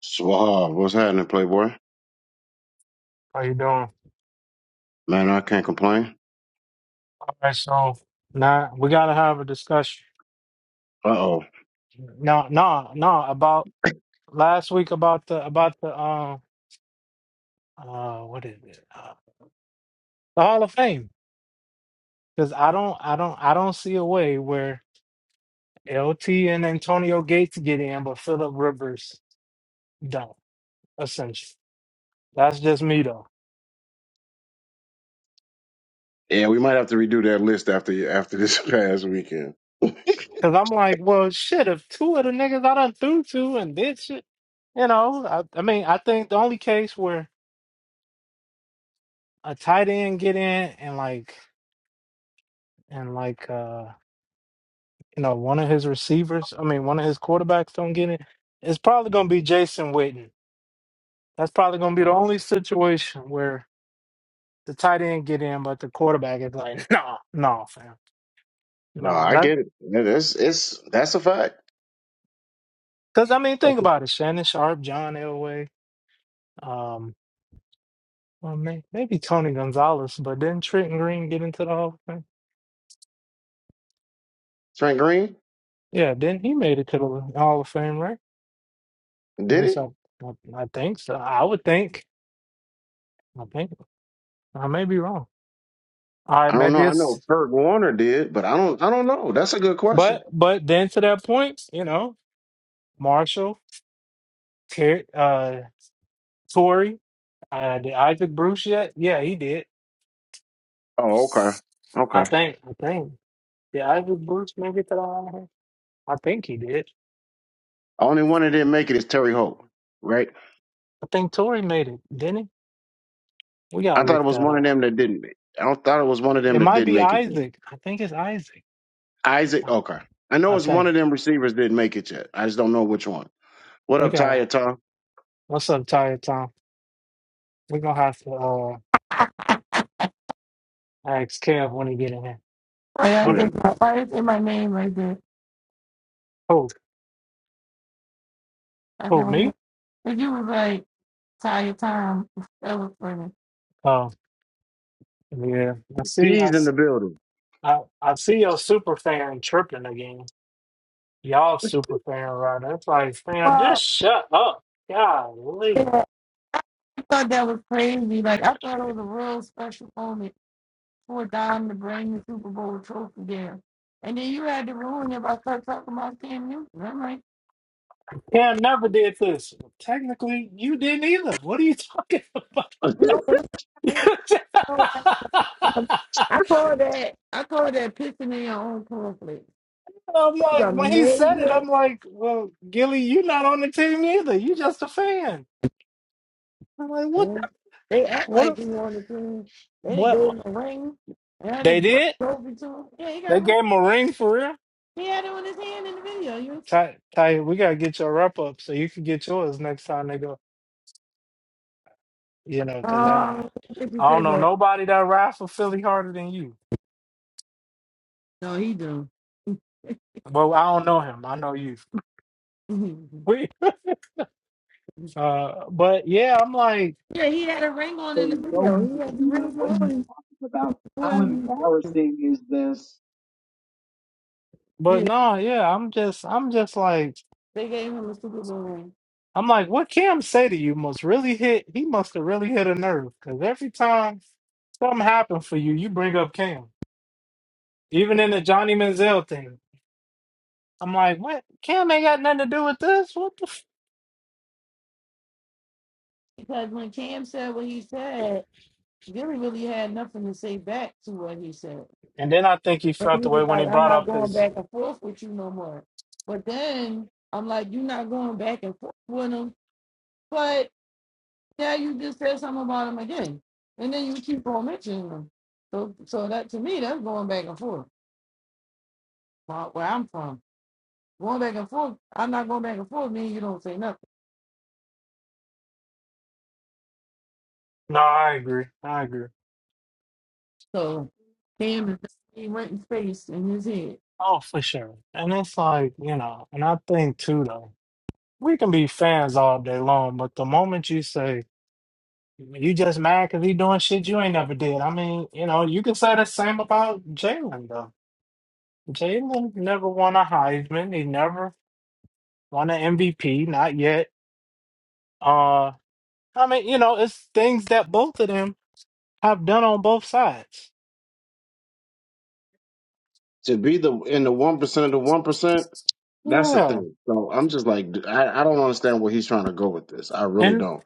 Swab, what's happening, Playboy? How you doing? Man, I can't complain. All right, so now we gotta have a discussion. Uh oh. No, no, no. About last week about the about the um uh what is it? Uh, the Hall of Fame. Because I don't, I don't, I don't see a way where LT and Antonio Gates get in, but Philip Rivers don't. Essentially, that's just me though. Yeah, we might have to redo that list after after this past weekend. Because I'm like, well, shit. If two of the niggas I done threw to and did shit, you know, I, I mean, I think the only case where a tight end get in and like. and like uh you know one of his receivers i mean one of his quarterbacks don't get it it's probably going to be jason witten that's probably going to be the only situation where the tight end get in but the quarterback is like no no fam No, no I not. get it. It is, it's that's a fact. because i mean think That's a- about it shannon sharp john elway um well, may, maybe tony gonzalez but didn't trenton green get into the hall of fame Trent Green yeah then he made it to the hall of fame right at did least it? i i, I think so i would think i think i may be wrong all I right, don't know. maybe I it's know Kurt Warner did, but I don't. I don't know. That's a good question. But but then to that point, you know, Marshall, Ter- uh, Tory, uh, did Isaac Bruce yet? Yeah, he did. Oh, okay, I okay. think. I think. Did Isaac Bruce make it to the Hall I think he did. Only one that didn't make it is Terry Holt, right? I think Tory made it, didn't he? We I gotta thought it look was that one of up. them that didn't. make I don't thought it was one of them It that might didn't be make it. Yet. Isaac. I think it's Isaac. Isaac, I, okay. I know I it's one think of them receivers didn't make it yet. I just don't know which one. What we up, gotta. Ty? What's up, Tired Tom? We're gonna have to uh, ask Kev when he get in here. Why What? that's Yeah. in my, why that's in my name right there? Who? I said, Who? well, Me? if you was like Taya Tom, that was funny. Oh, yeah. I see. I He's s- in the building. I, I see your super fan chirping again. Y'all super fan right? It's like, fam, Well, just shut up. Golly. yeah, I thought that was crazy. Like I thought it was a real special moment for Don to bring the Super Bowl trophy there, and then you had to ruin it by start talking about Cam Newton. I'm like, Cam never did this. Technically, you didn't either. What are you talking about? no, no, no, no. I call that I call that pissing in your own cornflakes. I'm It was like, a when he said it, major I'm like, well, Gilly, you're not on the team either. You just a fan. I'm like, what? Mm. They act What? like If, we on the team. They didn't go in what? the ring. And I They didn't brought did? the trophy to him. Yeah, he got They a gave him a ring for real? He had it in his hand in the video. You Ty, Ty, we gotta get your wrap up so you can get yours next time they go. You know, know? because I, um if you I say don't know that. nobody that ride for Philly harder than you. No, he do. Well, I don't know him. I know you. We- uh, but yeah, I'm like, yeah, he had a ring on So in the you know video. he's He a had the cheater. ring What are you on talking about? How when embarrassing is this? but yeah, no, yeah, I'm just, I'm just like, they gave him a Super Bowl ring. I'm like, what Cam say to you must really hit. He must have really hit a nerve because every time something happened for you, you bring up Cam. Even in the Johnny Manziel thing, I'm like, what? Cam ain't got nothing to do with this. What the? F-? Because when Cam said what he said, Gary really had nothing to say back to what he said. And then I think he And felt he the was way when he like, I'm brought not up going his. back and forth with you no more. But then I'm like, you're not going back and forth with him. But now you just said something about him again. And then you keep on mentioning him. So so that to me, that's going back and forth. Wh- Where I'm from. Going back and forth, I'm not going back and forth, mean you don't say nothing. No, I agree. I agree. So Cam is definitely renting space in his head. Oh, for sure. And it's like, you know, and I think too, though, we can be fans all day long, but the moment you say, you just mad because he doing shit you ain't never did, I mean, you know, you can say the same about Jalen, though. Jalen never won a Heisman. He never won an MVP, not yet. Uh, I mean, you know, it's things that both of them have done on both sides. To be the in the one percent of the one percent, that's the Yeah. thing. So I'm just like, dude, I, I don't understand where he's trying to go with this. I really And don't.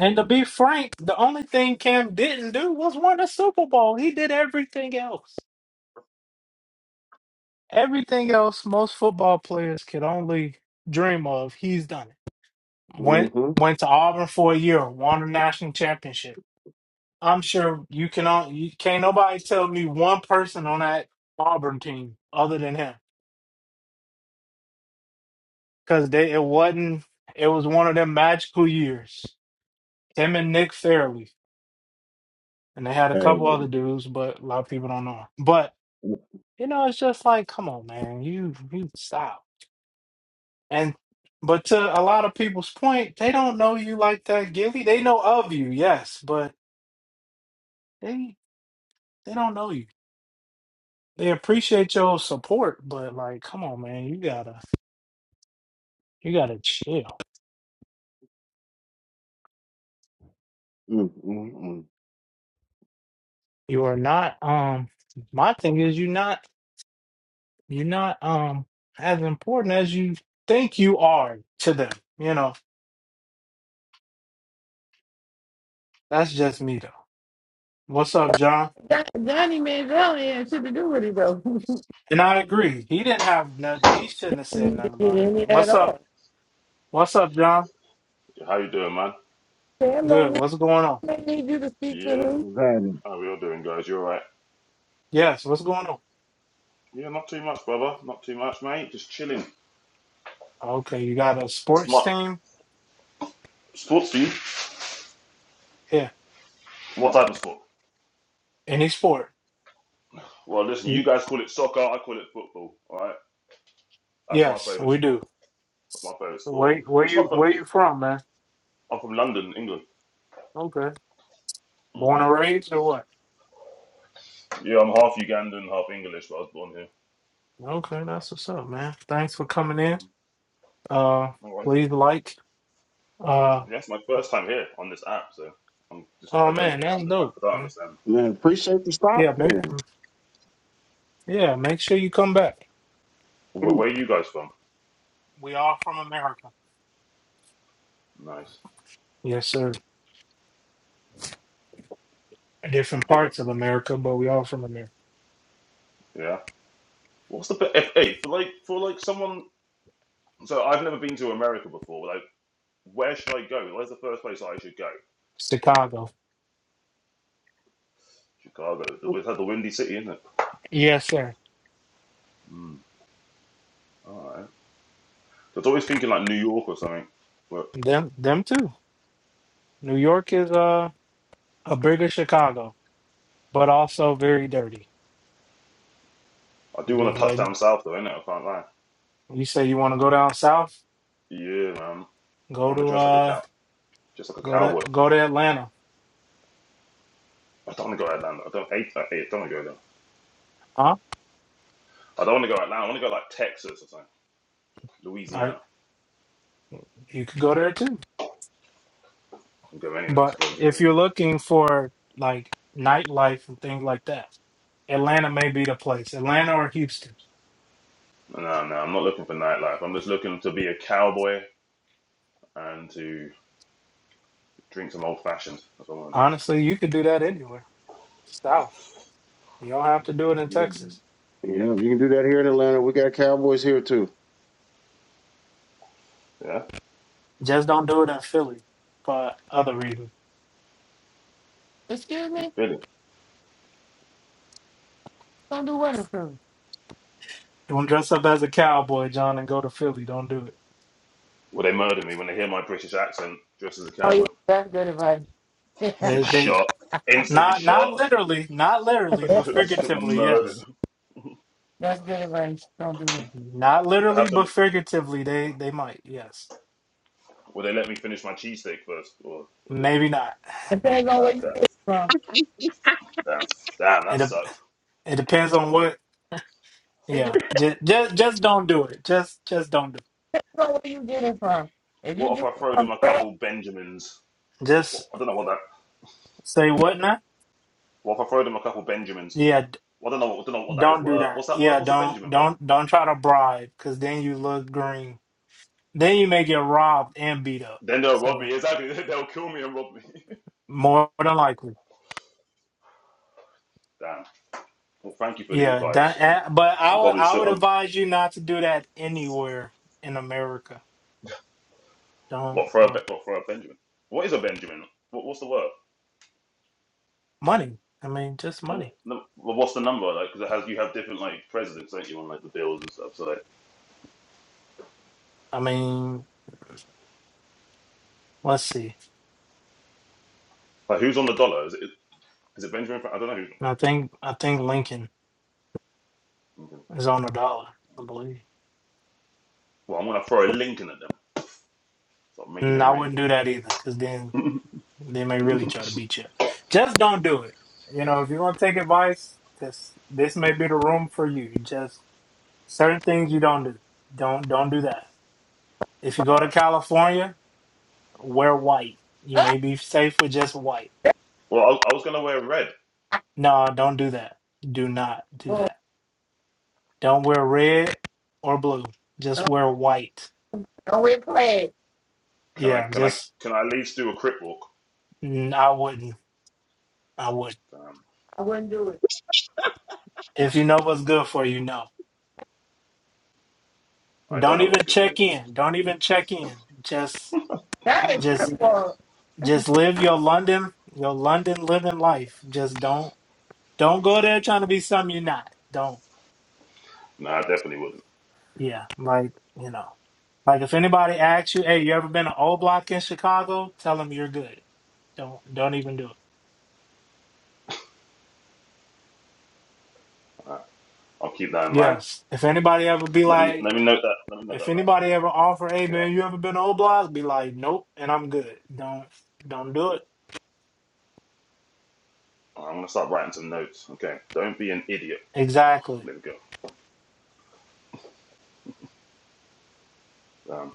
and to be frank, the only thing Cam didn't do was win a Super Bowl. He did everything else. Everything else most football players could only dream of, he's done it. Went Mm-hmm. went to Auburn for a year, won a national championship. I'm sure you can all you can't nobody tell me one person on that Auburn team other than him. Cause they it wasn't it was one of them magical years. Him and Nick Fairley. And they had a couple And, other dudes, but a lot of people don't know. 'em. But mm, you know, it's just like, come on, man, you you stop. And but to a lot of people's point, they don't know you like that, Gilly. They know of you, yes, but they they don't know you. They appreciate your support, but like, come on, man, you gotta you gotta chill. mm, mm, mm. You are not um my thing is you're not you're not um as important as you think you are to them. You know, that's just me though. What's up, John? Don- Donnie Mandrell had shit to do with it though. And I agree. He didn't have nothing he shouldn't have he said didn't get nothing about it. any at What's up? all. What's up, John? How you doing, man? Cam don't Good. need, What's going on? don't need you to speak for Yeah, him. Glad- how we all doing, guys? You all right? Yes, what's going on? Yeah, not too much, brother. Not too much, mate. Just chilling. Okay, you got a sports Smart team? sports for you? Yeah, What type of sport? any sport. Well, listen, Y- you guys call it soccer. I call it football. All right, that's my Yes, favorite we sport. do. That's my favorite sport. Where where It's my. you fir- where you from, man? I'm from London, England. Okay. Born hmm and raised or what? Yeah, I'm half Ugandan, half English, but I was born here. Okay, that's what's up, man. Thanks for coming in. Uh No worries. please Yeah, like. Uh it's my first time here on this app, so I'm just. I oh don't. man, that's under- I dope. don't Yeah, understand. Man, appreciate the yeah, stop make in. mm, yeah, make sure you come back. Where, Please. where are you guys from? We all from America. Nice. Yes, sir. Different Big up. parts of America, but we all from America. Yeah? What's the be- if, hey for like for like someone? So I've never been to America before. Like, where should I go? Where's the first place I should go? Chicago. Chicago. It's had the windy city, isn't it? Yes, sir. Mm, all right. I was always thinking like New York or something. But Them them too. New York is uh a bigger Chicago, but also very dirty. I do I'm want Just to touch down letting south though, innit? I can't lie. you say you want to go down south, Yeah, man. I go want to to dress like a uh cow, just like a go to cowboy. go to Atlanta. I don't want to go Atlanta. I don't hate that. Hey, I don't want to go there. Huh? I don't want to go Atlanta. I want to go like Texas or something, All right, Louisiana. you could go there too. I can go anywhere. I But if suppose. you're looking for like nightlife and things like that, Atlanta may be the place. Atlanta or Houston. No, no, I'm not looking for nightlife. I'm just looking to be a cowboy and to Drink some old fashioned. That's what I want to Honestly, you could do that anywhere. South. You don't have to do it in Texas. Yeah, if you can do that here in Atlanta. We got Cowboys here too. do. Yeah, Just don't do it in Philly for other reasons. Excuse me? really. Don't do what to me. Don't dress up as a cowboy, John, and go to Philly. Don't do it. Will they murder me when they hear my British accent dressed as a Oh yeah, cowboy? that's good advice. Just get They they. shot. Instantly Not not shot. literally, not literally, but Just get figuratively, murdered. yes. that's good advice. Don't do it. Not I literally, have to. but figuratively, they they might, yes. Will they let me finish my cheesesteak first? Or will they do? Maybe not. Depends on where you Okay. get it from. Damn. Damn, It that dep- sucks. it depends on what. It depends Yeah, just just just don't do it. Just just don't do. on where you get it from. If you What if get I it throw from them a crack, couple Benjamins? It. What, what, Just I don't know what that. say what now? What if I throw them a couple Benjamins? Yeah, d- Well, I don't know. I don't know what that is don't do worth. that. What's that worth? Yeah, What's a don't Benjamin worth? don't don't try to bribe, because then you look green. Then you may get robbed and beat up. Then they'll rob So me. Exactly. They'll kill me and rob me. more than likely. Damn. Well, thank you for the Yeah, advice. that. Um, eh, But I I'm would probably I still. would I'm advise you not to do that anywhere in America. Don't What for a Be- don't what for a Benjamin? What is a Benjamin? What, what's the word? money. I mean, just No, money. no, well, what's the number like? Because it has you have different like presidents, don't you, on like the bills and stuff. So like, I mean, let's see. like who's on the dollar? Is it is it Benjamin? Franklin? I don't know I who's. think I think Lincoln Okay. is on a dollar. I believe. Well, I'm gonna throw a link in at them. So I'm making And it I rain. wouldn't do that either, because then they may really try to beat you. Just don't do it. You know, if you're gonna take advice, this this may be the room for you. Just certain things you don't do. Don't don't do that. If you go All to right. California, Wear white. You may be safe with just white. Well, I, I was gonna wear red. No, don't do that. Do not do well, that. Don't wear red or blue. Just don't wear white. don't wear flag. Can I Yeah, can I just can I at least do a crit walk? mm, I wouldn't. I would. Damn. I wouldn't do it. If you know what's good for you, no. I don't Don't know what's even good for me. check in. Don't even check in. Just That is just football. just live your London, your London living life. Just don't don't go there trying to be something you're not. Don't. No, I definitely wouldn't. Yeah, like you know, like if anybody asks you, "Hey, you ever been to O Block in Chicago?" Tell them you're good. Don't don't even do it. All right. I'll keep that in mind. Yes. If anybody ever be Let me let like, me note that. Let me note if that anybody ever offer, "Hey, down. man, Yeah. you ever been to O Block?" Be like, "Nope," and I'm good. Don't don't do it. I'm gonna start writing some notes. Okay. Don't be an idiot. Exactly. There we go. Um,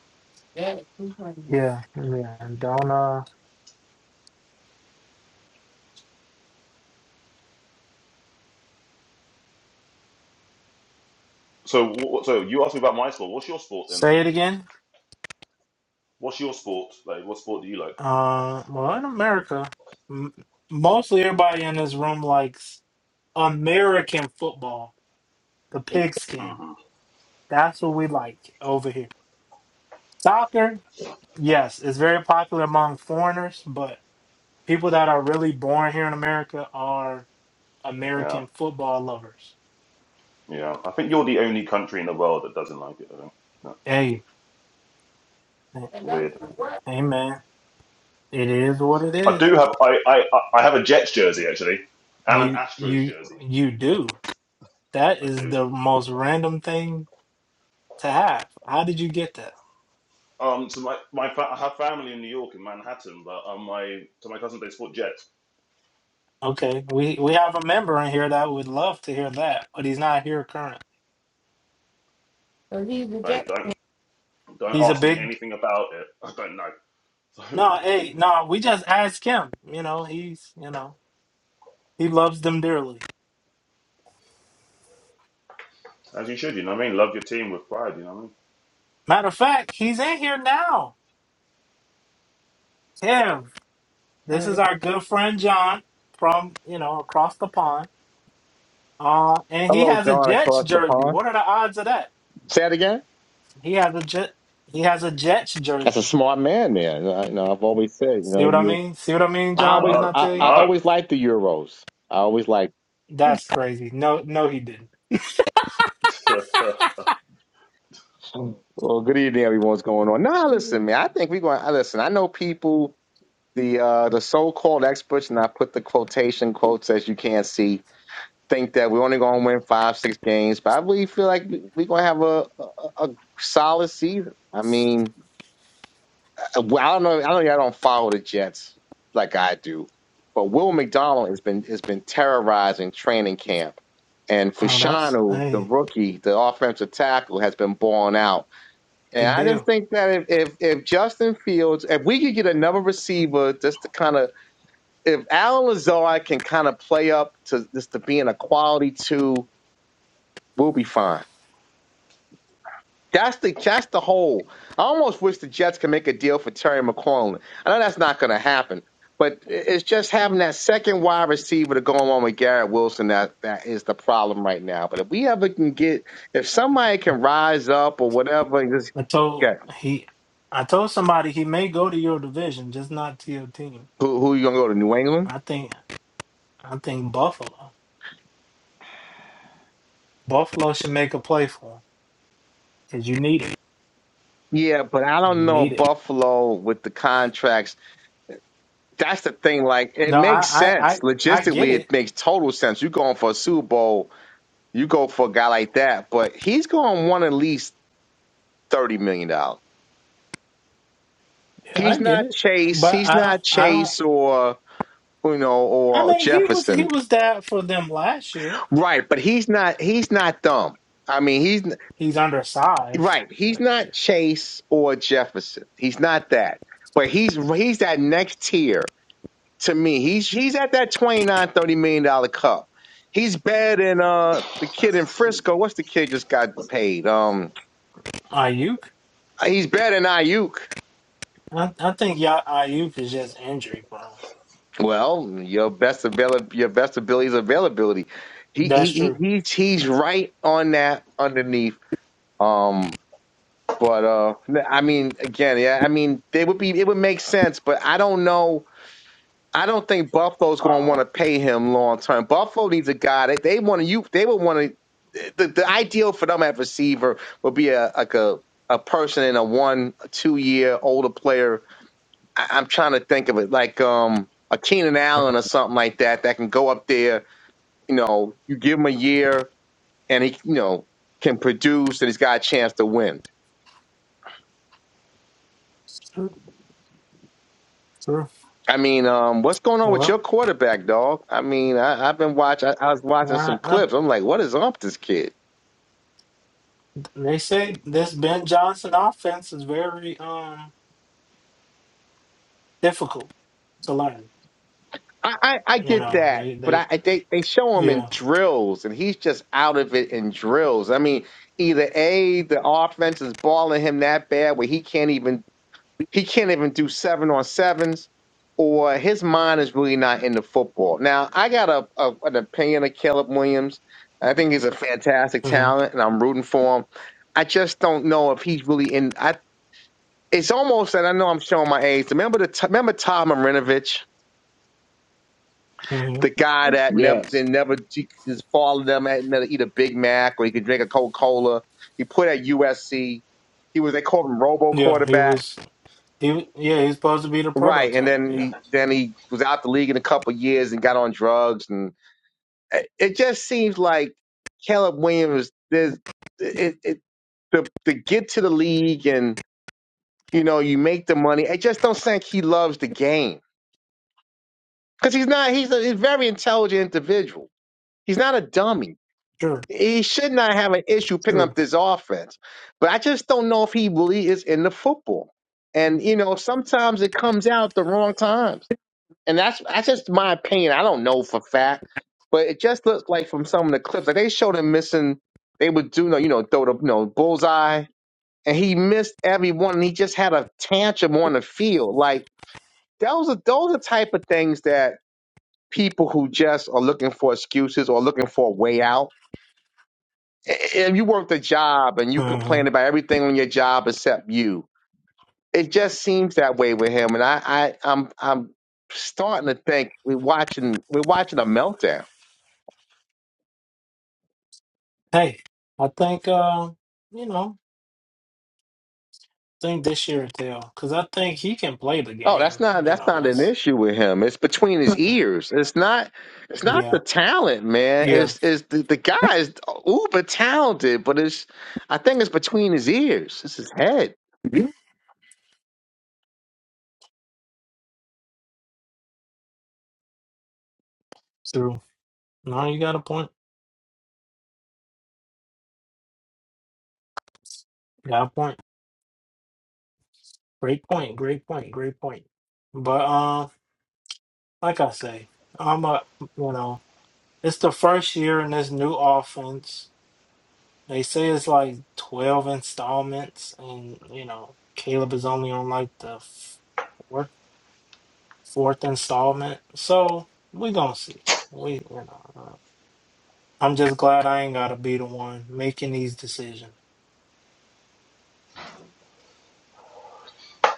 That is too funny. Yeah. Yeah. And Don't uh So, wh- so you asked me about my sport. What's your sport then? say it again. What's your sport? Like, what sport do you like? Uh, well, in America, m- mostly everybody in this room likes American football, the It- pigskin. hmm That's what we like over here. Soccer, yes, it's very popular among foreigners, but people that are really born here in America are Yeah, American football lovers. yeah. I think you're the only country in the world that doesn't like it. I think that's Hey, And that's weird. for what? hey man, it is what it I is. do have I I I have a Jets jersey actually, and an You Astros you jersey. you do. That I is do. the most random thing to have. How did you get that? Um, so my my fa- I have family in New York in Manhattan, but um, my to my cousins they sport Jets. Okay, we we have a member in here that would love to hear that, but he's not here currently. Because he's the Like, jet. don't don't He's a ask me big anything about it. I don't know. no, hey, no, we just ask him. You know, he's, you know. He loves them dearly. So as you should, you know what I mean. Love your team with pride, you know Matter of fact, he's in here now. Kev, this Uh, is the- our good friend John from you know across the pond, uh, and he Hello, has a John Jets across the jersey. pond. What are the odds of that? Say that again. He has a jet. He has a Jets That's a jersey. smart man there. You know, I- you know, I've always said, you See know, what I you- mean? See what I mean, what I I mean. John? always, Didn't I I, tell I you? I know, always like the Euros. I always like. That's crazy. No, no, he didn't. I know. Well, good evening, everyone. What's going on? Nah, listen, Mhm. man. I think we're going. I Listen, I know people, the uh, the so-called experts, and I put the quotation quotes as you can't see, think that we're only going to win five, six games. But I really feel like we- we're going to have a, a a solid season. I mean, well, I don't know. I know y'all don't follow the Jets like I do, but Will McDonald has been has been terrorizing training camp, and Oh, that's Fashanu, the hey, rookie, the offensive tackle, has been balling out. And good I just deal. think that if if, if Justin Fields, if we could get another receiver, just to kind of if Alan Lazard can kind of play up to just to being a quality two, we'll be fine. That's the that's the whole. I almost wish the Jets could make a deal for Terry McLaurin. I know that's not going to happen, but it's just having that second wide receiver to go along with Garrett Wilson that that is the problem right now. But if we ever can get, if somebody can rise up or whatever, and just I told get he, I told somebody he may go to your division, just not to your team. who who you gonna go to New England? I think, I think Buffalo. Buffalo should make a play for him because you need it. Yeah, but I don't You know need it. Buffalo with the contracts. That's the thing. Like it No, makes I, I, sense I, I get logistically. it. It makes total sense. You're going for a Super Bowl You go for a guy like that, but he's going to want at least thirty million dollars. Yeah, He's I get not it. Chase. But He's I don't. not I don't. Chase or you know I or mean, he was he Jefferson, was that for them last year. right? But he's not. He's not dumb. I mean, he's n- He's undersized. right. He's Like, not yeah. Chase or Jefferson. He's not that. But he's he's that next tier to me. He's he's at that 29 million dollar cup. He's better than uh the kid in Frisco. What's the kid just got paid? Um, Ayuk. he's better than Ayuk. I, I think y'all Ayuk is just injury prone. Well, your best avail your best ability is availability. He he That's he true. he's, he's right on that underneath. Um, but uh, I mean, again, yeah, I mean, they would be it would make sense, but I don't know. I don't think Buffalo's going to oh. want to pay him long term. Buffalo needs a guy that they want to you. They would want to. The, the ideal for them at receiver would be a like a a person in a one two year older player I, I'm trying to think of it like um a Keenan Allen or something like that that can go up there. You know, you give him a year and he, you know, can produce and he's got a chance to win. True. True. I mean, um, what's going on with Well, your quarterback, dog? I mean, I, I've been watching. I, I was watching some I, I, clips. I'm like, what is up with this kid? they say this Ben Johnson offense is very um difficult to learn. I, I, I You get know, that, they but I, they I they they show him in yeah. drills, and he's just out of it in drills. I mean, either a the offense is balling him that bad where he can't even He can't even do seven on sevens, or his mind is really not into football. Now, I got a, a an opinion of Caleb Williams. I think he's a fantastic mm-hmm, talent, and I'm rooting for him. I just don't know if he's really in. I it's almost that I know I'm showing my age. Remember the t- remember Tom Marinovich, mm-hmm. the guy that never Yes. that never his father never had to eat a Big Mac or he could drink a Coca Cola. He played at USC. He was they called him Robo Yeah, he quarterback was. He yeah, he's supposed to be the Right, and prototype. then Yeah, he then he was out the league in a couple of years and got on drugs, and it it just seems like Caleb Williams. There's it, it to to get to the league and you know you make the money. I just don't think he loves the game because he's not. He's a, he's a very intelligent individual. He's not a dummy. sure, He should not have an issue picking up true. this offense, but I just don't know if he really is in the football. And you know sometimes it comes out the wrong times. and that's that's just my opinion. I don't know for fact, but it just looks like from some of the clips like they showed him missing. They would do no, you know, throw the you know, bullseye, and he missed every one. And he just had a tantrum on the field. Like those are those are the type of things that people who just are looking for excuses or looking for a way out. I- If you worked a job and you hmm complain about everything on your job except you, it just seems that way with him. And I, I I'm I'm starting to think we're watching we're watching a meltdown. Hey, I think uh, you know, think this year tell because I think he can play the Oh, that's game. not You that's know, not an that's issue with him. It's between his ears. It's not it's not the yeah, talent, man. yeah, It's it's the, the guy is uber talented, but it's I think it's between his ears. It's his head. true. No, you got a point. Got a point. Great point. Great point. Great point. But um, like I say, I'm a you know, it's the first year in this new offense They say it's like 12 installments, and you know, Caleb is only on like the f- fourth, fourth installment. So we gonna see. We, you know, uh, I'm just glad I ain't gotta be the one making these decisions.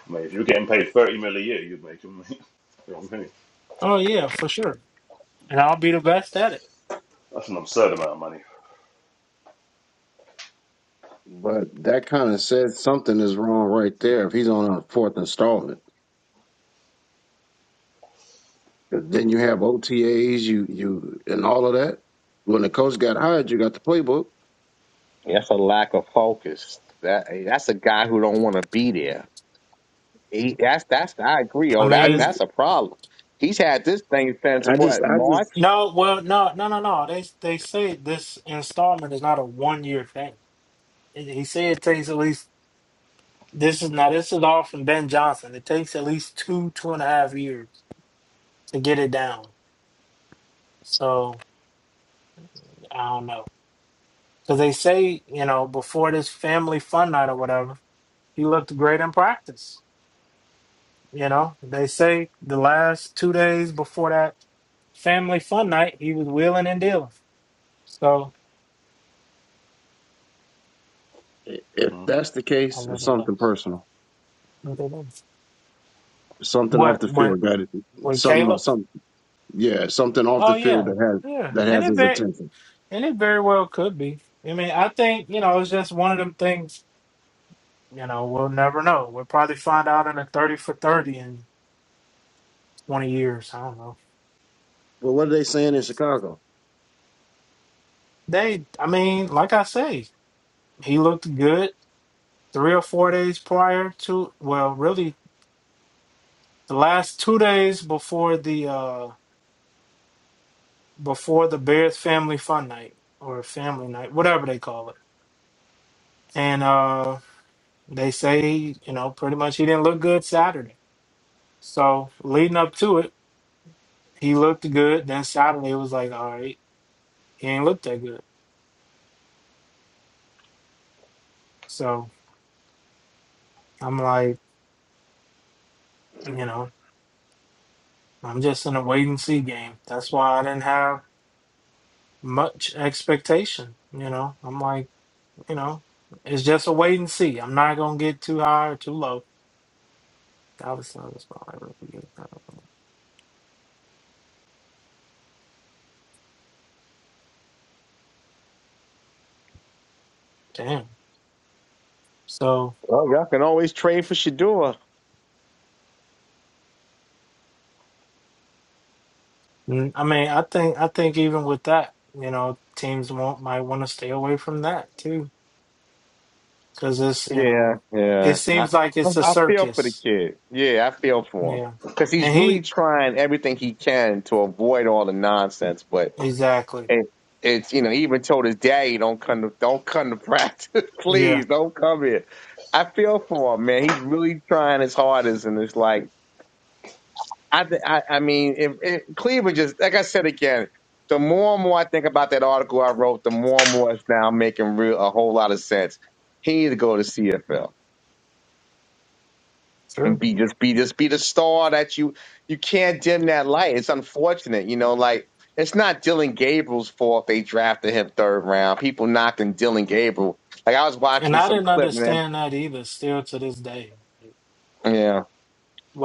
Mate, if you were getting paid 30 mil a year, you'd make them, mate. You know what I mean? Oh yeah, for sure. And I'll be the best at it. That's an absurd amount of money. But that kind of says something is wrong right there if he's on a fourth installment. 'Cause Then you have OTAs, you you and all of that. When the coach got hired, you got the playbook. That's a lack of focus. That that's a guy who don't want to be there. He that's that's I agree. I Oh, I that just, mean, that's a problem. He's had this thing since I just, what I just. March. no, well, no, no, no, no. They they say this installment is not a one year thing. He he said it takes at least this is now this is all from Ben Johnson. It takes at least two two and a half years to get it down. So I don't know. Because they say, you know, before this family fun night or whatever, he looked great in practice. You know, they say the last two days before that family fun night, he was wheeling and dealing. So If Mm. that's the a case, it's little something less. personal, a Little less. It's something off What the field, what got it. with Something, Caleb? something, yeah, something off Oh the field yeah. that has Yeah. that And has it his very attention. and it very well could be. I mean, I think, you know, it's just one of them things, you know, we'll never know. We'll probably find out in a thirty for thirty 20 years. I don't know. But what are they saying in Chicago? They, I mean, like I say, he looked good three or four days prior to, well, really the last two days before the, uh, before the Bears family fun night or family night, whatever they call it. And, uh, they say, you know, pretty much he didn't look good Saturday. So leading up to it, he looked good. Then Saturday it was like, all right, he ain't looked that good. So I'm like, you know, I'm just in a wait and see game. That's why I didn't have much expectation. You know, I'm like, you know, it's just a wait and see. I'm not gonna get too high or too low. Dallas Nuggets, but I really get damn. So Well, y'all can always trade for Shador. mm, I mean, I think I think even with that, you know, teams won't might want to stay away from that too, because it's you Yeah, know, it yeah. I, seems like I it's a I feel for the circus. kid. Yeah, I feel for him Yeah, because he's and really he trying everything he can to avoid all the nonsense. But exactly. it, it's you know, he even told his daddy, "Don't come to, don't come to practice, please, Yeah, don't come here." I feel for him, man. He's really trying his hardest, and it's like I, th- I, I mean, if, if Cleveland just like I said again. The more and more I think about that article I wrote, the more and more it's now making real a whole lot of sense. He needs to go to CFL. and true. be just be just be the star that you you can't dim that light. It's unfortunate, you know. Like it's not Dylan Gabriel's fault they drafted him third round. People knocking Dylan Gabriel. Like I was And watching I some didn't clip, man. understand that either. Still to this day, Yeah,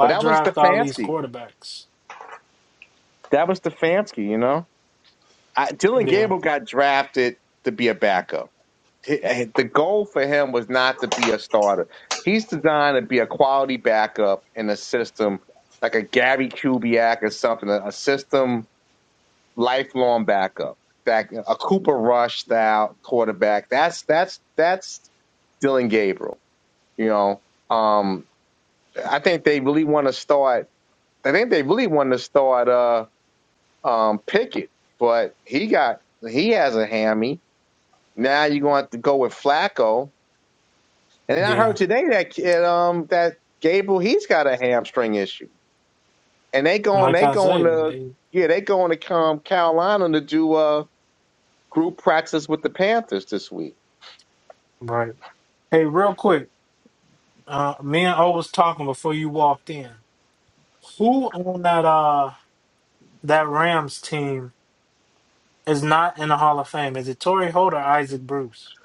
but that was draft all these Stefanski. quarterbacks? That was Stefanski. You know, I, Dylan Yeah. Gabriel got drafted to be a backup. H- The goal for him was not to be a starter. He's designed to be a quality backup in a system like a Gary Kubiak or something, a a system lifelong backup, back a Cooper Rush style quarterback. That's that's that's Dylan Gabriel. You know, um, I think they really want to start. I think they really want to start uh, um, Pickett, but he got he has a hammy. Now you're going to have to go with Flacco. And then I heard Yeah, today that kid, um, that Gabriel he's got a hamstring issue, and they and going like they I going say, to they yeah they going to come Carolina to do uh Group practice with the Panthers this week. right. Hey, real quick, uh, me and O was talking before you walked in. Who on that uh that Rams team is not in the Hall of Fame? Is it Torrey Holt or Isaac Bruce?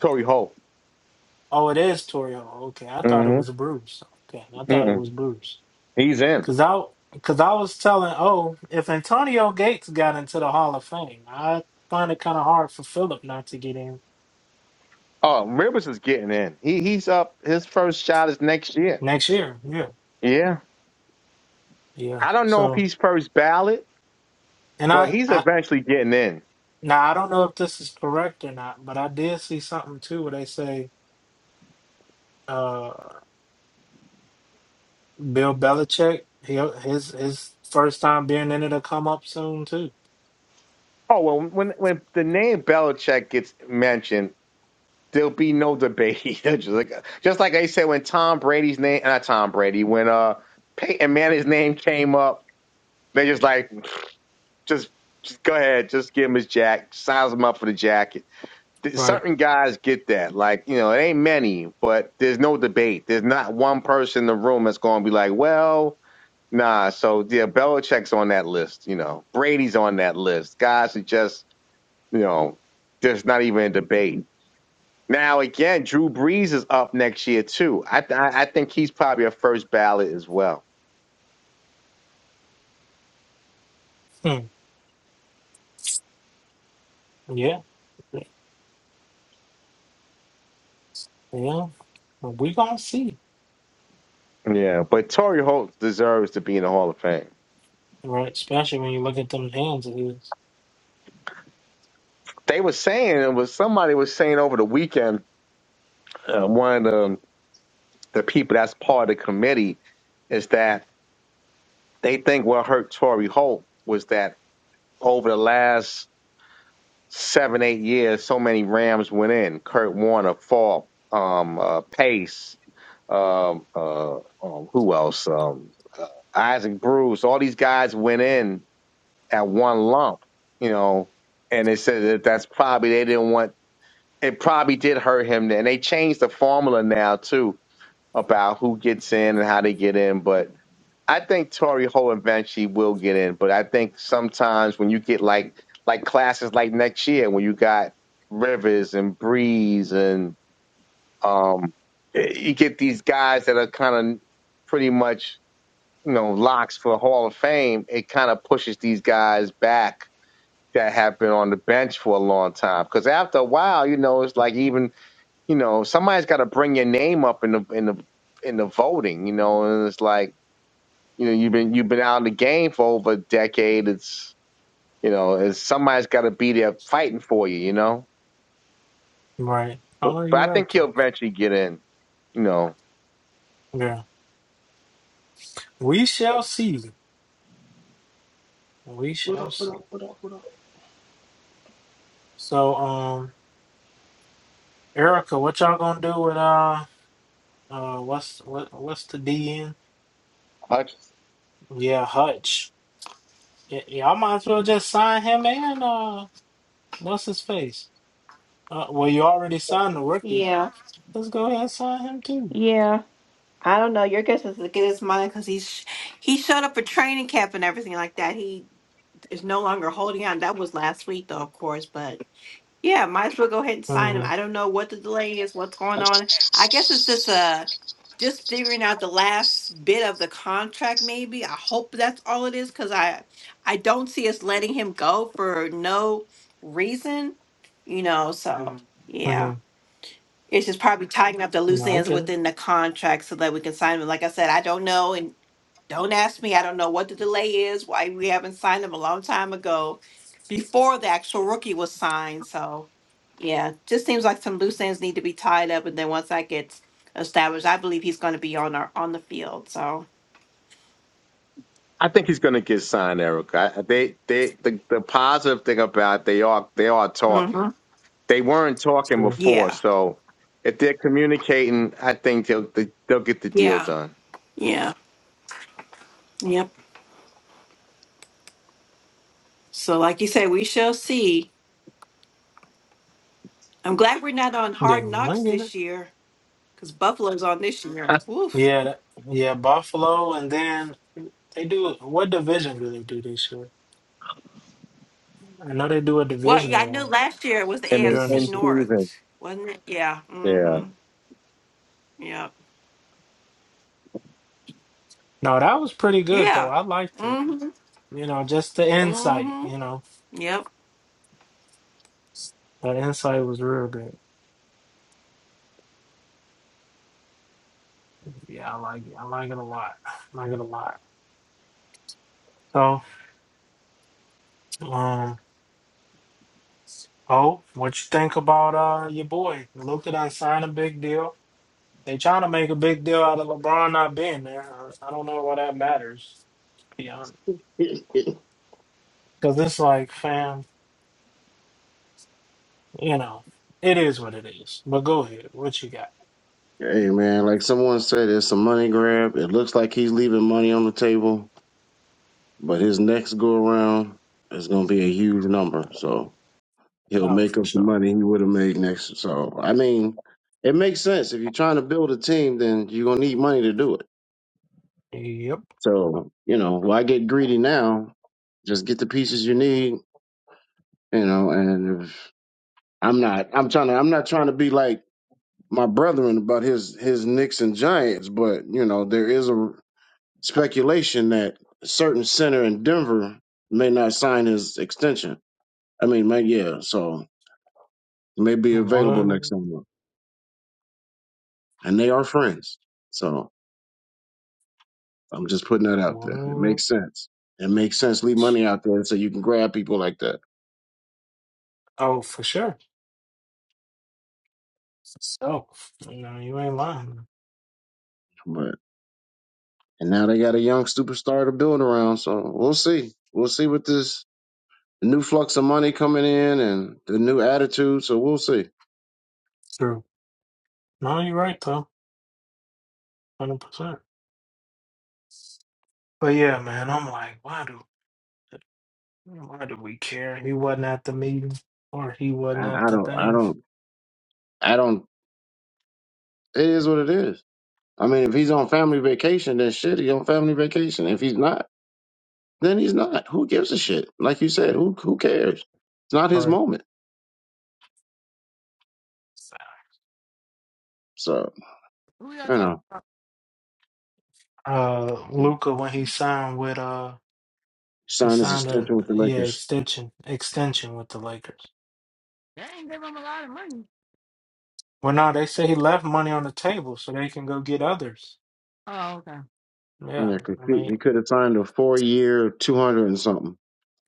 Torrey Holt. Oh, it is Torrey Holt. Okay, I thought it hmm was Bruce. Okay, I thought it Mm-mm. was Bruce. He's in. Cause I, cause I was telling oh, if Antonio Gates got into the Hall of Fame, I find it kind of hard for Philip not to get in Oh, Rivers is getting in. He he's up. His first shot is next year. next year. Yeah, Yeah. yeah. I don't know if So. he's first ballot, And but I, he's I eventually getting in. Now I don't know if this is correct or not, but I did see something too where they say uh Bill Belichick, he his his first time being in it'll come up soon too. Oh well, when when the name Belichick gets mentioned, there'll be no debate. just like just like I said when Tom Brady's name, not Tom Brady, when uh Peyton Manning's name came up, they just like just just go ahead, just give him his jack, size him up for the jacket th- Right. certain guys get that. Like, you know, it ain't many, but there's no debate. There's not one person in the room that's going to be like, well, nah. So, yeah, Belichick's on that list. You know, Brady's on that list. Guys are just, you know, there's not even a debate. Now, again, Drew Brees is up next year, too. I, th- I I think he's probably a first ballot as well. Hmm. Yeah. Yeah. Well, We gonna see. Yeah, but Torrey Holt deserves to be in the Hall of Fame. Right. Especially when you look at them hands of his. They were saying, it was somebody was saying over the weekend, uh, one of the the people that's part of the committee is that they think what hurt Tory Holt was that over the last seven, eight years, so many Rams went in. Kurt Warner, Falk, um, uh, Pace, um, uh, um, who else? Um, uh, Isaac Bruce. All these guys went in at one lump, you know, and they said that that's probably they didn't want. It probably did hurt him, and they changed the formula now too about who gets in and how they get in, but I think Tori Ho eventually will get in, but I think sometimes when you get like like classes like next year when you got Rivers and Breeze and um you get these guys that are kind of pretty much you know locks for Hall of Fame, it kind of pushes these guys back that have been on the bench for a long time because after a while, you know, it's like even you know somebody's got to bring your name up in the in the in the voting, you know, and it's like you know you've been you've been out in the game for over a decade. It's you know it's somebody's got to be there fighting for you. You know, Right. but, Oh, but you're I right think he'll though. eventually get in. You know, Yeah. We shall see. We What shall up, what see. up, what up, what up? So um Erica, what y'all gonna do with uh uh what's what what's the DN? Hutch- Yeah, Hutch. Y- y'all might as well just sign him and uh, what's his face? Uh, well, you already signed the rookie. Yeah, Let's go ahead and sign him too. yeah. I don't know. Your guess is as good as mine because he's he showed up for training camp and everything like that. He is no longer holding on. That was last week, though, of course. But yeah, might as well go ahead and sign him. I Mm-hmm. don't know what the delay is, what's going on. I guess it's just uh just figuring out the last bit of the contract. Maybe I hope that's all it is because I I don't see us letting him go for no reason. You know, so Mhm. yeah. Mm-hmm. It's just probably tying up the No, loose I ends get it. within the contract so that we can sign them. Like I said, I don't know and don't ask me. I don't know what the delay is, why we haven't signed them a long time ago before the actual rookie was signed. So yeah, just seems like some loose ends need to be tied up and then once that gets established, I believe he's gonna be on our on the field. So I think he's going to get signed, Erica. I- They they the, the positive thing about it, they are they are talking. hmm They weren't talking Sure. before, yeah. so if they're communicating, I think they'll they, they'll get the deal Yeah. done. Yeah. Yep. So like you said, we shall see. I'm glad we're not on Yeah, hard I knocks get it. this year because Buffalo's on this year. Woof. Yeah, that, yeah. Buffalo, and then they do. What division do they do this year? I know they do a Well, yeah, divisional I know one last year it was the I mean, during the AFC in season. North, season. wasn't it? Yeah. Yeah. Mm-hmm. Yep. No, that was pretty good though. Yeah. I liked it. Mm-hmm. You know, just the insight. Mm-hmm. You know, Yep. that insight was real good. Yeah, I like it. I like it a lot. I like it a lot. So. um. Oh, what you think about uh your boy? Luka done signed a big deal. They trying to make a big deal out of LeBron not being there. I I don't know why that matters, to be honest. hey Because it's like, fam, you know, it is what it is. But go ahead. What you got? man, like someone said, it's a money grab. It looks like he's leaving money on the table But his next go around is going to be a huge number. So he'll Oh, make for up the sure. money he would have made next. So, I mean, it makes sense. If you're trying to build a team, then you're going to need money to do it. Yep. So, you know, why get greedy now? Just get the pieces you need, you know, and if, I'm not, I'm trying to, I'm not trying to be like my brethren about his, his Knicks and Giants, but, you know, there is a speculation that a certain center in Denver may not sign his extension. I mean, man, yeah. So it may be available next One, summer, and they are friends. So I'm just putting that out there. It one. makes sense. It makes sense. Leave money out there so you can grab people like that. Oh, for sure. So, you know, you ain't lying. But and now they got a young superstar to build around. So we'll see. We'll see with this new flux of money coming in and the new attitude. So we'll see. True. No, you're right, though. 100%. But yeah, man, I'm like, why do? Why do we care? He wasn't at the meeting or he wasn't I, at I the don't. I thing. don't. I don't. It is what it is. I mean, if he's on family vacation, then shit, he's on family vacation. If he's not, then he's not. Who gives a shit? Like you said, who who cares? It's not his Right. moment. So Who y'all you talking know, about? Uh Luca when he signed with uh he signed his signed a extension with the yeah, Lakers. extension extension with the Lakers. They ain't give him a lot of money. Well no, they say he left money on the table so they can go get others. Oh, okay. Yeah, Yeah. I complete. He mean he could have signed a four-year, two hundred and something.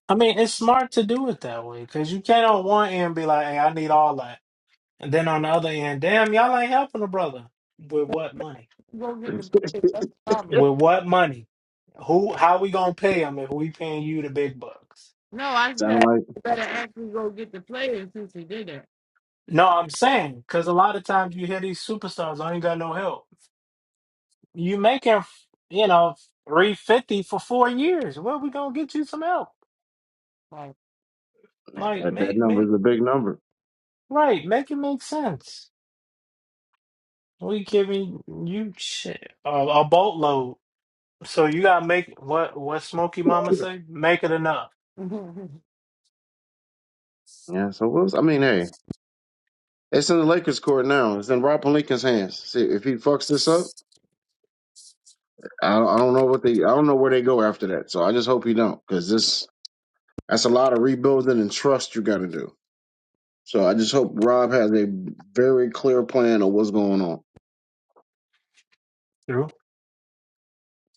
I mean, it's smart to do it that way because you can't on one end be like, "Hey, I need all that," and then on the other end, damn, y'all ain't helping the brother with what money? Go get the players. That's the problem. With what money? Who? How we gonna pay him if we paying you the big bucks? No, I Sound said like you better actually go get the players since he did that. No, I'm saying because a lot of times you hear these superstars I ain't got no help. You making you know three fifty for four years. Where we gonna get you some help? Like, Like that, that make number make is a big number. right, make it make sense. We giving you shit a, a boatload So you gotta make what what Smokey Mama say? Make it enough. no, Yeah. So what's I mean, hey, it's in the Lakers' court now. It's in Rob Palinka's hands. See, if he fucks this up, I don't, I don't know what they. I don't know where they go after that. So I just hope he don't, because this that's a lot of rebuilding and trust you got to do. So I just hope Rob has a very clear plan of what's going on. True.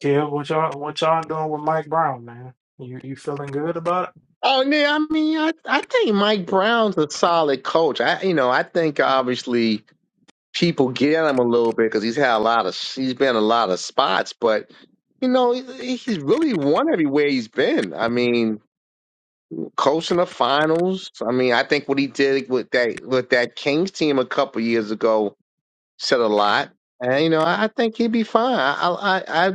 Kid, what y'all what y'all doing with Mike Brown, man? You you feeling good about it? Oh, yeah. I mean, I, I think Mike Brown's a solid coach. I, you know, I think obviously people get him a little bit because he's had a lot of, he's been in a lot of spots, but you know, he, he's really won everywhere he's been. I mean, coaching the finals. I mean, I think what he did with that with that Kings team a couple years ago said a lot. And you know, I, I think he'd be fine. I, I, I,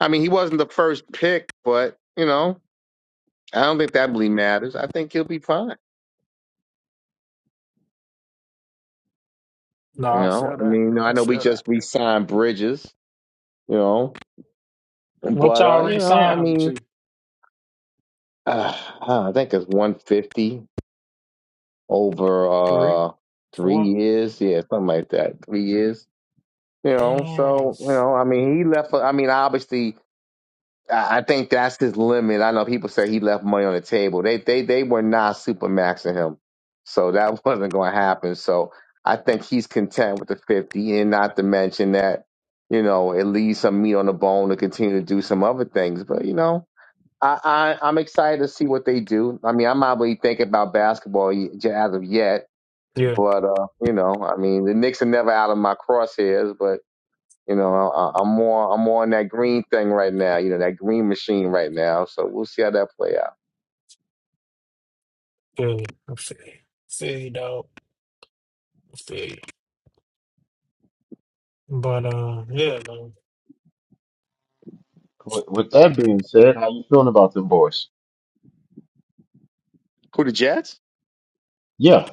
I mean, he wasn't the first pick, but you know, I don't think that really matters. I think he'll be fine. You No, I know, feel I that. mean, you know, I I know we feel that. just we signed Bridges, you know, What but uh, y'all you know, I re-sign him mean, to? uh, I think it's one fifty over Three, uh three four? years, yeah, something like that, three years. You know, Damn. so you know, I mean, he left. For, I mean, obviously, I I think that's his limit. I know people say he left money on the table. They they they were not super maxing him, so that wasn't going to happen. So I think he's content with the fifty, and not to mention that you know it leaves some meat on the bone to continue to do some other things. But you know, I, I I'm excited to see what they do. I mean, I'm not really thinking about basketball y- j- as of yet, Yeah, but uh, you know, I mean, the Knicks are never out of my crosshairs. but. You know, I, I'm more I'm more on that green thing right now. You know, that green machine right now. So we'll see how that play out. feel you. I feel you. Feel you, dog. I feel you. But uh yeah, man. With with that being said, how you feeling about them boys? Who the Jets? Yeah.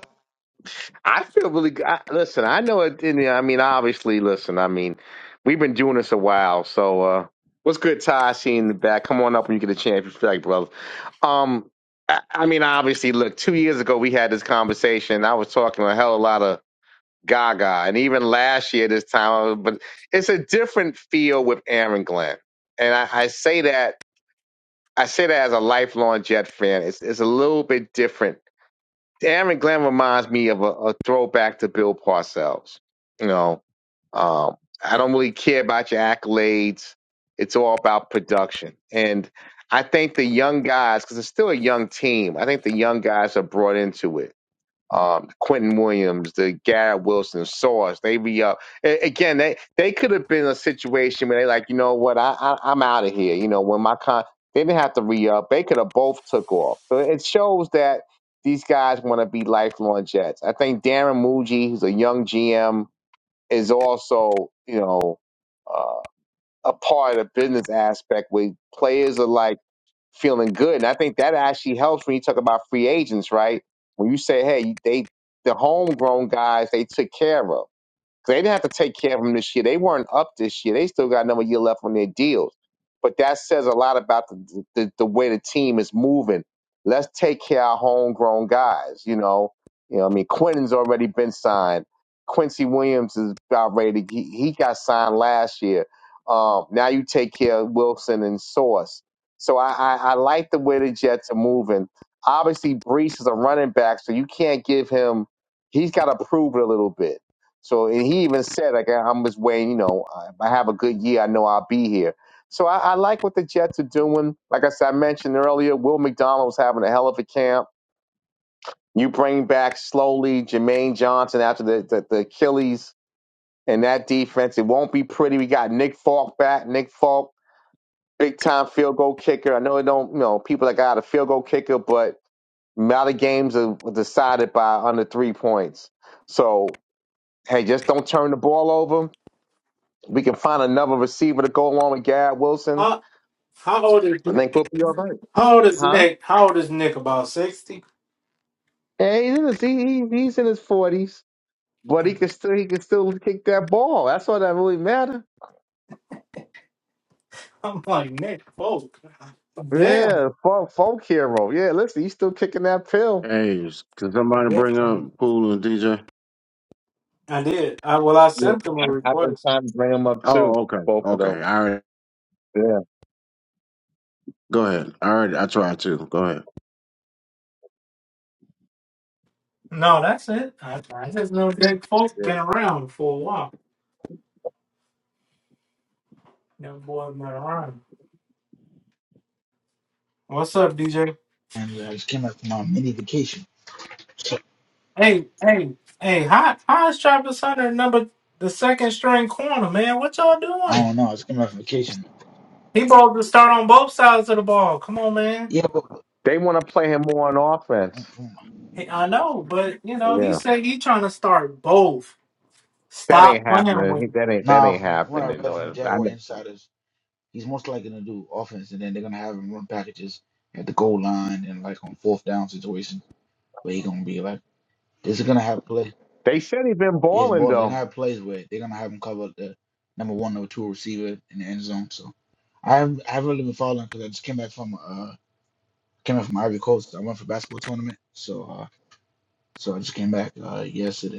I feel really. g- I, listen, I know it. didn't- I mean, obviously, listen. I mean, we've been doing this a while. So uh, what's good, Ty? I see you in the back. Come on up when you get a chance. If you feel like, brother. Um, I, I mean, obviously, look. Two years ago, we had this conversation. I was talking a hell of a lot of Gaga, and even last year this time. I was- But it's a different feel with Aaron Glenn, and I, I say that I say that as a lifelong Jet fan. It's it's a little bit different. Aaron Glenn reminds me of a, a throwback to Bill Parcells. You know, um, I don't really care about your accolades. It's all about production, and I think the young guys, because it's still a young team, I think the young guys are brought into it um, Quentin Williams, the Garrett Wilson, Source, they be up. A- again, they they could have been a situation where they like, you know what, I, I I'm out of here. You know, when my con, they didn't have to re up. They could have both took off. So it shows that these guys want to be lifelong Jets. I think Darren Muji, who's a young GM, is also you know uh, a part of the business aspect where players are like feeling good. And I think that actually helps when you talk about free agents, right? When you say, hey, they the homegrown guys they took care of. They didn't have to take care of them this year. They weren't up this year. They still got another year left on their deals. But that says a lot about the, the, the way the team is moving. Let's take care of our homegrown guys. You know, you know. I mean, Quentin's already been signed. Quincy Williams is about ready. To, he, he got signed last year. Um, now you take care of Wilson and Sauce. So I, I, I like the way the Jets are moving. Obviously, Brees is a running back, so you can't give him. He's got to prove it a little bit so and he even said, like, I'm just waiting, you know, if I have a good year, I know I'll be here. So I, I like what the Jets are doing. Like I said, I mentioned earlier, Will McDonald was having a hell of a camp. You bring back slowly Jermaine Johnson after the, the, the Achilles and that defense. It won't be pretty. We got Nick Falk back. Nick Falk, big time field goal kicker. I know it don't, you know, people that got a field goal kicker, but a lot of games are decided by under three points. So hey, just don't turn the ball over. We can find another receiver to go along with Garrett Wilson. How how old is I think we'll be all right. how old is Huh? Nick? How old is Nick? About sixty? Yeah, he's in his he, he- he's in his forties, but he can still he can still kick that ball. That's all that really matters. I'm like Nick, oh Yeah, folk, folk hero. Yeah, listen, he's still kicking that pill. Hey, can somebody bring damn. up Pool and DJ? I did. I, well, I Yeah, sent them a I- I've been request. trying to bring him up too. Oh, okay. Both of Okay. them. All right. Yeah, Go ahead. All right. I tried to. Go ahead. No, that's it. I, I just know that folk yeah. been around for a while. Them boys been around. What's up, DJ? And I just came back from my mini vacation. Hey, hey, hey! How how is Travis Hunter number the second string corner, man? What y'all I doing? don't know. I just came back from vacation. He supposed to start on both sides of the ball. Come on, man. Yeah, but They want to play him more on offense. mm, mm. Hey, I know, but you know he Yeah, said he trying to start both. that Stop ain't playing happening. with He, him. that ain't that nah, ain't from what I happening. read from No, I, Jaguar know. insiders, he's most likely gonna do offense, and then they're gonna have him run packages at the goal line and like on fourth down situation where he's gonna be like, this is gonna have play. they said he been Yeah, it's balling ball. They're though. gonna have plays where they're gonna have him cover the number one, number two receiver in the end zone. So I haven't, I haven't really been following because I just came back from uh came back from Ivory Coast. I went for basketball tournament, so uh so I just came back uh yesterday.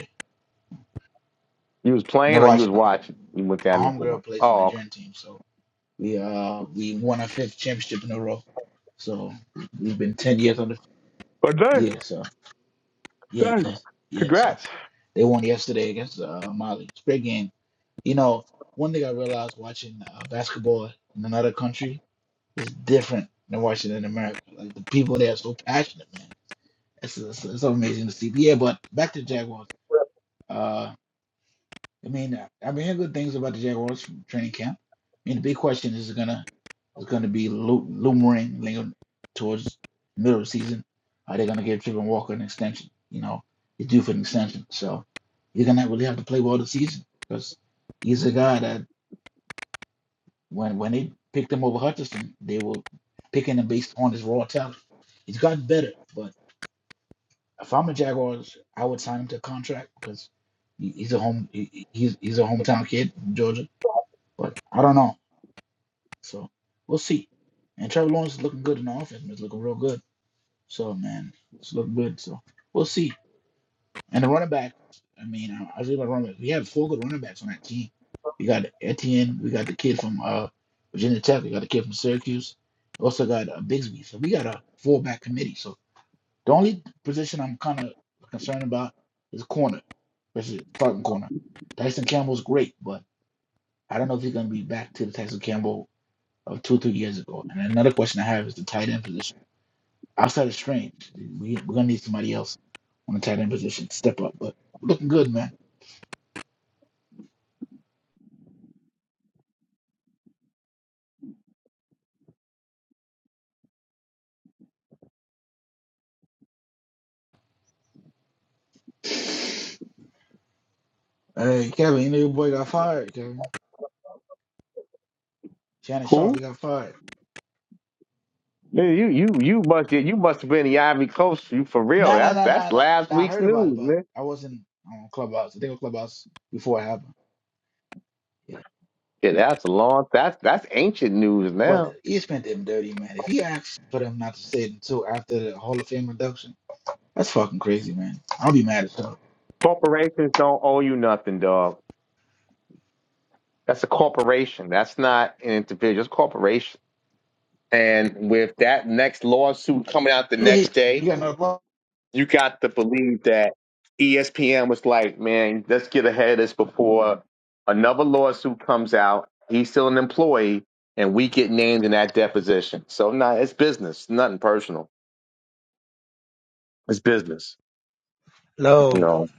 You was And I playing or you watch was um, watching? You went my down and won. homegirl plays for the Oh, okay. Nigerian team, so we uh we won our fifth championship in a row. So we've been ten years on the but dang, yeah. So yeah, dang. yeah, yeah. So Congrats. they won yesterday against uh, Mali. It's a great game. You know, one thing I realized watching uh, basketball in another country is different than watching it in America. Like the people there are so passionate, man. It's, it's, it's so amazing to see. But yeah, but back to the Jaguars. Uh, I mean, I- I've been hearing good things about the Jaguars from training camp. I mean, the big question is gonna is gonna be lu- lumbering linger towards the middle of the season. Are they gonna give Trevor Walker an extension? You know, he's due for an extension, so he's gonna really have to play well this season because he's a guy that when when they picked him over Hutchinson, they were picking him based on his raw talent. He's gotten better, but if I'm a Jaguars, I would sign him to a contract because he- he's a home he- he's he's a hometown kid, Georgia but I don't know. So we'll see. And Trevor Lawrence is looking good in the offense. man. He's looking real good. So man, it's looking good. So we'll see. And the running back, I mean, I, I was about running back. We had four good running backs on that team. We got Etienne. We got the kid from uh, Virginia Tech. We got the kid from Syracuse. We also got uh, Bigsby. So we got a full back committee. So the only position I'm kind of concerned about is corner, versus starting corner. Tyson Campbell's great, but I don't know if he's gonna be back to the Tyson Campbell of two or three years ago. And another question I have is the tight end position. Outside of Strange, we, we're going to need somebody else on the tight end position to step up. But we're looking good, man. Hey, Kevin, you know your boy got fired, Kevin. Shannon Sharp, he Cool. got fired. Yeah, you you you must you must have been the Ivy Coast. You for real? No, no, That's no, no, that's no. last no, I week's heard about it, news, but man. I wasn't on Clubhouse. I think on Clubhouse before it happened. Yeah. Yeah, that's a long. That's that's ancient news But now. ESPN did him dirty, man. If he asked for them not to say it until after the Hall of Fame induction, that's fucking crazy, man. I'll be mad as hell. Corporations don't owe you nothing, dog. That's a corporation. That's not an individual. It's a corporation. And with that next lawsuit coming out the Hey, next day, You got another block? you got to believe that ESPN was like, man, let's get ahead of this before another lawsuit comes out. He's still an employee, and we get named in that deposition. So, nah, it's business, nothing personal. It's business, you Hello, know.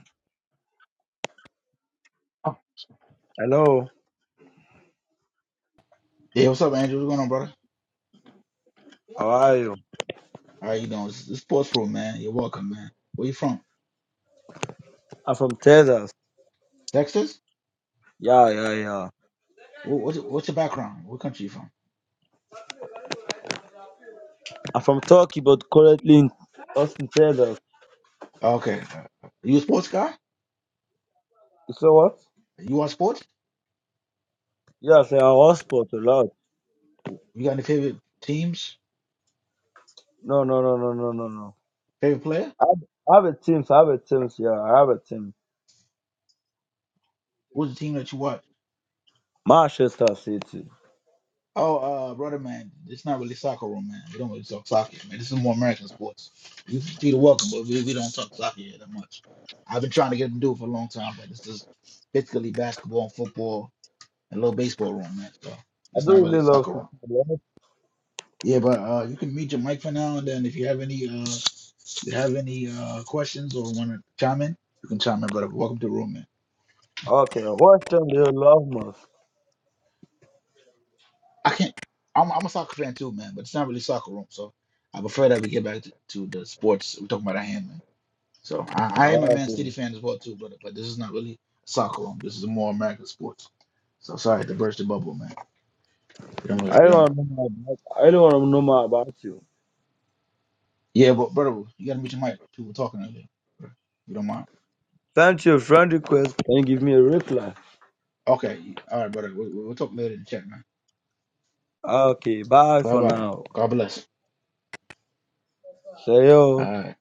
hello. Yeah, what's up, Andrew? What's going on, brother? How are you? All right, you know, it's, it's sports room, man. You're welcome, man. Where you from? I'm from Texas. Texas? Yeah, yeah, yeah. What, what's, your- what's your background? What country you from? I'm from Turkey, but currently in Austin, Texas. Okay. uh, You a sports guy? You say what? You watch sports? Yes, I have hotspot a lot. You got any favorite teams? No, no, no, no, no, no, no. Favorite player? I have I have a team. so I have a team. so Yeah, I have a team. What's the team that you watch? Manchester City. Oh, uh, brother, man, it's not really soccer room, man. We don't really talk soccer, man. This is more American sports. You feel the welcome, but we, we don't talk soccer here that much. I've been trying to get them to do it for a long time, but this is basically basketball and football and a little baseball room, man. So I it's not do really really love soccer City. room. a Yeah, but uh, you can mute your mic for now, and then if you have any uh, if you have any uh, questions or want to chime in, you can chime in. But welcome to the room, man. Okay, what team do you love most? I can't. I'm, I'm a soccer fan too, man, but it's not really soccer room, so I prefer that we get back to, to the sports we're talking about. I hand, man. So I, I am a Man City Okay. fan as well too, but but this is not really soccer room. This is more American sports. So sorry to burst the bubble, man. You don't really, I you don't don't. want to know more about. I don't want to know more about you. Yeah, but brother, you gotta mute your mic. People talking earlier. You don't mind? Send your friend request and give me a reply. Okay, all right, brother. We, we'll talk later in the chat, man. Okay, bye Bye for bye. now. God bless. See you. All right.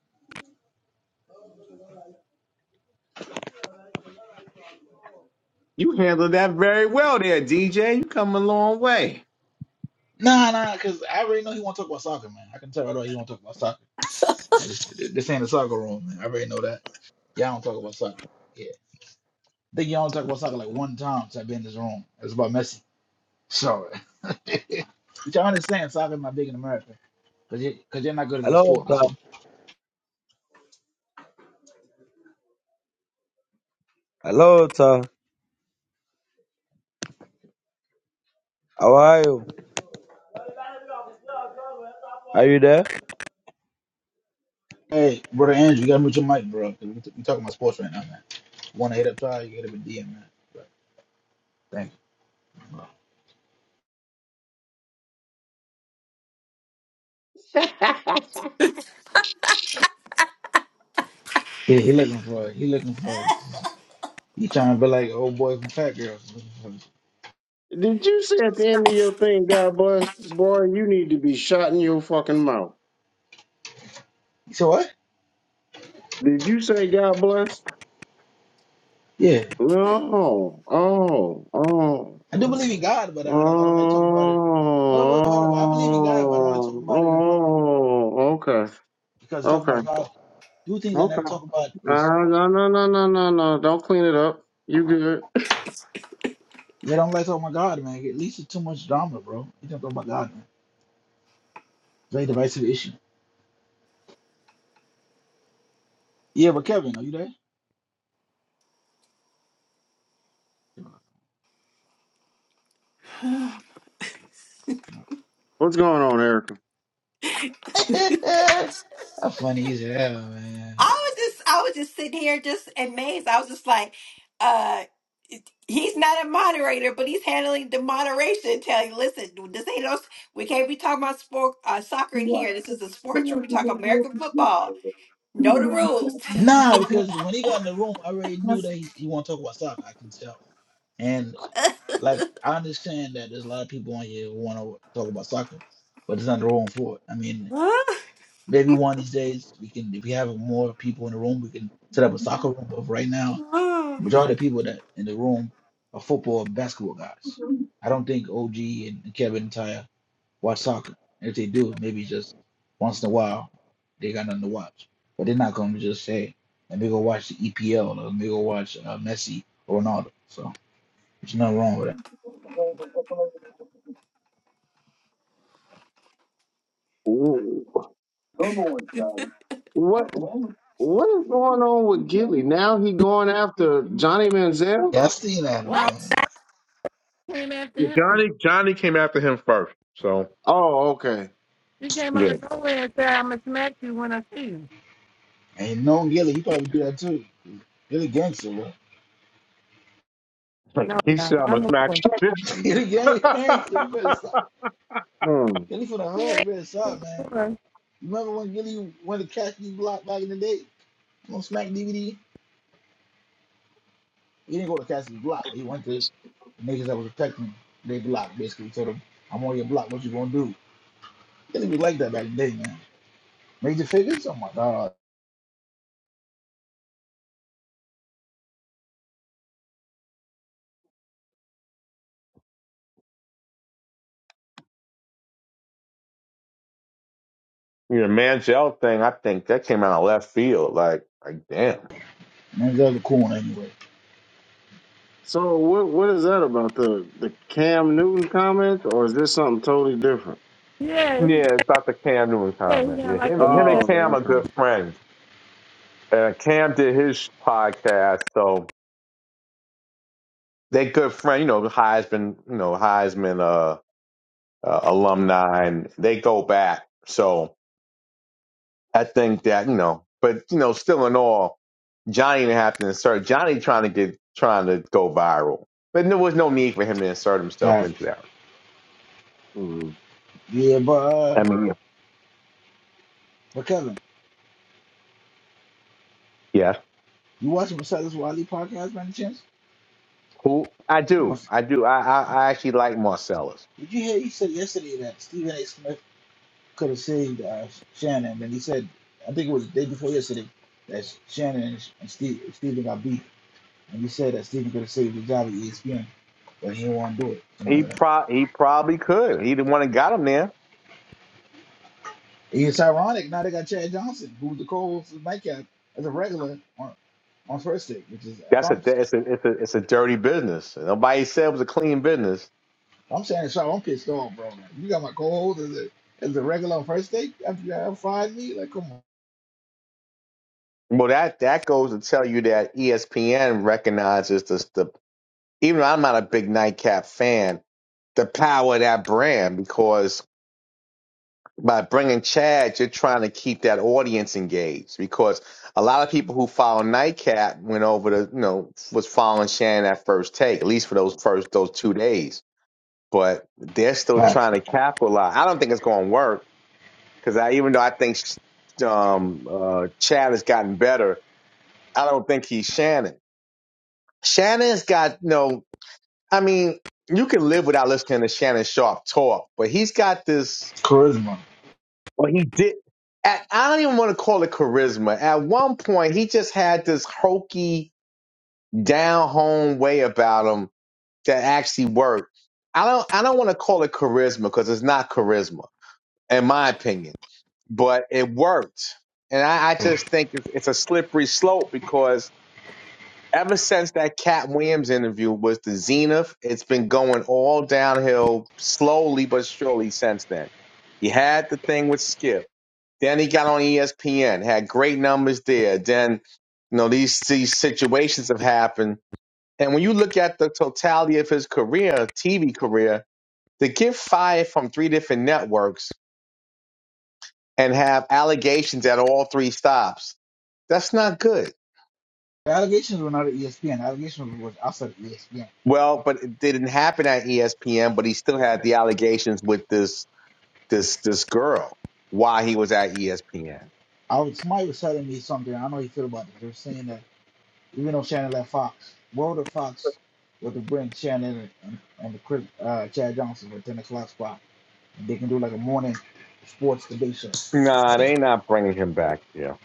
You handled that very well there, DJ. You come a long way. Nah, nah, because I already know he want to talk about soccer, man. I can tell right away he want to talk about soccer. I just, th- this ain't a soccer room, man. I already know that. Y'all don't talk about soccer. Yeah. I think y'all don't talk about soccer like one time since I've been in this room. It's about Messi. So, but y'all understand soccer's not big in America because you, cause you're not good at the Hello, sport. sir. That's what. Hello, sir. How are you? Are you there? Hey, brother Andrew, you got to mute your mic, bro. 'cause we we talking about sports right now, man. Want to hit up Ty, you hit up a DM, man. But, thank you, bro. Yeah, he looking for, he looking for, it. He trying to be like old boy from Fat Girls. Did you say at the end of your thing, God bless? Boy, you need to be shot in your fucking mouth. You said what? Did you say God bless? Yeah, No. Oh. Oh. I do believe in God, but Oh, I don't. I don't like talking about it. Well, well, hold on. I believe in God, but I don't like talking about it in public oh, okay, because talking okay, about God, two things I okay. never Uh, talk about is no, no, no, no, no, no. Don't clean it up. You good? yeah, I don't like talking about God, man. It leads to too much drama, bro. You don't talk about God, man. very divisive issue. Yeah, but Kevin, are you there? What's going on, Erica? I That's funny as hell, man. was just I was just sitting here just amazed. I was just like, uh He's not a moderator, but he's handling the moderation. Tell you, listen, this ain't no. We can't be talking about sport, uh, soccer Ooh. in What? here. This is a sports room. We talk What American football. Know the rules. Nah, because when he got in the room, I already knew that he, he want to talk about stuff. I can tell. And. like I understand that there's a lot of people on here who want to talk about soccer, but there's nothing wrong for it. I mean, maybe one of these days we can, if we have more people in the room, we can set up a soccer room. But right now, majority of the people that in the room are football and basketball guys. I don't think OG and Kevin and Tyre watch soccer. if they do, maybe just once in a while they got nothing to watch. But they're not gonna just say, "Let me go watch the EPL," or "Let me go watch uh, Messi or Ronaldo." So there's nothing wrong with that. is going on with Gilly? Now he going after Johnny Manziel? Yeah, I've seen that, what? man. he came after him. Johnny Johnny came after him first, so Oh, okay. He came out yeah. of nowhere and said, I'm going to smack you when I see you. Ain't known Gilly, he probably do that too. Gilly gangster, bro. No, He no, said, I'm no, going to no smack more. the shit out of Gilly gang- gangster. you. You better stop. Hmm. Gilly for the He hood. You ain't better no stop, man. more. You remember when Gilly went to Cassidy's block back in the day on Smack DVD? He didn't go to Cassidy's block, but he went to the niggas that was protecting their block, basically. Told them, I'm on your block. What you gonna do? Gilly was like that back in the day, man. Major figures? Oh my god. You know, Manziel thing, I think that came out of left field. Like, like damn. Man, that's the cool one anyway. So what what is that about the the Cam Newton comment, or is this something totally different? Yeah, he, Yeah, it's about the Cam Newton yeah, he comment. didn't Yeah, like him, what he him said. and Cam Oh, are good okay. friends. Uh, Cam did his podcast, so they good friend. You know, Heisman, you know Heisman uh, uh, alumni, and they go back. So I think that you know, but you know, still in all, Johnny didn't have to insert Johnny trying to get trying to go viral, but there was no need for him to insert himself Right. into that. hmm Yeah, but uh, I mean, but Kevin, yeah, you watching Besides Wally podcast by any chance? who I do, I do. I I, I actually like Marcellus. Did you hear? He said yesterday that Stephen A. Smith could have saved uh, Shannon, and he said, I think it was the day before yesterday, that Shannon and, Steve, Stephen got beat, and he said that Stephen could have saved the job at ESPN, but he didn't want to do it. Something He like that. pro he probably could. He the one that got him there. And It's ironic now they got Chad Johnson, who was the co-host of Nightcap as a regular on on first take, which is if That's I'm a if it's a it's a it's a dirty business. Nobody said it was a clean business. I'm Shannon Sharp, I'm pissed off, bro. Like, you got my co-host as a as a regular on first take after you have fired me, like come on, Well, that that goes to tell you that ESPN recognizes this the even though I'm not a big nightcap fan, the power of that brand because by bringing Chad, you're trying to keep that audience engaged because a lot of people who follow Nightcap went over to you know was following Shannon at first take at least for those first those two days but they're still like trying to capitalize. I don't think it's going to work because I, even though I think um, uh, Chad has gotten better, I don't think he's Shannon. Shannon's got no. I mean, you can live without listening to Shannon Sharp talk, but he's got this. charisma. Well, he did. At, I don't even want to call it charisma. At one point, he just had this hokey, down home way about him that actually worked. I don't. I don't want to call it charisma because it's not charisma in my opinion. But it worked. And I, I just think it's, it's a slippery slope because ever since that Cat Williams interview was the zenith, it's been going all downhill slowly but surely since then. He had the thing with Skip. Then he got on ESPN, had great numbers there. Then, you know, these, these situations have happened. And when you look at the totality of his career, TV career, to get fired from three different networks and have allegations at all three stops. That's not good. The allegations were not at ESPN. The allegations was outside of ESPN. Well, but it didn't happen at ESPN, but he still had the allegations with this this this girl while he was at ESPN. was, somebody was telling me something. I don't know how you feel about it. They were saying that even though Shannon left Fox, World of Fox were to bring Shannon and, and the Chris, uh, Chad Johnson for 10 o'clock spot. And they can do like a morning sports debate show. Nah, they not bringing him back here.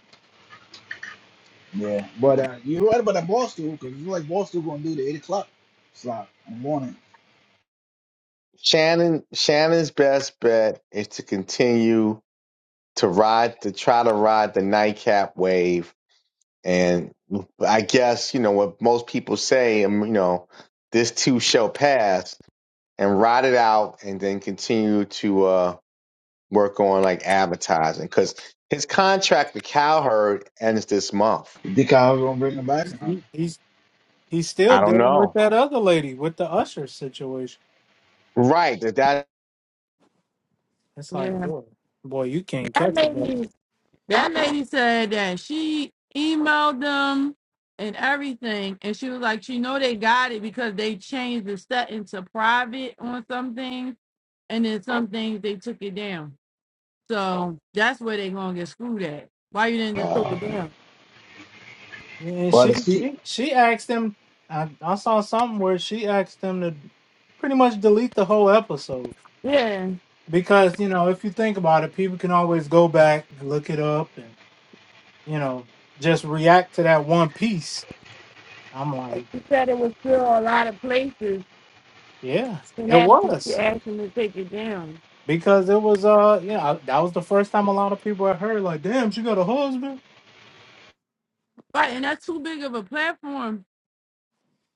Yeah. But uh, you're right about that ball stool because you like ball stool going to do the 8 o'clock slot in the morning. Shannon Shannon's best bet is to continue to ride to try to ride the nightcap wave and I guess, you know, what most people say, um, you know, this too shall pass and ride it out and then continue to uh, work on like advertising because his contract with Cowherd ends this month. You think I was going to bring him back? He, he- he's He's still I don't dealing with know. that other lady with the usher situation. Right. That, that It's like, Yeah, boy, boy, you can't that catch the bug. lady, that lady said that she emailed them and everything, and she was like, she know they got it because they changed the setting to private on some things, and then some things they took it down. So that's where they gonna get screwed at. Why you didn't just took Uh, it down? And but it's she she she asked him. I, I saw something where she asked him to pretty much delete the whole episode Yeah. because you know if you think about it, people can always go back and look it up and you know just react to that one piece. I'm like, She said it was still a lot of places yeah, and it asked, she was asked them to take it down. because it was uh you know I, that was the first time a lot of people had heard like, damn, she got a husband. Right, and that's too big of a platform.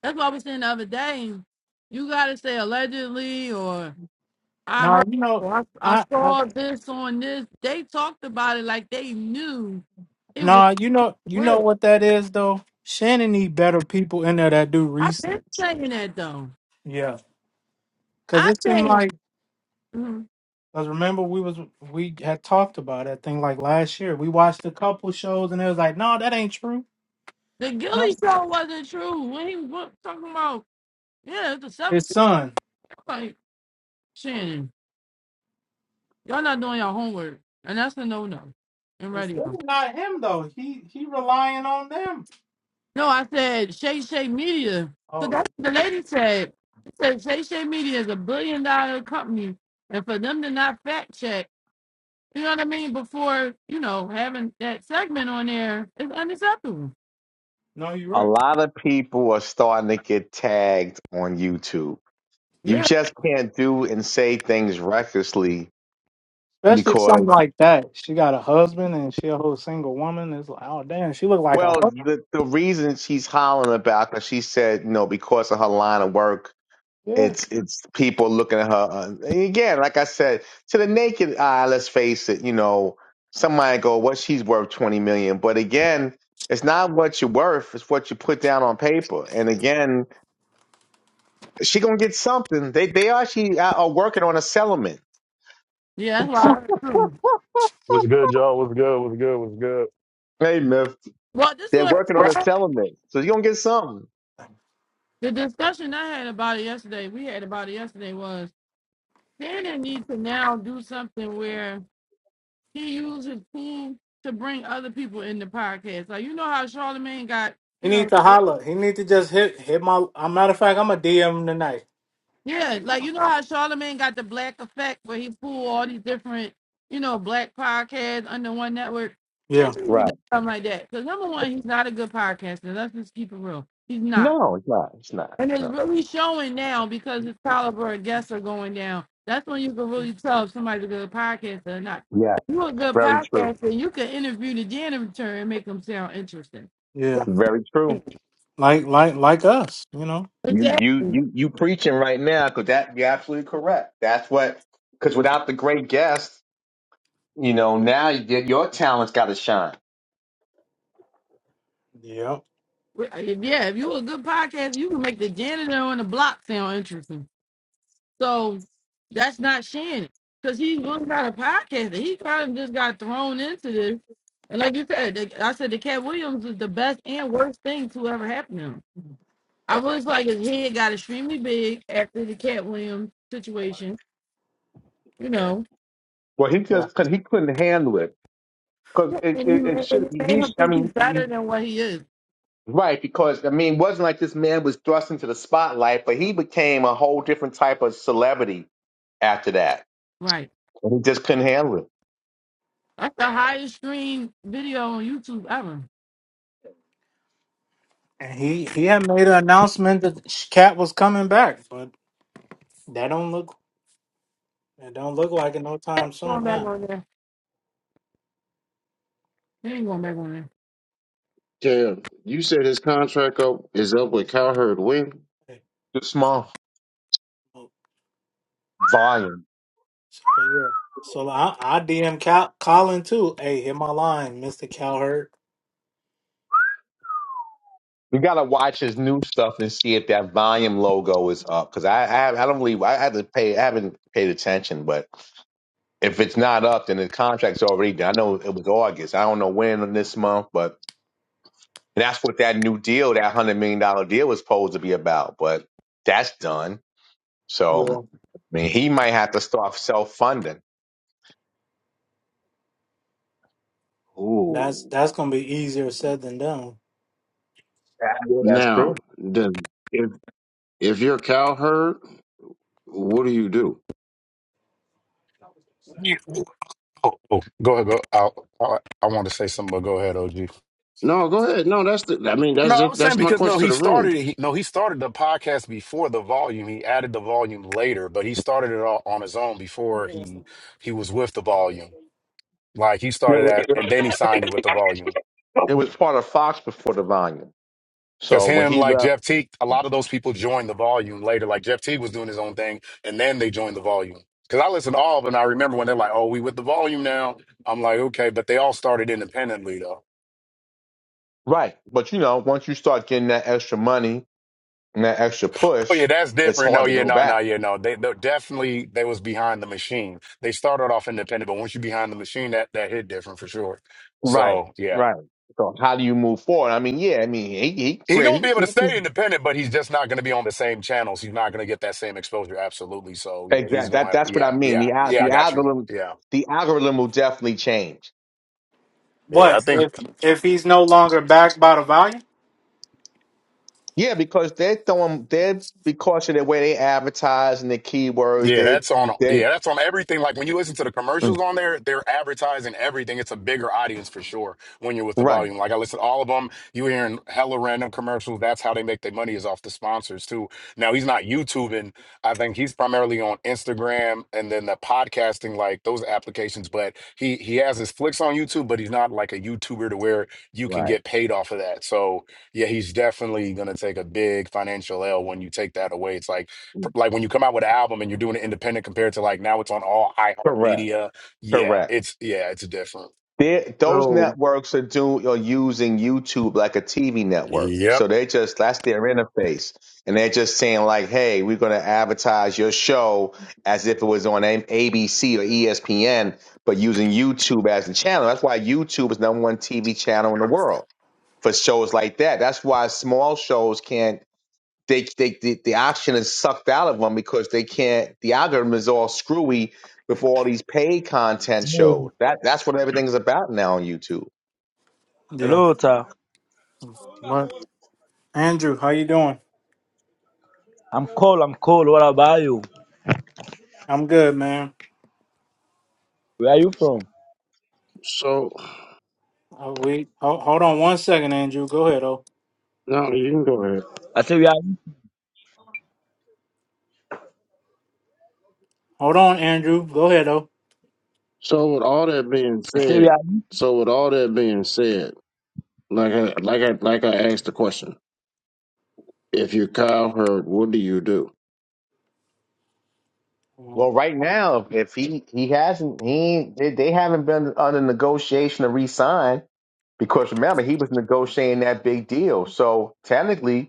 That's why I was saying the other day, you gotta say allegedly or I heard Now you know. or I, I I, I saw this on this. They talked about it like they knew it was Nah, you know, you know real. what that is though. Shannon need better people in there that do I've been research. saying that though. Yeah, cause I it seemed think like, mm, cause remember we was we had talked about that thing like last year. We watched a couple shows and it was like, no, that ain't true. the And I'm, Gilly show wasn't true when he was talking about yeah, it's a his seventeen son, fight, Shannon. Y'all not doing your homework, and that's a no no in it's radio. really not him though. He he relying on them. No, I said Shay Shay Media. So Oh that's what the lady said. She said Shay Shay Media is a billion dollar company, and for them to not fact check, you know what I mean, before you know having that segment on there is unacceptable. no, you're a right. lot of people are starting to get tagged on YouTube. You Yeah, just can't do and say things recklessly Especially something because, like that. She got a husband and she a whole single woman. It's like, oh damn, she look like a well, the, the reason she's hollering about, because she said, you know, because of her line of work, husband. It's it's people looking at her. Uh, and again, like I said, to the naked eye, let's face it. You know, somebody go, "What she's worth twenty million. But again, it's not what you're worth; it's what you put down on paper. And again, she gonna get something. They they actually are are working on a settlement. yeah, that's why. I- hmm. What's good, y'all? What's good? What's good? What's good? Hey, Miff, Well, this they're was working Yeah. on a settlement, so you gonna get something. the discussion I had about it yesterday. We had about it yesterday was CNN needs to now do something where he uses food to bring other people in the podcast. Like you know how Charlemagne got, He you need know, to holler. He need to just hit hit my. A matter of fact, I'm a DM him tonight. yeah, like you know how Charlemagne got the black effect where he pulled all these different, you know, black podcasts under one network. James Yeah, needs do Right. something like that. Because number one, he's not a good podcaster. Let's just keep it real. He's not. No, it's not. It's not. And it's No. really showing now because his caliber of guests are going down. That's when you can really tell if somebody's a good podcaster or not. Yeah. If you're a good Very true. podcaster, you can interview the janitor and make them sound interesting. yeah. Very true. Like like like us, you know. You you Exactly. you you preaching right now because that you're absolutely correct. That's what because without the great guest, you know, now you, get, your talent's got to shine. Yep. Well, uh, if- Yeah, if you a good podcast, you can make the janitor on the block sound interesting. So that's not Shannon. Because he's really not a podcaster. He kind of just got thrown into this. And like you said, the, I said the Cat Williams is the best and worst thing to ever happen to him. I was like his head got extremely big after the Cat Williams situation, you know. Well, he Yeah. just cause he couldn't handle it because it, And he it, it made, and should. it made He, him I think he's mean, he, better than what he is. right? Because I mean, it wasn't like this man was thrust into the spotlight, but he became a whole different type of celebrity after that. Right. And he just couldn't handle it. That's the highest streamed video on YouTube ever. And he he had made an announcement that Cat was coming back, but that don't look that don't look like it no time Going soon back now. on there. He ain't gonna make one. Cam, you said his contract up is up with Cowherd when? Hey, Too small oh, volume. So yeah. So I I DM Cal Colin too. Hey, hit my line, Mister Calhurt. We gotta watch his new stuff and see if that volume logo is up. Because I, I I don't believe I had to pay. I haven't paid attention, but if it's not up, then the contract's already done. I know it was August. I don't know when in this month, but and that's what that new deal, that hundred million dollar deal, was supposed to be about. But that's done. So Yeah. I mean, he might have to start self funding. That's Ooh. that's gonna be easier said than done. Yeah, that's true. Now, then, if if you're Cowherd, what do you do? You- Oh, oh, go ahead. Go. I, I, I want to say something, but go ahead, OG. No, go ahead. No, that's the. I mean, No, that's I just, was saying that's my because no, question he to the room. started. He, no, he started the podcast before the volume. He added the volume later, but he started it all on his own before he he was with the volume. Like he started No, at, and then he signed it with the volume. it was part of Fox before the volume. Because So when him, he like left. Jeff Teague, a lot of those people joined the volume later. Like Jeff Teague was doing his own thing, and then they joined the volume. Because I listened to all of them, and I remember when they're like, "Oh, we with the volume now." I'm like, "Okay," but they all started independently though. Right. But you know, once you start getting that extra money and that extra Oh push, yeah, that's it's different. No, hard to yeah, go no, no, back. yeah, no. They, they definitely they was behind the machine. They started off independent, but once you behind the machine, that that hit different for sure. Right. So yeah, Right. So how do you move forward? I mean, yeah, I mean, he he he create gonna he, be able he to stay just independent, but he's just not gonna be on the same channels. He's not gonna get that same exposure. Absolutely. So yeah, exactly he's gonna that have to. that's what I Yeah, mean. yeah, The al- yeah. I the got you. algorithm Yeah. the algorithm will definitely change. Yeah, I What think if if he's no longer backed by the volume? Yeah, because they're throwing they're because of the way they advertise and the keywords, yeah, they that's on they yeah, that's on everything. Like when you listen to the Mm. commercials on there, they're advertising everything. It's a bigger audience for sure when you're with the right, volume. Like I listen to all of them. You hearing hella random commercials. That's how they make their money is off the sponsors too. Now he's not YouTubing. I think he's primarily on Instagram and then the podcasting, like those applications. But he he has his flicks on YouTube, but he's not like a YouTuber to where you can right, get paid off of that. So yeah, he's definitely gonna take a big financial L when you take that away. It's like like when you come out with an album and you're doing it independent compared to like now it's on all correct, iHeartMedia. Yeah, correct. it's yeah, it's different. They, those So networks are doing are using YouTube like a TV network, Yep. so they just that's their interface, and they're just saying like, "Hey, we're going to advertise your show as if it was on A- ABC or ESPN, but using YouTube as the channel." That's why YouTube is number one TV channel in the world for shows like that. That's why small shows can't they, they the, the oxygen is sucked out of them because they can't the algorithm is all screwy with all these paid content No. shows that that's what everything's about now on youtube Yeah. Hello, sir. What? Andrew, how you doing? I'm cold. I'm cold. What about you? I'm good, man. Where are you from? so Uh, wait, hold, hold on one second, Andrew. Go ahead, though. no, you can go ahead. I say we are. Hold on, Andrew. Go ahead, though. So with all that being I say we said, are. so with all that being said, like I like I like I asked the question. If you're cow herd, what do you do? Um, Well, right now, if he he hasn't, he they, they haven't been under negotiation to re-sign because remember he was negotiating that big deal. So technically,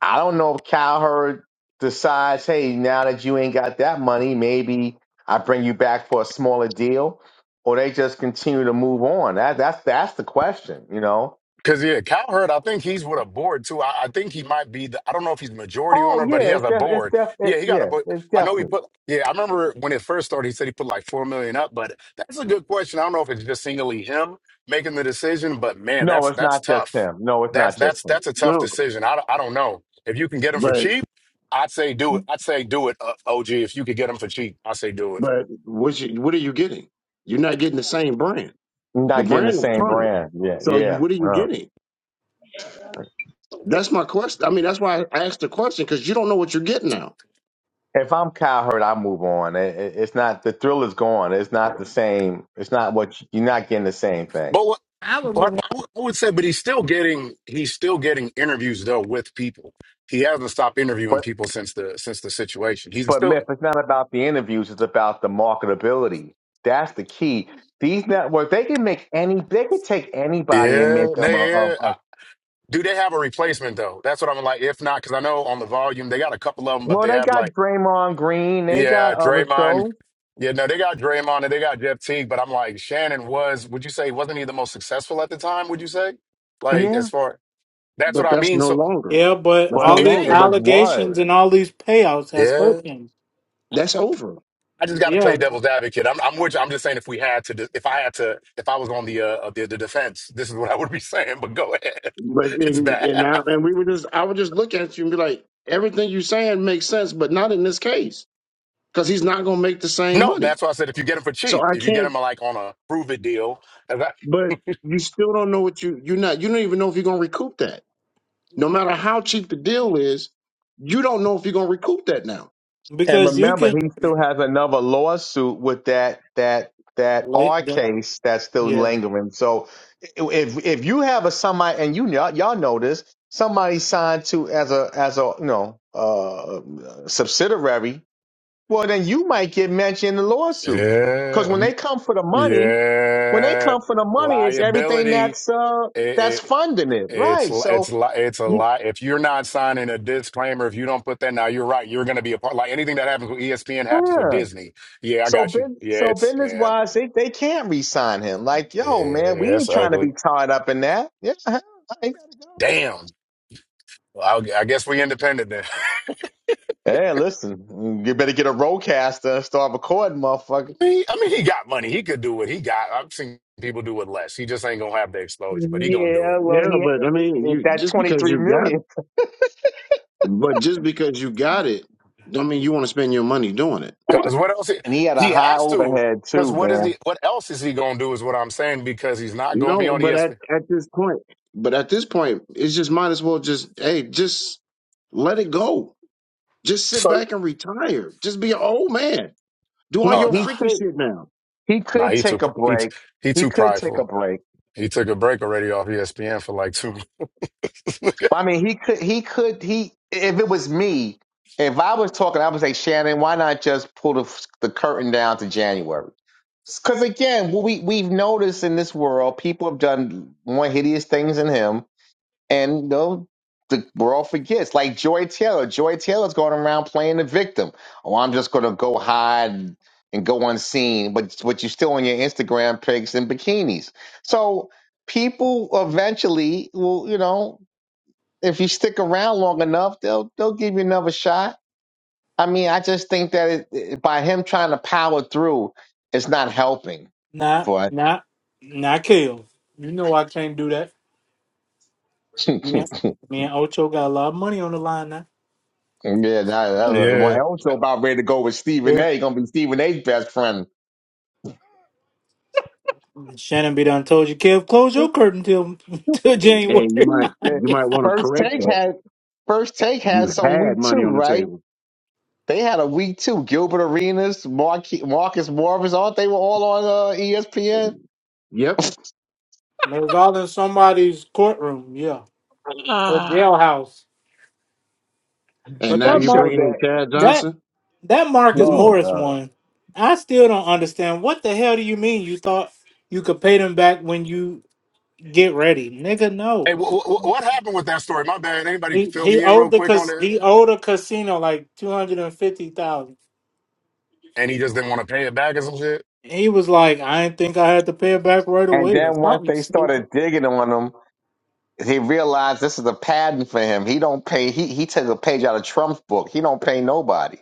I don't know if Cowherd decides, hey, now that you ain't got that money, maybe I bring you back for a smaller deal, or they just continue to move on. That that's that's the question, you know. Cause yeah, Cowherd, I think he's with a board too. I, I think he might be the I don't know if he's majority owner, Oh but he yeah, has it's a def- it's board. def- it, Yeah, he got a yeah, board. it's I know he definitely. put yeah, I remember when it first started, he said he put like four million up, but that's a good question. I don't know if it's just singly him making the decision, but man, No, that's it's that's not just tough. him. No, it's That's not that's just him. that's a tough No, decision. I, don't- I don't know. If you can get him for But cheap, I'd say do it. I'd say do it, uh, OG. If you could get him for cheap, I'd say do it. but what you, what are you getting? You're not getting the same brand. You're The not getting the brand is same carnage. brand. Yeah, So you, yeah. what are you yeah. getting? That's my question. I mean, that's why I asked the question because you don't know what you're getting now. If I'm Cowherd, I move on. It, it, it's not the thrill is gone. It's not the same. It's not what you, you're not getting the same thing. But I would But move. I would I would say, but he's still getting he's still getting interviews though with people. He hasn't stopped interviewing people since the since the situation. He's But still Myth, it's not about the interviews, it's about the marketability. That's the key. These networks, they can make any, they can take anybody and yeah make them a, a, they- yeah. a I- do they have a replacement though? That's what I'm like. If not, because I know on the volume they got a couple of them, but well, they they have got like Draymond Green, they yeah got other Draymond. shows. Yeah, no, they got Draymond and they got Jeff Teague, but I'm like Shannon was. Would you say wasn't he the most successful at the time? Would you say like as Yeah. far that's what But I that's mean. no So longer. yeah, but That's no But all it these ain't. longer. it was allegations was. and all these payouts has Yeah. hurt him. That's over. I just got to play Yeah, devil's advocate. I'm, I'm with you. I'm just saying if we had to, de- if I had to, if I was on the uh, the, the defense, this is what I would be saying. But go ahead, But it's in, bad. and now and we were just I would just look at you and be like, everything you're saying makes sense, but not in this case because he's not going to make the same No, money. that's why I said if you get them for So cheap, I if you get can't them like on a prove it deal, and that- but you still don't know what you you're not you don't even know if you're going to recoup that no matter how cheap the deal is you don't know if you're going to recoup that now And because you remember, can. he still has another lawsuit with that, that, that Like, R the- case that's still yeah, lingering. So if, if you have a somebody, and you, y'all, y'all know this, somebody signed to as a, as a, you know, uh, subsidiary Well, then you might get mentioned in the lawsuit. yeah, Because when they mm, come for the money, when they yeah, come for the money, it's everything liability. that's uh that's It, it, funding it, it's right? li- it's So li- it's a you- lie. If you're not signing a disclaimer, if you don't put that now, you're right. You're going to be a part. Like anything that happens with ESPN happens with yeah. Disney. Yeah, I So got you. business, Yeah, so it's business yeah, wise, they, they can't re-sign him. Like, yeah, yo, man, we it's ain't trying to ugly. be tied up in that. Yeah, hell, I ain't gotta go. Damn. Well, I, I guess we independent then. Hey, listen, you better get a roadcaster and start recording, motherfucker. He- I mean, he got money. He could do what he got. I've seen people do it less. He just ain't gonna have the exposure, but he gonna do Yeah, well, yeah he but i mean you that just twenty because three you got million, but just because you got it don't mean you want to spend your money doing it it. and Cause what else? He, he had a he high has to. overhead Cause too, what is he? man. What else is he gonna do? Is what I'm saying. Because he's not gonna be No, on but at, ESPN. at this point, But at this point, it's just might as well just hey, just let it go. Just sit So, back and retire. Just be an old man. Do all He oh your no, he freaky took. shit now. He no, could he too take pr- a he t- break. he He too could take a prideful. break. He took a break already off ESPN for like two. months. I mean, he could. He could. He. If it was me, if I was talking, I would say, Shannon, why not just pull the the curtain down to January? Because again, what we we've noticed in this world, people have done more hideous things than him. and you know the world forgets. Like Joy Taylor, Joy Taylor's going around playing the victim. Oh, I'm just going to go hide and go unseen, but but you're still on your Instagram pics and bikinis. So people eventually will, you know, if you stick around long enough, they'll they'll give you another shot. I mean, I just think that it, it- by him trying to power through, it's not helping. not, But not, not kill. You know I can't do that. yeah, Me and, me and Ocho got a lot of money on the line now. that, that was, yeah. well, also about ready to go with Stephen Yeah. A. Gonna be Stephen A.'s best friend Shannon be done told you, Kev, close your curtain till till hey, hey, you January. might The you might want to first correct take that. had first take had You some had week two, money on the right? table. They had a week two. Gilbert Arenas, Marque- Marcus Morris, all they were all on uh, ESPN. Yep. It was all in somebody's courtroom, yeah, or jailhouse. And But now They that you're mark, showed bringing in that. Chad that Johnson. that Marcus Whew. No, Morris God. one, I still don't understand. What the hell do you mean? You thought you could pay them back when you get ready, nigga? Hey, No, wh- wh- what happened with that story? My bad. Anybody he fill he me in owed real the quick on cause that? he owed a casino like two hundred and fifty thousand. And he just didn't want to pay it back or some shit. He was like, I didn't think I had to pay it back right And away or then once something they stupid. started digging on him, he realized this is a pattern for him. He don't pay. He he took a page out of Trump's book. He don't pay nobody.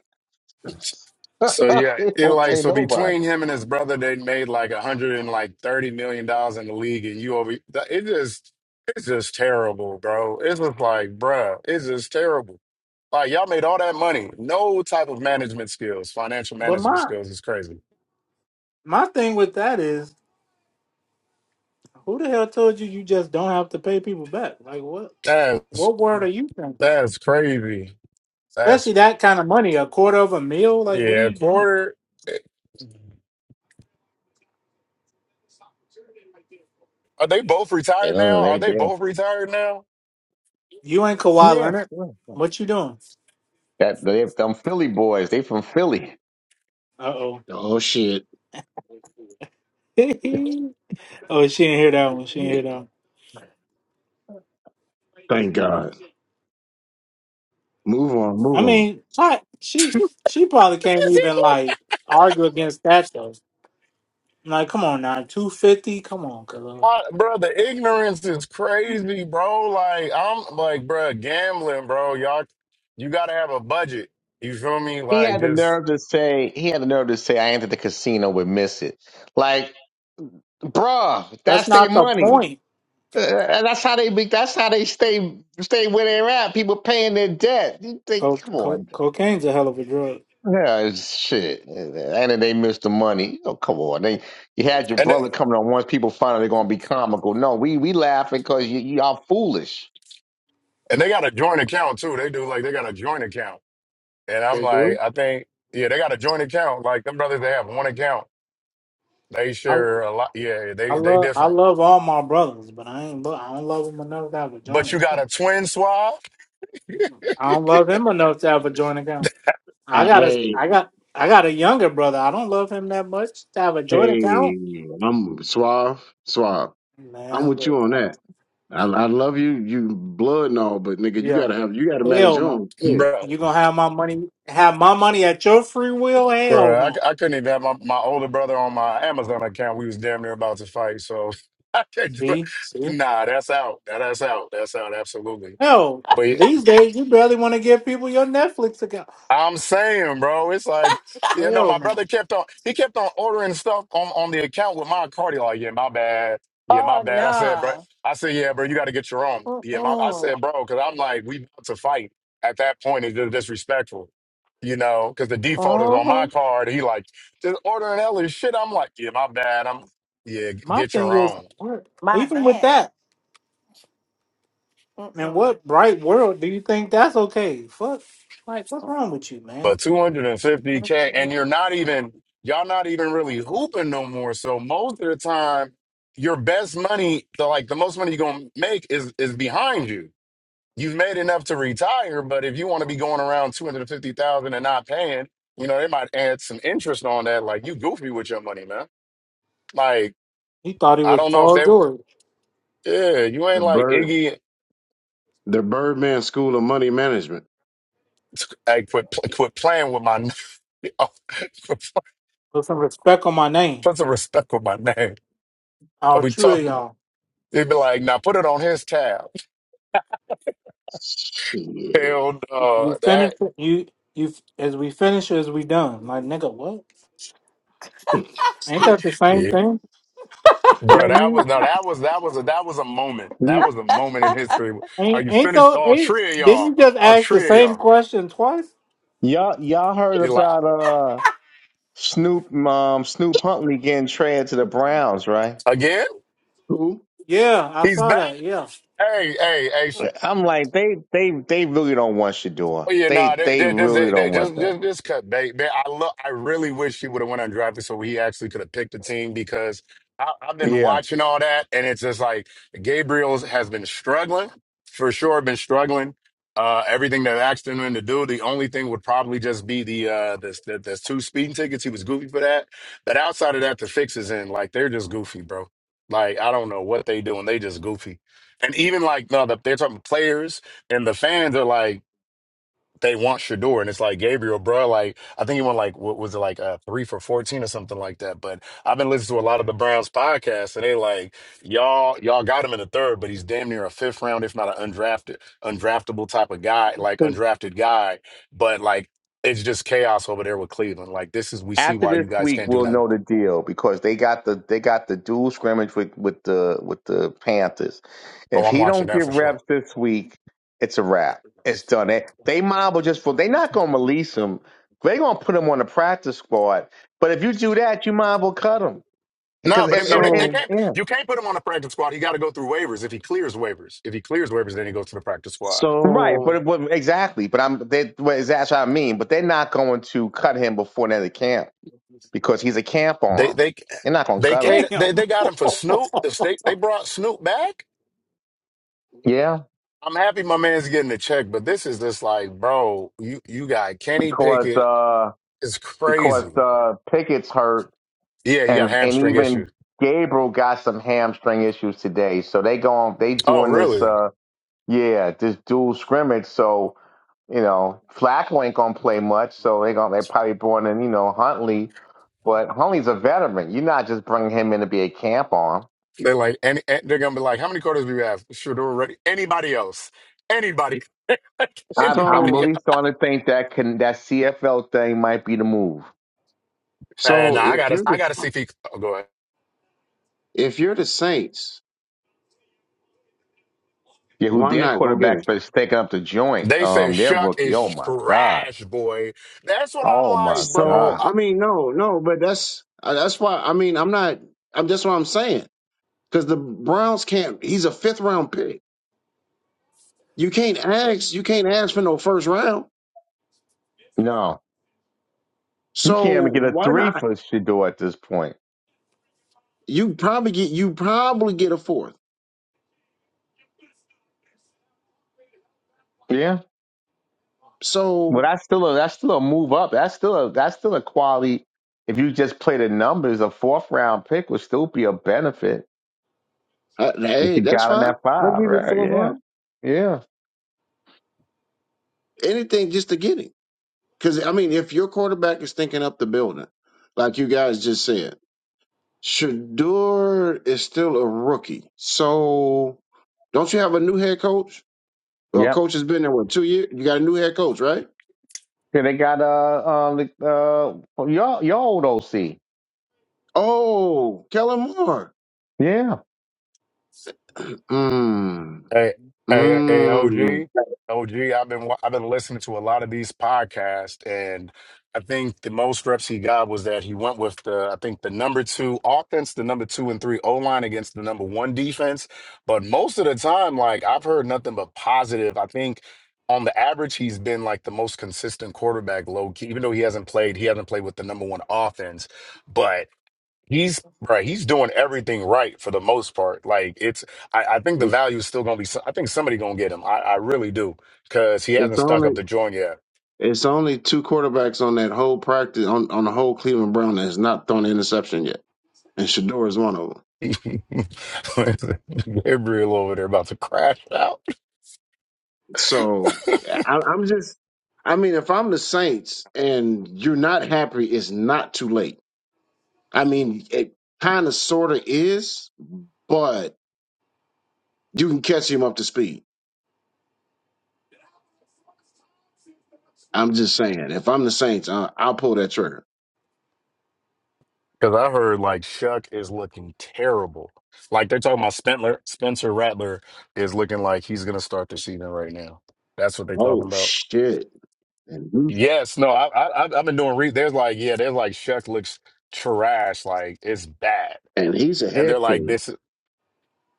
So yeah, he it don't like pay so nobody. between him and his brother, they made like a hundred and like thirty million dollars in the league, and you over that- it just it's just terrible, bro. It's just like, bruh, it's just terrible. Like y'all made all that money, no type of management skills, financial But management my skills is crazy. my thing with that is, who the hell told you you just don't have to pay people back? Like what? That's What word are you from? that's crazy. That's Especially that kind of money, a quarter of a meal. Like, what are yeah, you doing? Porter. Are they both You retired know now? Are they they they both retired now? You ain't Kawhi yeah. Leonard. yeah. What you doing? That they're them Philly boys. They from Philly. Uh oh. Oh shit. oh, she didn't hear that one. She didn't hear that. One. Thank God. Move on. Move I on. mean, I- she she probably can't Yes, even like argue against that though. Like, come on now, two fifty. Come on, Khalil. My, bro, the ignorance is crazy, bro. Like I'm like, bro, gambling, bro. Y'all, you gotta have a budget. You feel me? He Like had the just nerve to say he had the nerve to say I entered the casino with miss it. Like, bruh, That's that's their not the money. point. Uh, and that's how they be that's how they stay stay where they're at. People paying their debt. You think, Co- come co- on. cocaine's a hell of a drug. Yeah, it's shit. And then they missed the money. Oh, come on. They you had your and they, brother coming on once people find out they're gonna be comical. No, we we laughing because you y'all foolish. and they got a joint account too. They do like they got a joint account, and I'm They like, do. I think yeah, they got a joint account. Like them brothers, they have one account. They I share a lot. Yeah, I they they love I different. love all my brothers, but I ain't. lo- I don't love them enough to have a But you joint. got a twin swab, I don't love him enough to have a joint account. I I, got a hey, I got I got a younger brother. I don't love him that much to have a joint hey, account. I'm suave, suave. I'm Man, with you look. on that. I, I love you, you blood and all, but nigga, you gotta Yeah. have you gotta manage Hell your no. own shit. bro. You gonna have my money have my money at your free will? Hell Bruh, no. I, I couldn't even have my, my older brother on my Amazon account. We was damn near about to fight. So I can't, but See? See? nah, that's out. That- That's out. That's out. Absolutely. Hell, But these days you barely wanna give people your Netflix account. I'm saying, bro, it's like, you know, Hell my no. brother kept on, he kept on ordering stuff on, on the account with my card. He Like, yeah, my bad. Yeah, my Oh bad. I said, no. bro, I said, yeah, bro, you got to get your own. Yeah, my, I Mm-mm. said, bro, because I'm like, we about to fight. At that point, it's just disrespectful, you know, because the default is on hmm my card. He like, just ordering hella shit. I'm like, yeah, my bad. I'm, yeah, g- My get thing your is own. what My even with bad. that, in Mm-mm. what bright world do you think that's okay? Fuck like what's wrong with you, man? But 250K, and you're not even, y'all not even really hooping no more. So most of the time, your best money, the like the most money you're gonna make is is behind you. You've made enough to retire, but if you want to be going around 250,000 and not paying, you know, they might add some interest on that. Like you goofy with your money, man. Like, He thought he I was don't know if Paul they George. yeah, you ain't The like bird, Iggy. the Birdman School of Money Management. Hey, quit quit playing with my name. put Put some respect on my name. some respect with my name. I'll I'll be chew it, talking. y'all. He'd be like, "Now put it on his tab." Shit. Hell, You no, finish that, it. You you as we finish as we done. Like nigga, what? Ain't that the same yeah. thing? Yo, bro, that was you, no, that was that was a that was a moment. That you was a moment in history. Are Ain't you ain't finished? though? All Ain't three of didn't y'all. you just All ask the three of same y'all. question twice? y'all y'all heard You like about? Snoop, um, Snoop Huntley getting traded to the Browns, right? again? Cool. Yeah, I He's saw back. that. Yeah. Hey, hey, hey. I'm like, they, they, they really don't want Oh Shador. yeah, no, nah, They, they, they they, just- really they, they don't want just that. just just cut bait, man. I look, I really wish he would have went undrafted so he actually could have picked the team because I, I've been Yeah. watching all that and it's just like Gabriel's has been struggling for sure, been struggling. Uh, everything that asked him to do, the only thing would probably just be the uh the, the, the two speeding tickets. He was goofy for that, but outside of that, the fixes in like they're just goofy, bro. Like I don't know what they doing, they just goofy. And even like no, the, they're talking players and the fans are like they want Shador, and it's like Gabriel, bro. Like I think he went like what was it like uh, three for fourteen or something like that. But I've been listening to a lot of the Browns podcasts, and they like y'all y'all got him in the third, but he's damn near a fifth round, if not an undrafted undraftable type of guy, like undrafted guy. But like it's just chaos over there with Cleveland. Like this is we see After why you this guys week, can't do we'll nothing. know the deal because they got the, they got the dual scrimmage with, with the, with the Panthers. Oh, If I'm he watching don't that get for sure. reps this week, it's a wrap. It's done. They, they mob will just, for they're not going to release him. They're going to put him on the practice squad. But if you do So, that, you mob will cut him. Because, No, but it, and, no, and, they, they and, can't. yeah. You can't put him on the practice squad. He got to go through waivers. If he clears waivers, if he clears waivers, then he goes to the practice squad. Right, but so, it wouldn't exactly. But I'm they, well, is that's what I mean. But they're not going to cut him before another camp because he's a camp They arm. they They're not going to they cut him. cater, they Damn. they got him for Snoop. If they they brought Snoop back, Yeah, I'm happy my man's getting the check. But this is just like, bro, you you got Kenny because Pickett. uh, It's because crazy. uh, Pickett's hurt, Yeah, he got and and hamstring even issues. Gabriel got some hamstring issues today. So they going they Oh, doing this really? uh, yeah this dual scrimmage. So you know Flacco ain't going to play much. So they going they probably brought in you know Huntley, but Huntley's a veteran. You're not just bringing him in to be a camp arm. They're like, and, and they're gonna be like, how many quarters do we have? Sure, they're ready. Anybody else? Anybody? I'm I'm Anybody? so, really Else? starting to think that can that CFL thing might be the move. And so, I if gotta you're I the gotta see if he. Oh, go ahead. if you're the Saints, Yeah, who why their not go get quarterback's him? been taking up the joint. They said Um, their Shuck rookie. is Oh my god. trash, boy. That's what I'm Oh my like, bro. So, god. I mean, no, no, but that's uh, that's why. I mean, I'm not. I'm that's what I'm saying. Because the Browns can't. He's a fifth round pick. You can't ask. You can't ask for no first round. No, you So can't even get a why three not? for Shador at this point. You probably get you probably get a fourth. Yeah, well So that's still a that's still a move up. That's still a that's still a quality. If you just play the numbers, a fourth round pick would still be a benefit uh, if hey, you that's got him fine. at I'll five. give you a Right? fourth Yeah. round. Yeah. Anything just to get him. Because I mean, if your quarterback is thinking up the building, like you guys just said, Shador is still a rookie. So don't you have a new head coach? Or Yep. coach has been there what two years? You got a new head coach, right? Yeah, they got uh um the uh your your old OC. Oh, Kellen Moore. Yeah. Mm, Hey, hey, hey, mm. OG, OG. I've been wa- I've been listening to a lot of these podcasts, and I think the most reps he got was that he went with the I think the number two offense, the number two and three O line against the number one defense. But most of the time, like I've heard nothing but positive. I think on the average, he's been like the most consistent quarterback, low key. Even though he hasn't played, he hasn't played with the number one offense, but. He's right. He's doing everything right for the most part. Like it's, I, I think the value is still going to be. so- I think somebody going to get him. I, I really do because he It's hasn't stunk only up the joint yet. It's only two quarterbacks on that whole practice on, on the whole Cleveland Brown that's not thrown an interception yet, and Shador is one of them. Gabriel over there about to crash out So I, I'm just, I mean, if I'm the Saints and you're not happy, it's not too late. I mean, it kind of sort of is, but you can catch him up to speed. I'm just saying, if I'm the Saints, I, I'll pull that trigger. because I heard like Shuck is looking terrible. Like they're talking about Spencer Spencer Rattler is looking like he's going to start the season right now. That's what they're talking Oh about. shit! And he's, Yes, no, I, I I've I've been doing. Re- there's like yeah, there's like Shuck looks trash. Like it's bad. and he's a and head they're like case. this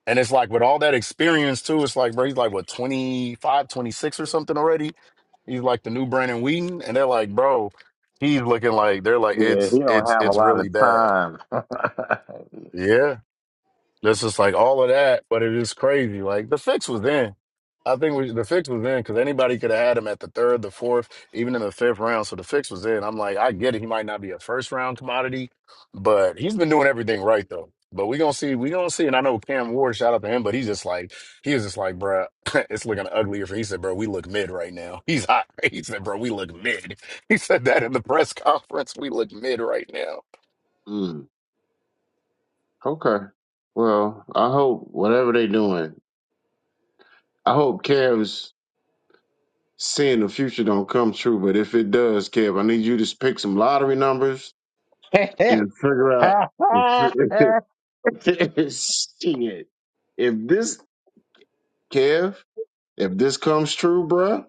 and it's like with all that experience too it's like bro he's like what 25, 26 or something already he's like the new brandon wheaton and they're like bro he's looking like they're like Yeah, he it's don't it's have a it's lot really of bad time. yeah that's just like all of that, but it is crazy. Like the fix was in. I think we, the fix was in because anybody could have had him at the third, the fourth, even in the fifth round. So the fix was in. I'm like, I get it. He might not be a first round commodity, but he's been doing everything right though. But we gonna see, we gonna see. And I know Cam Ward, shout out to him, but he's just like, he was just like, bruh, it's looking uglier. For he said, bro, we look mid right now. He's hot. He said, bro, we look mid. He said that in the press conference. We look mid right now. Mm, okay. Well, I hope whatever they're doing I hope Kevin's seeing the future don't come true, but if it does, Kev, I need you to pick some lottery numbers yeah, and figure out shit. If this Kev, if this comes true, bruh,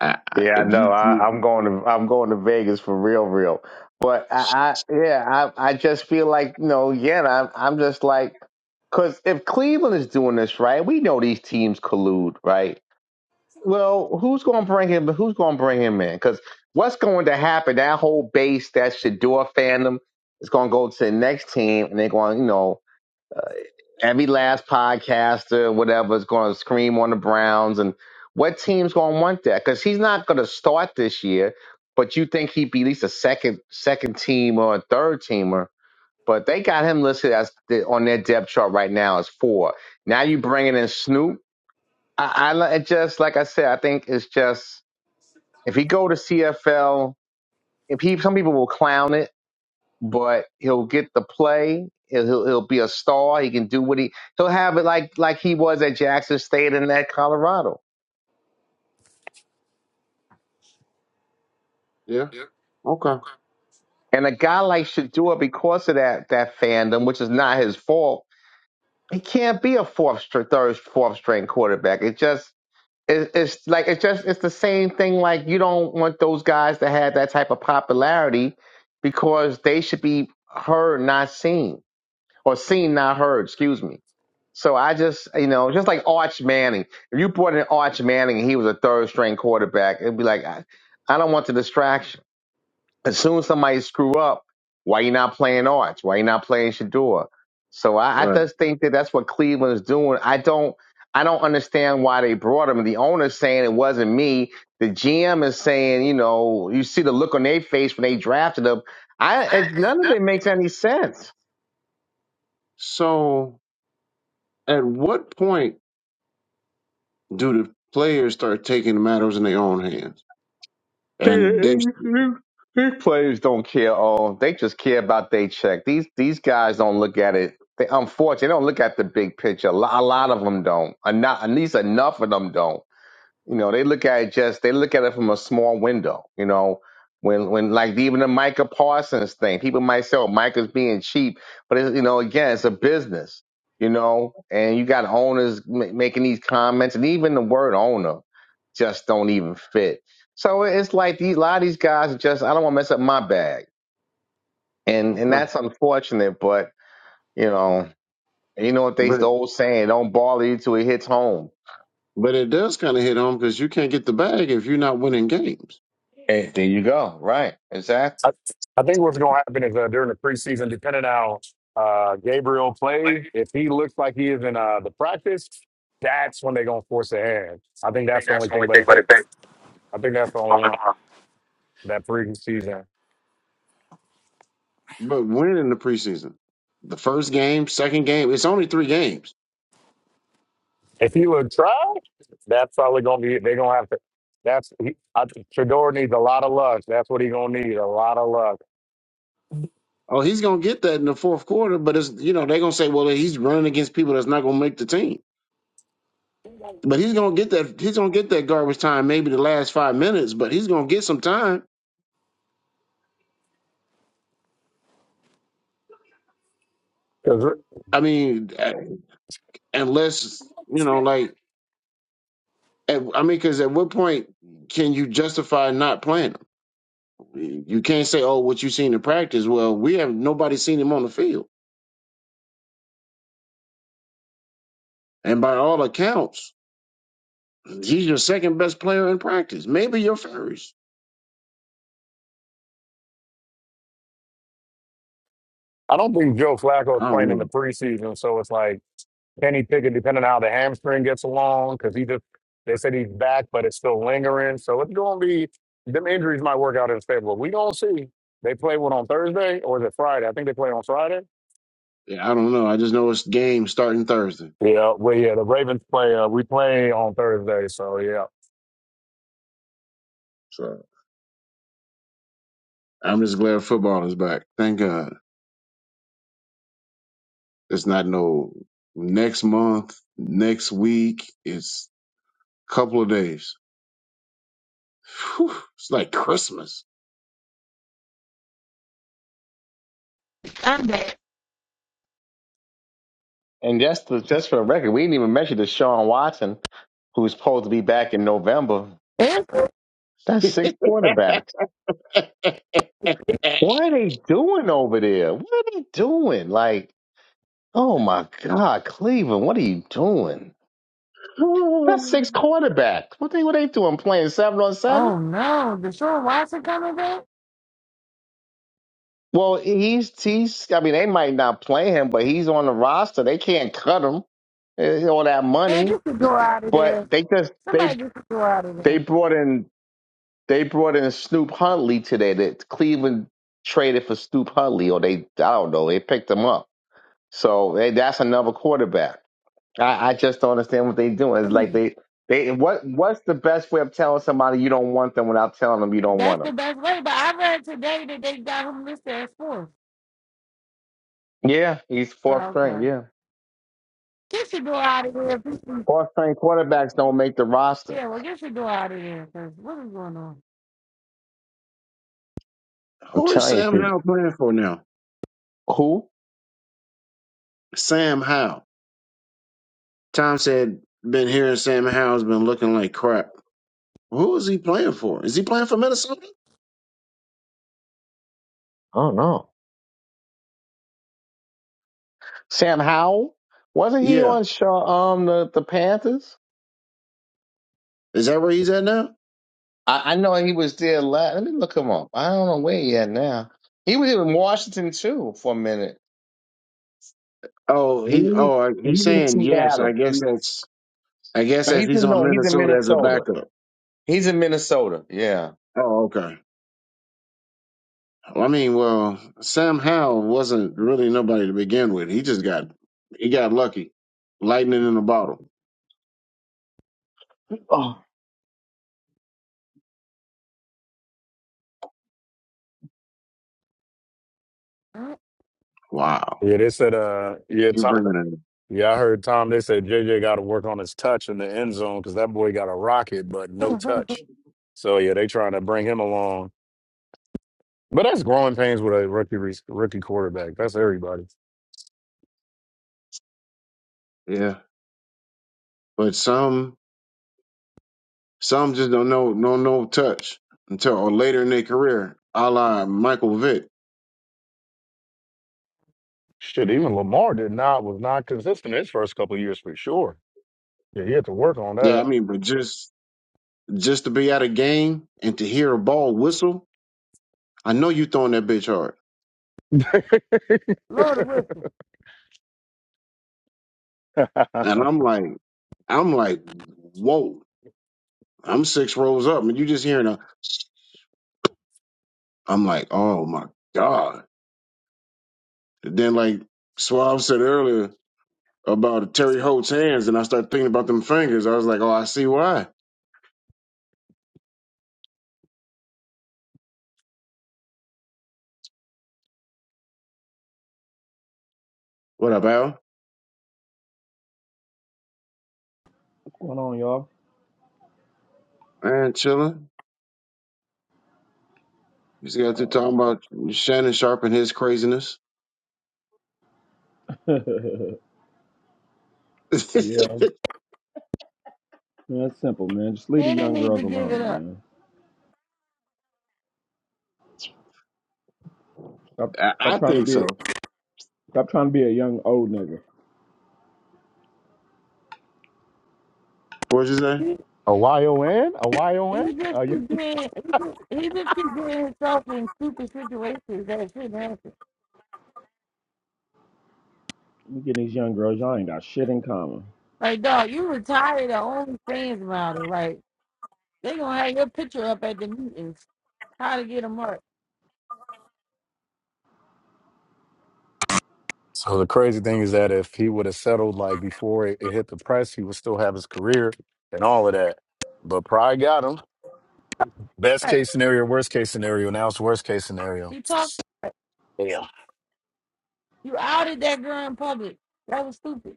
I, I, I if know. you I, I'm going to I'm going to Vegas for real, real. But I, I yeah, I I just feel like you know again. I'm I'm just like because if Cleveland is doing this right, we know these teams collude, right? Well, who's going to bring him? Who's going to bring him in? Because what's going to happen? That whole base, that Shador fandom, is going to go to the next team, and they're going, you know, every last podcaster, whatever, is going to scream on the Browns. And what team's going to want that? Because he's not going to start this year, but you think he'd be at least a second second team or a third teamer. But they got him listed as the, on their depth chart right now as four. Now you bringing in Snoop. I, I it just like I said, I think it's just if he go to CFL, if he some people will clown it but he'll get the play. He'll, he'll he'll be a star. He can do what he he'll have it like like he was at Jackson State and at Colorado. yeah, okay, And a guy like Shadua, because of that that fandom, which is not his fault, he can't be a fourth str- third fourth string quarterback. It just it, it's like it's just it's the same thing. Like you don't want those guys to have that type of popularity because they should be heard, not seen or seen, not heard, excuse me. So I just, you know, just like Arch Manning. If you brought in Arch Manning and he was a third string quarterback, it'd be like, I, I don't want the distraction. As soon as somebody screw up, why you not playing Arch? Why you not playing Shador? So I, I right. just think that that's what Cleveland is doing. I don't, I don't understand why they brought him. The owner's saying it wasn't me. The GM is saying, you know, you see the look on their face when they drafted him. I, it, none of it makes any sense. So, at what point do the players start taking matters in their own hands? These And they these players don't care. All they just care about they check. These these guys don't look at it. They unfortunately they don't look at the big picture. A lot, a lot of them don't. Enough, at least enough of them don't. You know, they look at it just they look at it from a small window. You know, when when like even the Micah Parsons thing, people might say, "Oh, Micah's being cheap," but it's, you know, again, it's a business. You know, and you got owners ma- making these comments, and even the word owner just don't even fit. So it's like these a lot of these guys are just I don't want to mess up my bag, and and okay, that's unfortunate. But you know, you know what they but the old saying, "Don't ball you till it hits home." but it does kind of hit home because you can't get the bag if you're not winning games. Hey, There you go. Right. Exactly. I, I think what's going to happen is uh, during the preseason, depending how uh, Gabriel plays, if he looks like he is in uh, the practice, that's when they're going to force a hand. I think that's the only thing. But if they, I think that's the only one that preseason. But when in the preseason? The first game, second game. It's only three games. If he would try, that's probably going to be. They're going to have to. That's he, I, Shador needs a lot of luck. That's what he's going to need a lot of luck Oh, he's gonna get that in the fourth quarter, but it's you know, they're gonna say, Well, he's running against people that's not gonna make the team. But he's gonna get that he's gonna get that garbage time, maybe the last five minutes, but he's gonna get some time. because I mean, uh, unless you know, like at, I mean, because at what point can you justify not playing him? You can't say, "Oh, what you seen in practice." Well, we have nobody seen him on the field, and by all accounts, He's your second best player in practice. Maybe your first. I don't think Joe Flacco is I don't playing in the know. preseason. So it's like. Kenny Pickett, depending on how the hamstring gets along, because he just they said he's back, but it's still lingering. So it's going to be them injuries might work out in his favor. We gonna see. They play what on Thursday or is it Friday? I think they play on Friday. Yeah, I don't know. I just know it's game starting Thursday. Yeah, well, yeah, the Ravens play. Uh, we play on Thursday, so yeah, So I'm just glad football is back. Thank God. It's not no next month, next week. It's a couple of days. Phew, it's like Christmas. And just the, just for the record, we didn't even mention the Sean Watson, who's supposed to be back in November. Is That's six quarterbacks. What are they doing over there? What are they doing? Like, oh my God, Cleveland, what are you doing? That's six Who quarterbacks. What they what they doing? Playing seven on seven? Oh no, Deshaun Watson coming back? Well, he's he's. I mean, they might not play him, but he's on the roster. They can't cut him. Eh, All that Man, money, get the door out of there. but they just Somebody they get the door out of they there. brought in They brought in Snoop Huntley today. That Cleveland traded for Snoop Huntley, or they I don't know. They picked him up. So hey, that's another quarterback. I, I just don't understand what they're doing. It's like Hmm. they they what what's the best way of telling somebody you don't want them without telling them you don't That's want them? the best way. But I read today that they got him listed as fourth. Yeah, he's fourth Oh, string. okay. Yeah, Get your door out of there. people. fourth string quarterbacks don't make the roster. Yeah, well, get your door out of there, cause what is going on? I'm is telling you, Sam dude. Howell playing for now? who? Sam Howell. Tom said, been hearing Sam Howell's been looking like crap. Who is he playing for? Is he playing for Minnesota? I don't know. Sam Howell wasn't he Yeah. on Shaw, um the the Panthers? Is that where he's at now? I, I know he was there last. Let me look him up. I don't know where he at now. He was in Washington too for a minute. Oh, He he he's oh I- he's in saying yes. I Seattle. guess He, that's I guess no, that's he's he's in on no, he's in Minnesota as a Minnesota. backup. He's in Minnesota. Yeah. Oh, okay. Well, I mean, well, Sam Howell wasn't really nobody to begin with. He just got he got lucky. Lightning in a bottle. Wow. yeah. They said, uh, yeah, You Tom, bring it yeah. I heard Tom. They said JJ got to work on his touch in the end zone because that boy got a rocket, but no Huh? touch. So yeah, they trying to bring him along. But that's growing pains with a rookie re- rookie quarterback. That's everybody. in. Yeah. But some some just don't know don't know touch until or later in their career, a la Michael Vick. Shit, even Lamar did not was not consistent his first couple of years for sure. Yeah, he had to work on Yeah, that. I mean, but just just to be at a game and to hear a ball whistle I know you throwing that bitch hard. Lord Wilson. And I'm like, I'm like, whoa, I'm six rows up. And you just hearing a, I'm like, oh my God. And then like Suave said earlier about Terry Holt's hands, and I started thinking about them fingers. I was like, oh, I see why. What up, Al? Going on, y'all? Man, chilling. You see, got through Oh. talking about Shannon Sharp and his craziness. yeah. I, Man, it's simple, man. Just leave the Tanner young need girls to give it alone, up. man. Stop stop I trying to think be so. stop trying to be a young old nigga. What'd you say? He, a Y O N, a Y O N. he Uh, just you- keep getting, he just, he just keep getting himself in stupid situations that shouldn't happen. You get these young girls, y'all ain't got shit in common. Like, dog, you retired the only fans model. Like, they gonna have your picture up at the meetings. How to get a mark. So the crazy thing is that if he would have settled like before it, it hit the press, he would still have his career and all of that. But pride got him. Best Like, case scenario, worst case scenario. Now it's worst case scenario. he talked. Like, you outed that girl in public. That was stupid.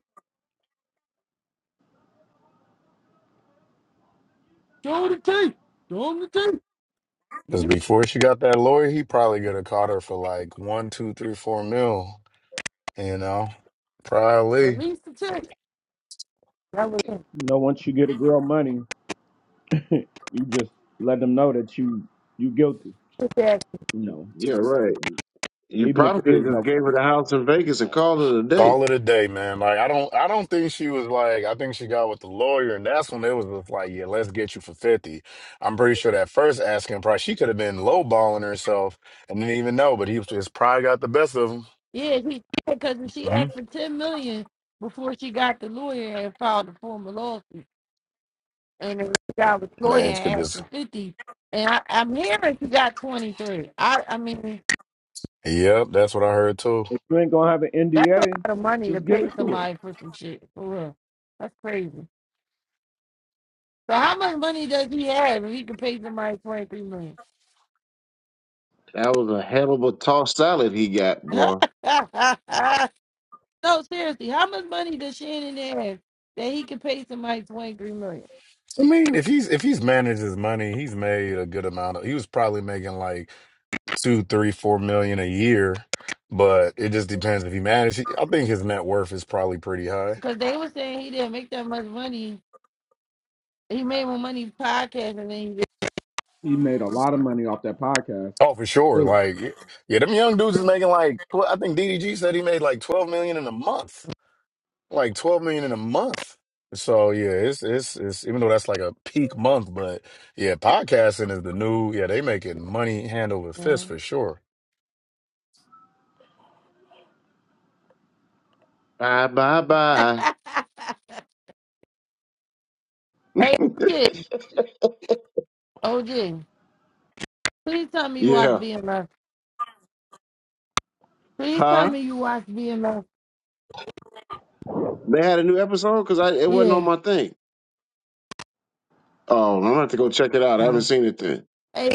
Show the tape. Show 'em the tape. When Because you before she got that lawyer, he probably could have caught her for like one, two, three, four mil. You know, probably. Release the tape. That was stupid. You know, once you get a girl money, you just let them know that you you guilty. ass. You You- know. Yeah, Even if right. it, You even if probably it could is have no just gave crime. her the house in Vegas and called it a day. Call it a day, man. Like I don't I don't think she was like I think she got with the lawyer and that's when it was just like, yeah, let's get you for 50. I'm pretty sure that first asking price, she could have been lowballing herself and didn't even know, but he was just probably got the best of him. Yeah, he because she hmm asked for ten million before she got the lawyer and filed the formal lawsuit, and then she got with the lawyer Man, she could and asked just for fifty. And I, I'm hearing she got twenty three. I, I mean. Yep, that's what I heard too. If you ain't gonna have an That's a NDA, lot of money to just give pay it to her. somebody for some shit. For real. That's crazy. So how much money does he have if he can pay somebody twenty three million? That was a hell of a tossed salad he got, no, boy. seriously, how much money does Shannon have that he can pay somebody twenty three million? I mean, if he's if he's managed his money, he's made a good amount of he was probably making like two, three, four million a year. But it just depends if he managed. I think his net worth is probably pretty high. Because they were saying he didn't make that much money. He made more money podcasting than he He made a lot of money off that podcast. Oh, for sure. Dude, Like, yeah, them young dudes is making like, tw- I think DDG said he made like 12 million in a month, like 12 million in a month. So yeah, it's, it's, it's, even though that's like a peak month, but yeah, podcasting is the new, yeah, they making money hand over fist did, man. for sure. Bye, bye, bye. hey OJ, OJ, please tell me you watch Yeah. BMF. Please tell Huh? me you watch BMF. They had a new episode? Because I it wasn't on Yeah. my thing. Oh, I'm going to have to go check it out. I haven't Uh, seen it then. hey,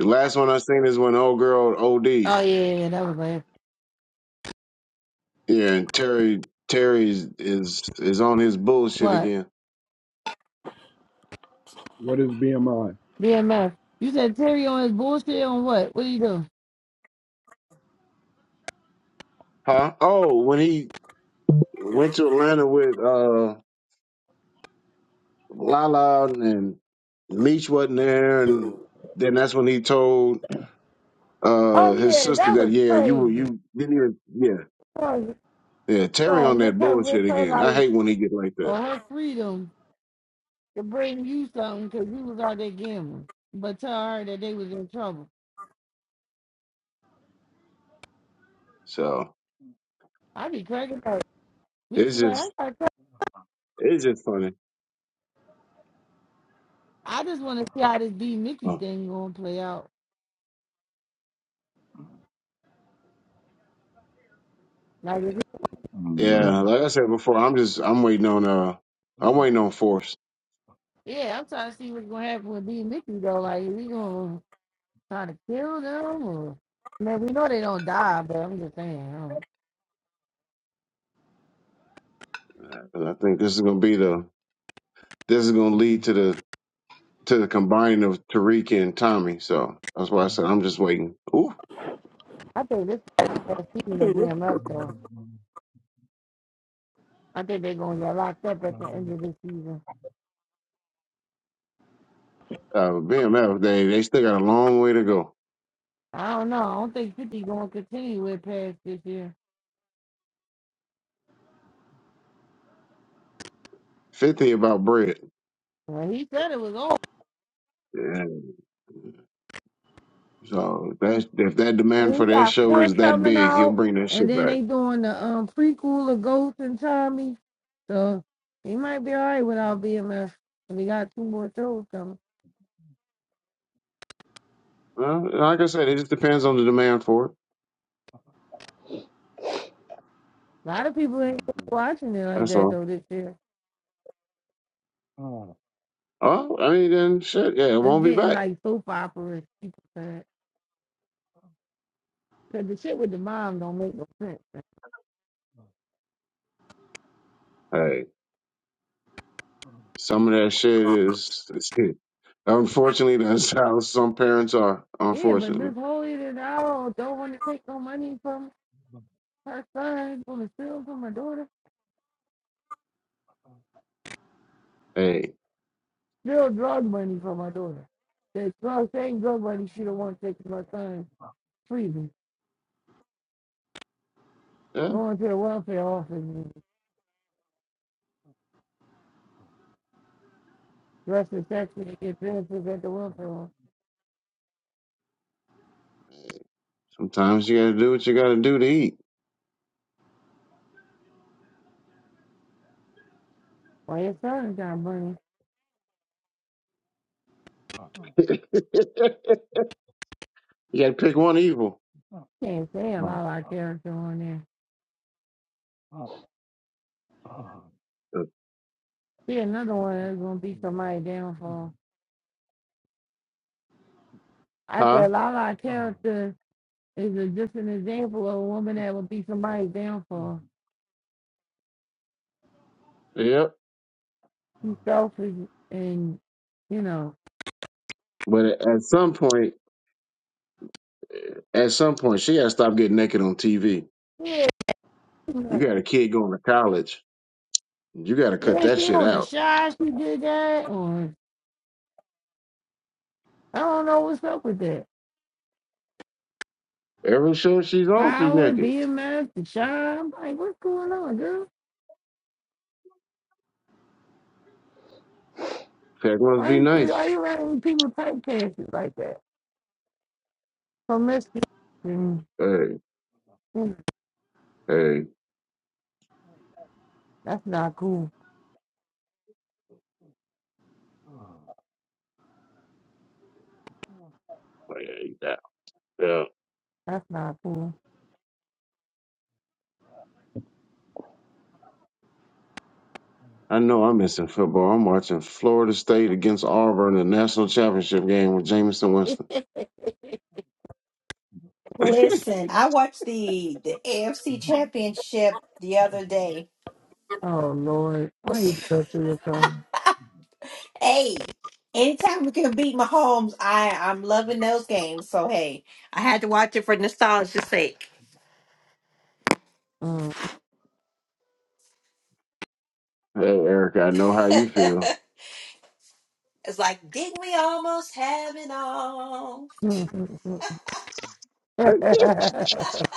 The last one I seen is when old girl OD. Oh Yeah, yeah, yeah, yeah, that was like and Terry Terry is, is is on his bullshit What? again. What is BMI? BMF. You said Terry on his bullshit on what? What do you do? Huh? Oh, when he went to Atlanta with uh Lala and Meech wasn't there and then that's when he told Oh uh his yeah, sister that that was yeah you crazy. you you need to- yeah Oh, yeah Terry oh, on make that her risk bullshit her again. I life hate when he get like or that. her freedom to bring you something because you was out there gambling. But tell her that they was in trouble. So I be cracking up. Meech it's was like, just I, got crack- it's just funny. I just want to see how this B Mickey Oh. thing gonna play out. Like, if Yeah, like I said before, I'm just I'm waiting on uh I'm waiting on force. he- yeah, I'm trying to see what's gonna happen with B Mickey though. Like, we gonna trying to kill them. Or, man, we know they don't die, but I'm just saying. I, don't- And I think this is gonna be the this is gonna lead to the to the combining of Tariq and Tommy. So that's why I said I'm just waiting. Ooh, I think this is the last season of DMF though. I think they're gonna get locked up at the end of this season. uh, BMF they they still got a long way to go. I don't know. I don't think 50 gonna continue with past this year. Fifty about bread. Well, he said it was over. Yeah. So that if that demand And for he that got show four is that coming big, he'll out, bring that and shit then back. they doing the um prequel of Ghost and Tommy. So he might be all right without BMF. And we got two more shows coming. Well, like I said, it just depends on the demand for it. A lot of people ain't watching it like That's that all. though this year. Oh. Oh, I mean, then shit, yeah, it It's won't be getting back. like soap operas. people said. Because the shit with the mom don't make no sense. Like, Hey, some of that shit is, is it. unfortunately that's how some parents are. yeah, but Unfortunately, Miss Holy did out don't want to take no money from her son, want to steal from her daughter, hey, steal drug money from her daughter. The drug, same drug money she don't want to take from her son freely. yeah, Going to the welfare office and dress the section and get benefits at the welfare office. sometimes you gotta do what you gotta do to eat. Well, your son got money. you gotta pick one evil, Can't say a lot of our character on there. See, another one that's going to be somebody's downfall. I huh? said, a lot of our character is a, just an example of a woman that would be somebody's downfall. Yep. She's selfish and, you know, But at some point, at some point, she gotta stop getting naked on TV. yeah, you You know, got a kid going to college. You got to cut yeah, that she shit on the out. shy, she did that, or I don't know what's up with that. Every shirt she's on, she's Power, naked. BMF, the shy. I'm like, what's going on, girl? That must Why be you, nice. why you letting people typecast you like that? Promiscuous. Mm, Hey, mm, hey, that's not cool. hey, yeah, yeah. That's not cool. I know I'm missing football. I'm watching Florida State against Auburn, in the national championship game with Jameson Winston. hey, Listen, I watched the the AFC Championship the other day. oh, Lord. Why you go through yourself? Hey, anytime we can beat Mahomes, I I'm loving those games. So hey, I had to watch it for nostalgia's sake. Mm, Erica, I know how you feel. It's like, didn't we almost have it all? mm, mm, mm. that's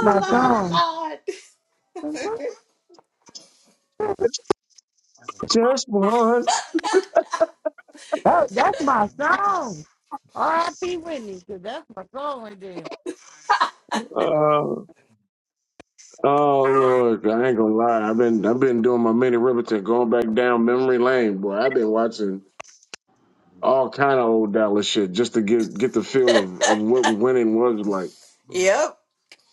my song. Lord, Lord. Just once. That, that's my song. R.I.P. Whitney, 'cause that's my song right there. Uh, oh Lord, I ain't gonna lie. I've been I've been doing my mini Riverton, going back down memory lane, boy. I've been watching. all kind of old Dallas shit just to get get the feel of, of what winning was like. Mm. yep.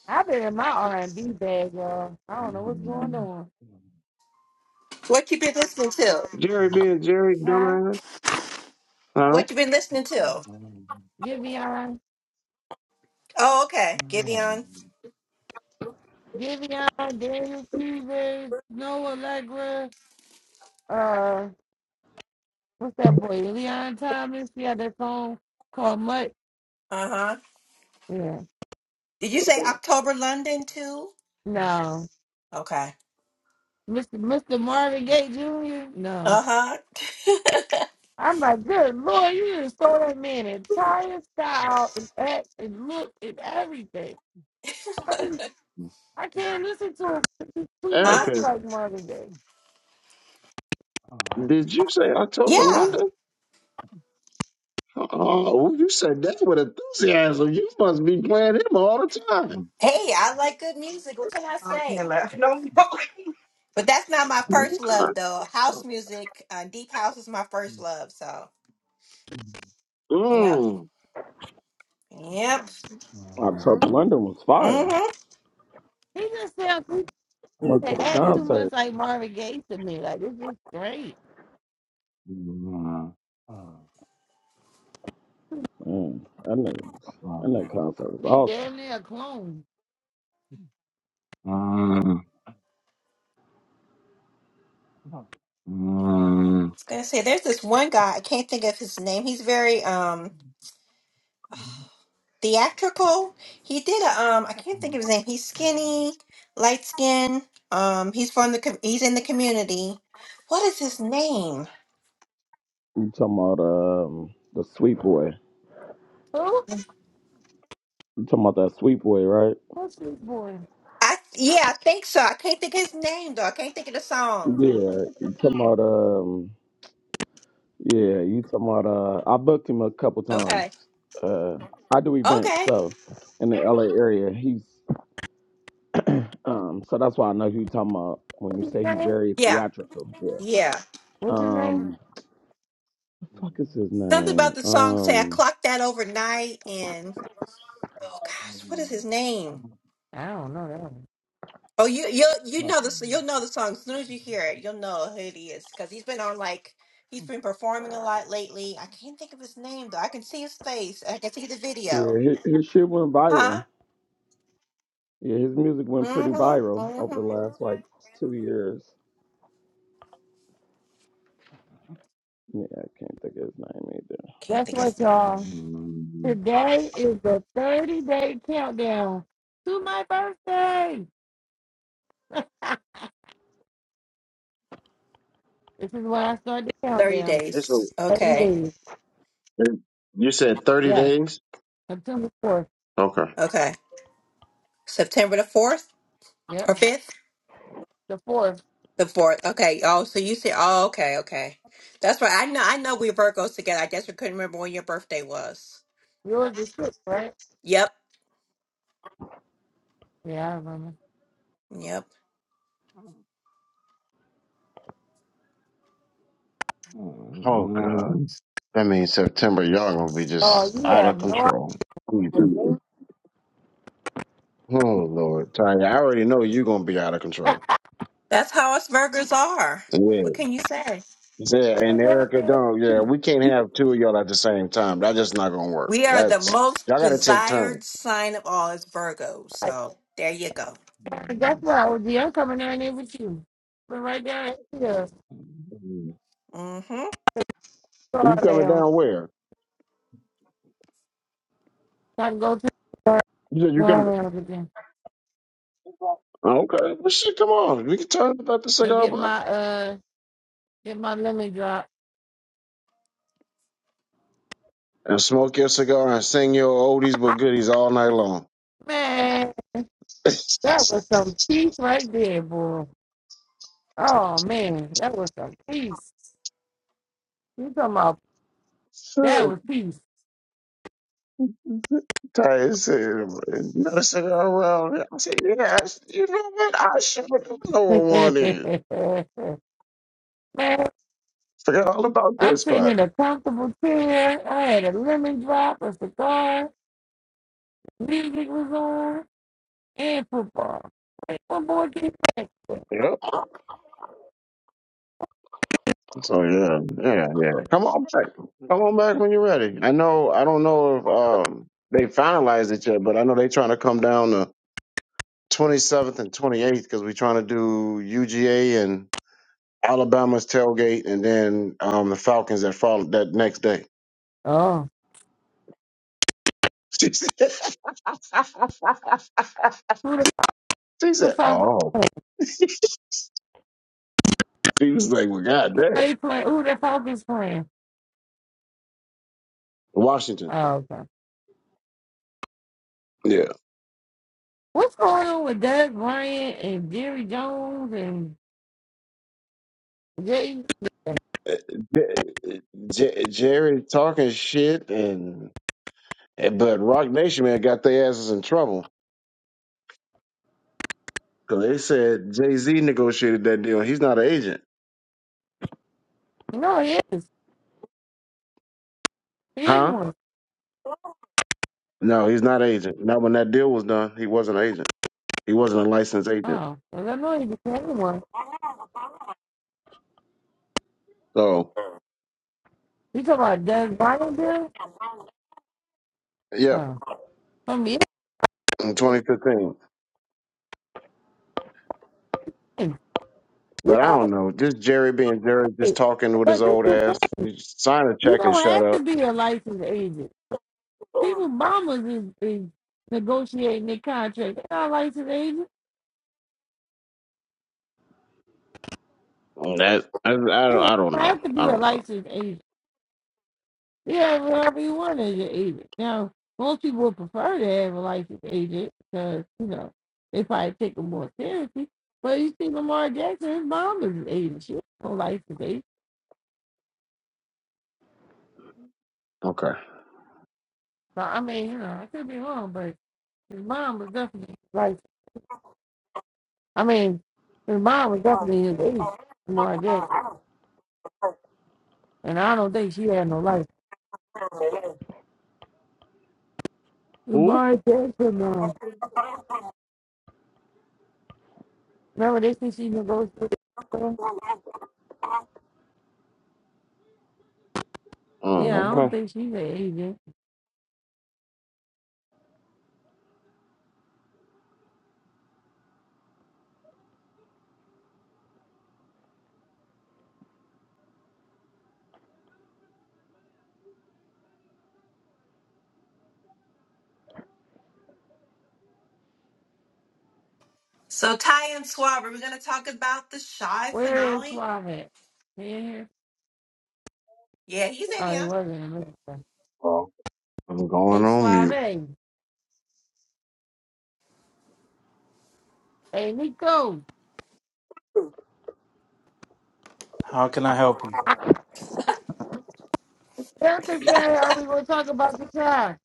I've been in my R&B bag, y'all. I don't know what's going on. What you been listening to? Jerry being Jerry, Huh? dumbass, huh? What you been listening to? Giveon, Oh, okay, Gideon. Giveon, Daniel Cleaver, Noah Allegra, uh, what's that boy, Leon Thomas? He had that song called Mutt. Uh huh. Yeah. Did you say October London too? No. Okay. Mr. Mr. Marvin Gaye Jr.? No. Uh huh. I'm like, good Lord, you just throw that man entire style and act and look and everything. Um, I can't listen to him be too much huh? Erica, like Marvin Gaye. did you say October Yeah, Yeah. London? Oh, you said that with enthusiasm. You must be playing him all the time. Hey, I like good music. What can I say? But that's not my first love Okay. though. House music, uh, deep house is my first love. So. Yep. Mm. Yep. October London was Mm-hmm. fire. I he just sounds he Went can to the act too concert. much like Marvin Gaye to me. Like it's just great. Mm, that nigga, that nigga concert was He awesome. damn near a clone. was gonna say there's this one guy I can't think of his name. He's very um theatrical. He did a um I can't think of his name. He's skinny, light skin. Um, he's from the com- he's in the community. What is his name? You talking about um the sweet boy? Who? You talking about that sweet boy, right? What's this boy? I yeah, I think so. I can't think of his name though. I can't think of the song. Yeah. You talking about um yeah? You talking about uh? I booked him a couple times. Okay. Uh, I do events Okay. so in the LA area. He's um so that's why I know who you talking about when you What's his say he's name? very Yeah. theatrical. Yeah. Yeah. What's his name? Um, fuck is his Something name? about the song say I Um, clocked that overnight and oh gosh, what is his name? I don't know that one. Oh, you you you know the you'll know the song as soon as you hear it. You'll know who it is because he's been on like he's been performing a lot lately. I can't think of his name though. I can see his face. I can see the video. yeah, his, his shit went viral. Huh? Yeah, his music went pretty Mm-hmm. viral over the Mm-hmm. last like two years. Yeah, I can't think of his Can't That's think of what his name. y'all. Today is the 30 day countdown to my birthday. This is when I start the Thirty countdown. It's a, days. 30 Okay. days. you said 30 Yeah. days? September 4th. Okay. Okay. September the fourth Yep. or fifth. The 4th. The fourth. Okay. Oh, so you said, oh, okay, okay. That's right. I know, I know we Virgos together. I just couldn't remember when your birthday was. Yours is 6th, right? Yep. Yeah, I remember. Yep. Oh, God. That means September, y'all going to be Oh, just you out of have no I'm control. Jesus. name either. Oh, Lord. Tanya, I already know you're going to be out of control. That's how us Virgos are. What can you say? Yeah, and coming down Erica, there don't. with Yeah, you. we can't have two of y'all at the same time. That's just not gonna work. We are the That's most y'all got to take turns. desired sign of all as Virgos. Like, So there you go. that's what I would I'm coming down there with you. But right down here, Mm-hmm. You car coming down. down where? So I can go to the car You said you come. lounge again Okay, well, shit, come on. We can turn up the and cigar get butt my uh get my lemon drop. and smoke your cigar and sing your oldies but goodies all night long. Man, that was some peace right there, boy. Oh man, that was some peace. You talking about that So was peace. Ty said, Another cigar around. I said, yeah. I you know what? I sure do know where one is. Forgot all about that I'm sitting spot. in a comfortable chair. I had a lemon drop, a cigar, music was on, and football. Like, what more can you ask for? Yep. So yeah, yeah, yeah. Come on back. Come on back when you're ready. I know. I don't know if um they finalized it yet, but I know they're trying to come down the 27th and 28th because we're trying to do UGA and Alabama's tailgate, and then um the Falcons that fall that next day. Oh, She said, she who the, fuck is said, Falcons "Oh." playing? She was like, "Well, Who are goddamn, they playing? Who the Falcons playing? Washington." Oh, okay. Yeah, What's going on with Doug Bryant and Jerry Jones and Jay? Uh, J- J- Jerry talking shit, and eh, but Rock Nation man got their asses in trouble. Cause they said Jay Z negotiated that deal. He's not an agent, No, he is. He is huh? one. No, he's not an agent. Not when that deal was done. He wasn't an agent. He wasn't a licensed agent. Oh, well, I know he's the only one. So You talking about Doug Bryant, there? yeah, Oh, from the in 2015. end. But I don't know. Just Jerry being Jerry, just Like talking with his like this old is the thing. ass. Just sign a You check and don't shut have up. to be a licensed agent. People, mamas is, is negotiating their contract. They're not licensed agents. That I, I don't. You I don't don't know. have to I be a don't know. licensed agent. You have whatever you want as your agent. Now, most people would prefer to have a licensed agent because, you know, they probably take them more seriously. But you see Lamar Jackson, his mom is an agent. She was no licensed agent. Okay. So, I mean, you know, I could be wrong, but his mom was definitely licensed. I mean, his mom was definitely his age, Lamar Jackson. And I don't think she had no life. Who? Lamar Jackson, mom. Remember they think she negotiated? with Yeah, I Oh, don't okay. think she's an agent. So Ty and Swab, are we going to talk about the Shy Where is finale? Suave at? He in here? Yeah, he's in Oh, he here. wasn't in America. Well, I'm going Hey, on Suave. mute. Hey, Nico. How can I help you? Erica said, are we going to talk about the child?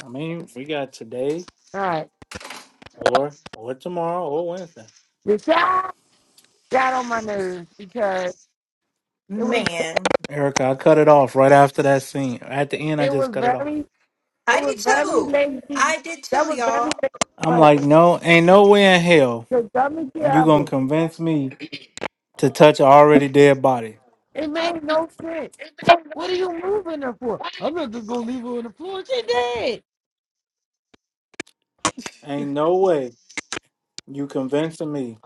I mean, we got today All right. or or tomorrow or Wednesday. The child got on my nerves because it was Man. Erica, I cut it off right after that scene. At the end, I it just was cut it off. very, it I was did very too. lazy. I did That too, was very y'all. I'm like, lazy. no, ain't no way in hell the dumbest shit You gonna ever. convince me to touch an already dead body? It made no sense. What are you moving her for? I'm not just gonna leave her on the floor. She did. Ain't no way you convincing me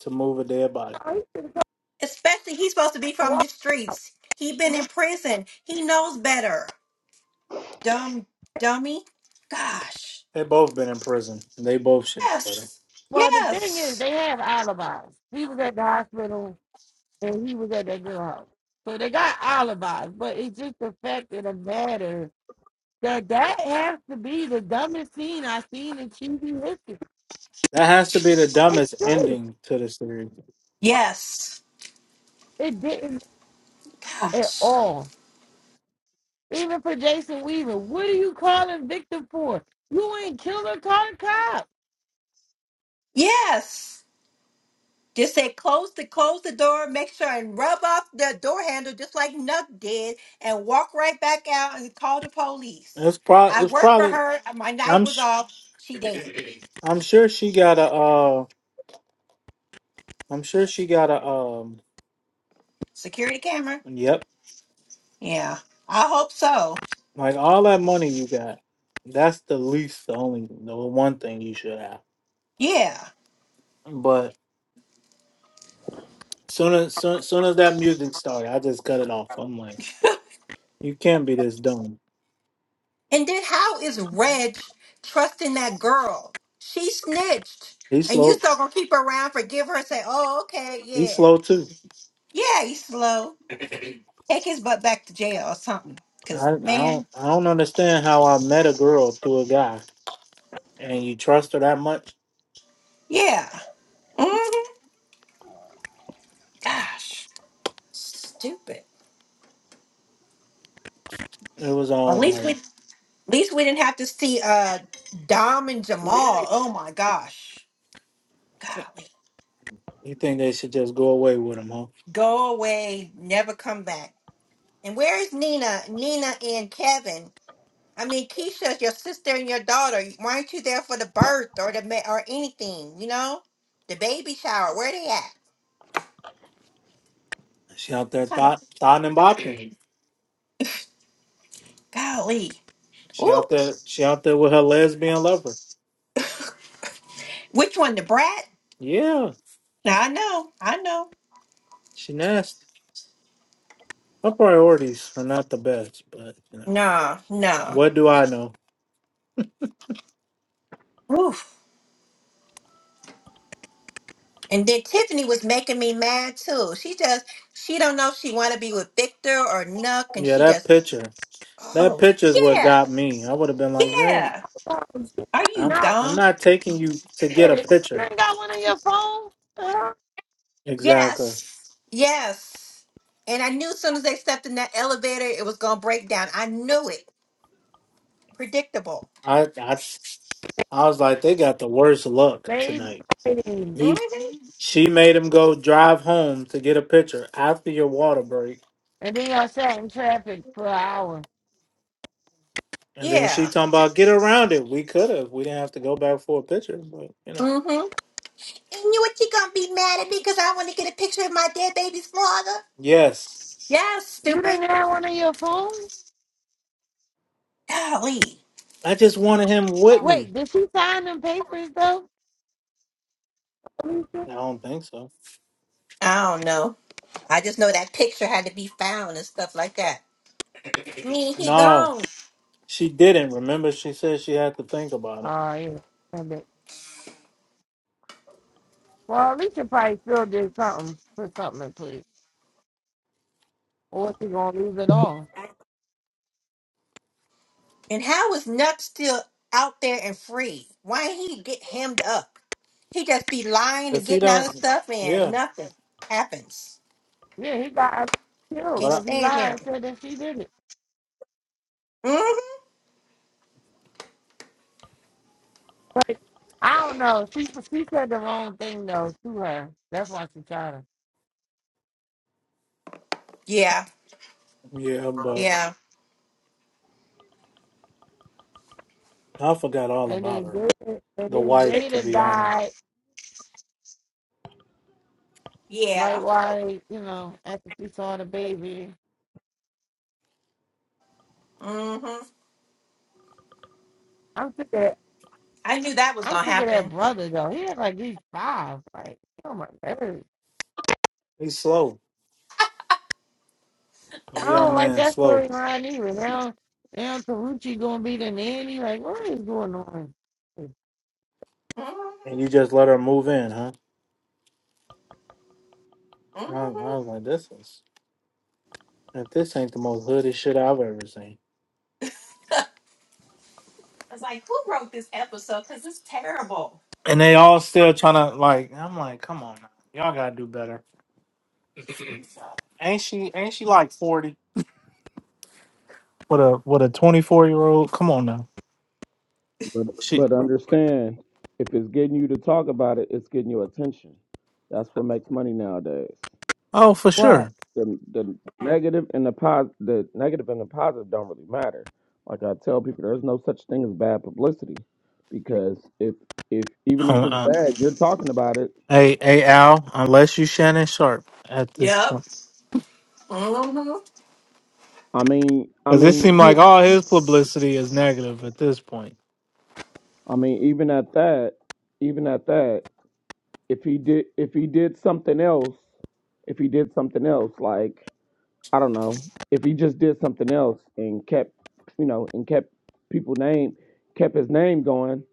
to move a dead body. I used to go Especially he's supposed to be from walk. the streets. He been in prison. He knows better. Dumb dummy. Gosh. They both been in prison. They both should. But Yes. Well, the thing is, Yes. they have alibis. He was at the hospital and he was at that girl house, so they got alibis. But it's just the fact of the matter that that has to be the dumbest scene I've seen in TV history. that has to be the It's dumbest true. ending to the series. Yes. It didn't at Gosh. all. Even for Jason Weaver, what are you calling Victor for? You ain't killed her. Call the cops. Yes. Just say close the close the door, make sure and rub off the door handle just like Nuck did, and walk right back out and call the police. It's probably. I It's worked for probably. her. My night I'm. was Sh- off. She dead. I'm sure she got a. Uh, I'm sure she got a. Um. Security camera. Yep. Yeah. I hope so. Like all that money you got. That's the least. The only. The one thing you should have. Yeah. But soon as soon, soon as that music started, I just cut it off. I'm like. You can't be this dumb. And then how is Reg trusting that girl? She snitched. He's And you slow. still gonna keep her around, forgive her, say, oh, okay, He's yeah. slow too. Yeah, he's slow. Take his butt back to jail or something. Because, I, I man, don't. I don't understand how I met a girl through a guy, and you trust her that much. yeah. hmm Gosh, stupid. It was At um least like we, at least we didn't have to see uh Dom and Jamal. Oh my gosh, golly, you think they should just go away with him, huh? go away, never come back. And where is Nina? Nina and Kevin I mean, Keisha's your sister and your daughter. Why aren't you there for the birth or the ma- or anything? You know, the baby shower. Where they at? She out there Kind of thought thought and bopping. golly. She Ooh, out there. She out there with her lesbian lover. which one? The brat? Yeah, No, I know, I know. she nasty. Her priorities are not the best, but you know, No, no. what do I know? Oof. And then Tiffany was making me mad too. She just she don't know if she want to be with Victor or Nuck, and Yeah, she that just picture. That oh picture is what yeah, got me. I would have been like, you ain't. yeah. not Are I'm. you I'm dumb? not taking you to get a it. You picture. ain't got one on your phone? Huh? Exactly. Yes. Yes. And I knew as soon as they stepped in that elevator, it was going to break down. I knew it. Predictable. I I I was like, they got the worst luck tonight. Baby. hmm He she made him go drive home to get a picture after your water break, And then y'all sat in traffic for an hour. and then she Yeah. talking about get around it. We could have. We didn't have to go back for a picture, but you know. hmm And you what you going to be mad at me because I want to get a picture of my dead baby's father? Yes, Yes, You stupid. didn't have one on your phone? Golly. I just wanted him with me. Wait, did she sign them papers though, Alicia? I don't think so. I don't know. I just know that picture had to be found and stuff like that. I mean, he No, gone. she didn't. Remember, she said she had to think about it. Oh yeah. I bet. Well Alicia probably still did something. Put something in place. Or was he gonna lose it all? And how is Nuck still out there and free? Why ain't he get hemmed up? He just be lying and Cause he getting out of don't. stuff and Yeah, nothing happens. Yeah, he got Alicia killed Can't but I, because he stand lied him. and said that she did it. hmm But I don't know. She she said the wrong thing though to her. That's why she tried her. Yeah, yeah, but yeah, I forgot all And about then her. Jada, and The then wife, to Jada be honest, died right yeah. while they, you know after she saw the baby. hmm I'm sick of I knew that was I'm gonna sick of that happen. brother though. He had like he's five. Like oh my god, he's slow. The I young don't like man that slow, storyline either. Now now Karuchi gonna be the nanny. Like what is going on? hmm and you just let her move in, huh? And I, I hmm was like, this is if this ain't the most hooded shit I've ever seen. It's like who wrote this episode? Cause it's terrible. And they all still trying to like. I'm like, come on, now. y'all gotta do better. Ain't she? Ain't she like forty? With a with a twenty four year old? Come on now. But She. but understand, if it's getting you to talk about it, it's getting your attention. That's what makes money nowadays. Oh, for What? sure. The the negative and the pos the negative and the positive don't really matter. Like I tell people, there's no such thing as bad publicity, because if if even Uh, if it's uh, bad, you're talking about it. hey, hey, Al. Unless you Shannon Sharp at this, Yep. hmm I mean, I because it mean, seemed yeah, like all his publicity is negative at this point. I mean, even at that, even at that. if he did if he did something else if he did something else like i don't know if he just did something else and kept you know and kept people name kept his name going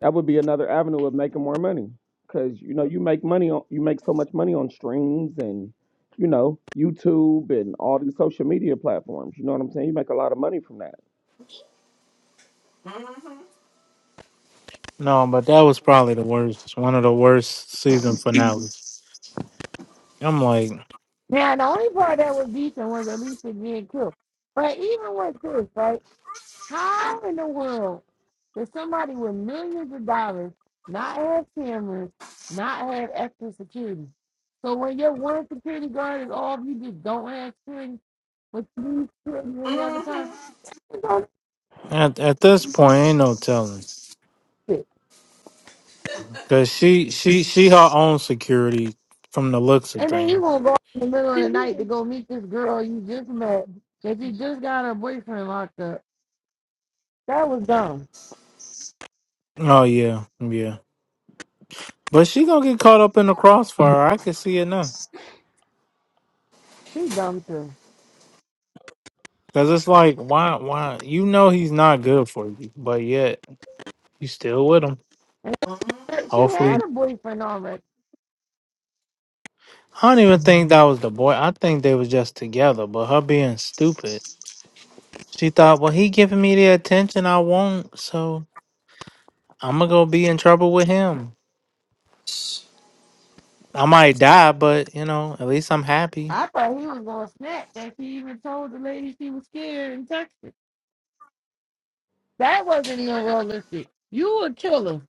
that would be another avenue of making more money because you know you make money on you make so much money on streams and you know youtube and all these social media platforms you know what i'm saying you make a lot of money from that hmm No, but that was probably the worst. One of the worst season finales. I'm like, Now the only part that was decent was Alicia being killed. But even with this, right? How in the world did somebody with millions of dollars not have cameras, not have extra security. So when your one security guard is off, you just don't have security, but you need security hmm hmm any other time. You don't at at this point, ain't no telling, need it. cause she she she her own security from the looks of And then you things. gonna go out in the middle of the night to go meet this girl you just met that you just got her boyfriend locked up. That was dumb. Oh yeah, yeah. But she gonna get caught up in the crossfire. I can see it now, She dumb too. cause it's like, why why you know he's not good for you, but yet you still with him. And she Hopefully, had a boyfriend already. I don't even think that was the boy. I think they was just together. But her being stupid, she thought, well, he giving me the attention I want, so I'm gonna go be in trouble with him. I might die, but you know, at least I'm happy. I thought he was gonna snap that she even told the lady she was scared and texted. That wasn't even realistic. You a killer.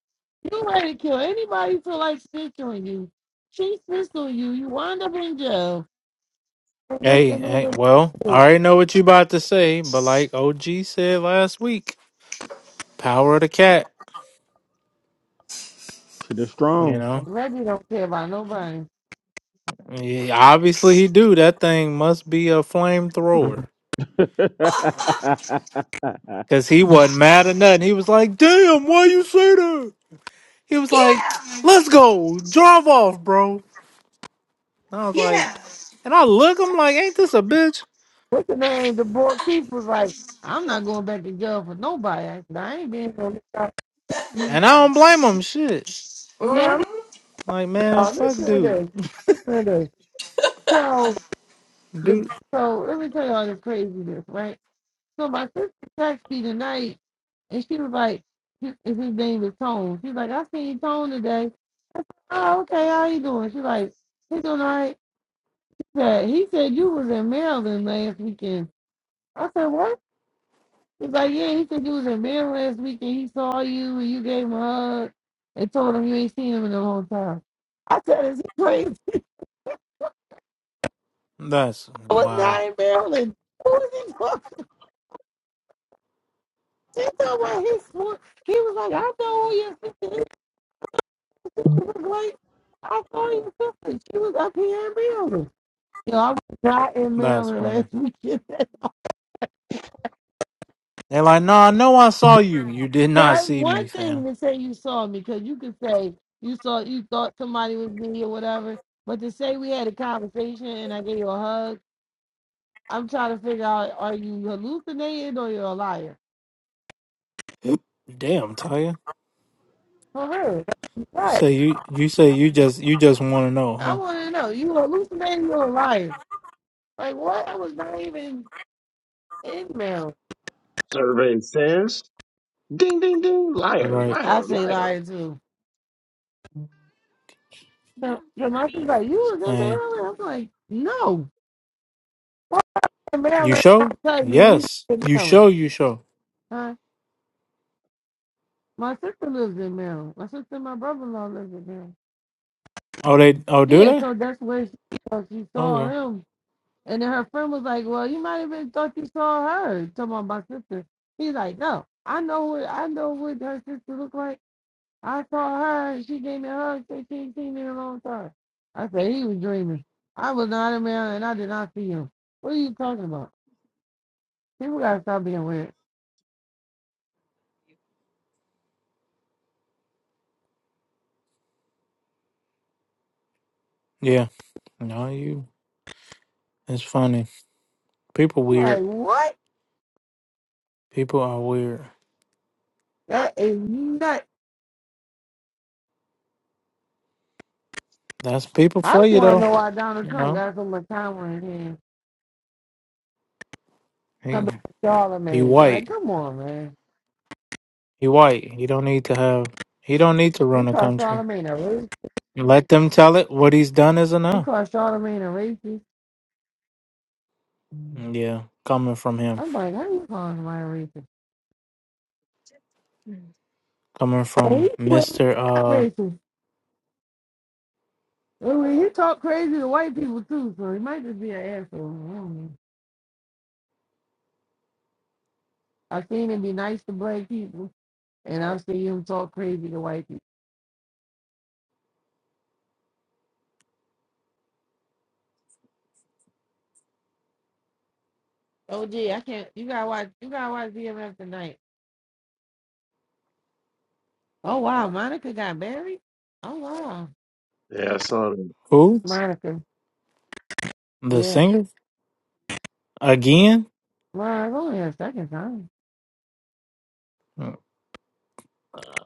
You ready to kill anybody who feel like snitch on you. She snitched on you. You wind up in jail. And look, Hey, and then hey, the- well, I Hey, already know what you about to say, but like OG said last week, power of the cat. shit is You strong know, Reggie don't care about nobody. Yeah, obviously he do. That thing must be a flamethrower because he wasn't mad or nothing. He was like, "Damn, why you say that?" He was like, yeah, "Let's go, drive off, bro." And I was like, yeah. and I look, I'm like, "Ain't this a bitch?" What's the name? The board keeper was like, I'm not going back to jail for nobody. I ain't being no And I don't blame him. Shit, now. Mhm. like man, Y'all, fuck listen to dude, this. Listen to this. So the dude. so let me tell y'all this craziness, right? So my sister texted me tonight, and she was like, his his name is Tone. She's like, I seen Tone today. Oh, okay. How you doing? She's like, "He's doing all right. He said, he said you was in Maryland last weekend. I said, what? He's like, yeah. He said you was in Maryland last weekend. He saw you and you gave him a hug and told him you ain't seen him in a long time. I said, is he crazy? That's I was wow. not in Maryland. Who is he talking to? She told me his He was like, I know who your sister She was like, I saw your sister. She was up here in Maryland. You know, I was not in That's Maryland last funny. weekend. They're like, no, I know I saw you. You did not That's see me, one thing fam. to say you saw me, because you could say you saw you thought somebody was me or whatever. But to say we had a conversation and I gave you a hug, I'm trying to figure out are you hallucinating or you're a liar? Damn, Taya. For real. You Right. say you you say you just you just want to know, I huh? wanna know. You hallucinating or a liar? Like what? I was not even in Maryland. Right. I say liar too. So, so my sister's like, you was in Hey, Maryland? I was like, no. Why in you Maryland? I show? tell you, you was Yes, in you Maryland. show. You show. Huh? My sister lives in Maryland. My sister and my brother-in-law lives in Maryland. Oh, they. Oh, do Yeah, they? so that's where she, uh, she saw Okay. him. And then her friend was like, well, you might have been thought you saw her. Talking about my sister. He's like, no, I know what I know what her sister looked like. I saw her. and She gave me a hug. Said She ain't seen me in a long time. I said, he was dreaming. I was not in Maryland. I did not see him. What are you talking about? People gotta stop being weird. Yeah. No, you. It's funny. People I'm like, weird. what? People are weird. That is nuts. That's people I for just you wanna though. know why Donald You Trump know. got so much time on his hands. He, Somebody he Charlemagne. Like, white. come on, man. He white. He don't need to have. He don't need to They run a call country. Charlemagne a racist. Let them tell it. What he's done is He enough. called Charlemagne a racist. Yeah, coming from him. I'm like, how you calling somebody a racist? Coming But he from was Mr. not Uh racist. I mean, he talk crazy to white people too, so he might just be an asshole. I don't know. I've seen him be nice to black people, and I've seen him talk crazy to white people. Oh gee, I can't. You gotta watch. You gotta watch DMF tonight. Oh wow, Monica got married. Oh wow, Yeah, I saw that. who? Monica. The Yeah, singer? Again? well, it's only her second time. Uh,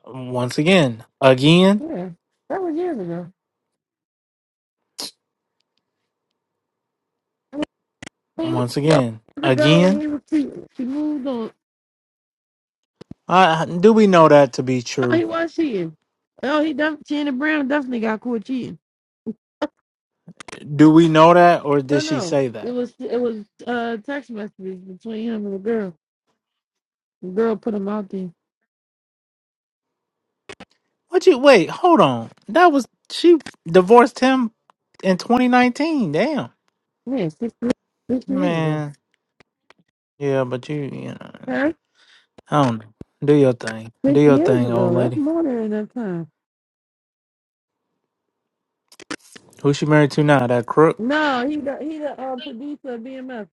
Once again. Again? Yeah, that was years ago. He was Once again. years ago, and Again? he was cheating. She moved on. Uh, do we know that to be Oh, true? he was cheating. Oh, he def- Shannon Brown definitely got caught cheating. Do we know that or No, did she no, say it that? was it was uh text messages between him and the girl. The girl put him out there. What you wait, hold on. That was she divorced him in 2019. Damn. Yeah, six years, six years ago. Man. Yeah, but you, you know, Huh? I don't know. Do your thing. Do Six your years thing, old ago. That's lady. more than enough time. Who she married to now? That crook? No, he the he the uh, producer of BMF.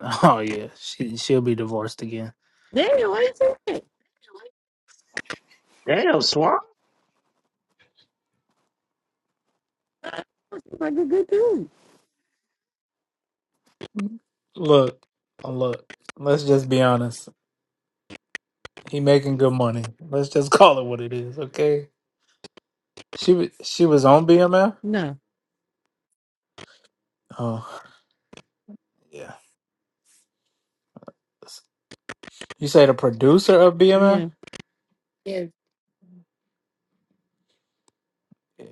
Oh yeah, she she'll be divorced again. Damn, what is that? Damn, Swamp. She's like a good dude. Look, uh, look. Let's just be honest. He making good money. Let's just call it what it is, okay? She wa- she was on BMF. No. Oh yeah. You say the producer of BMF? Yeah. Yeah.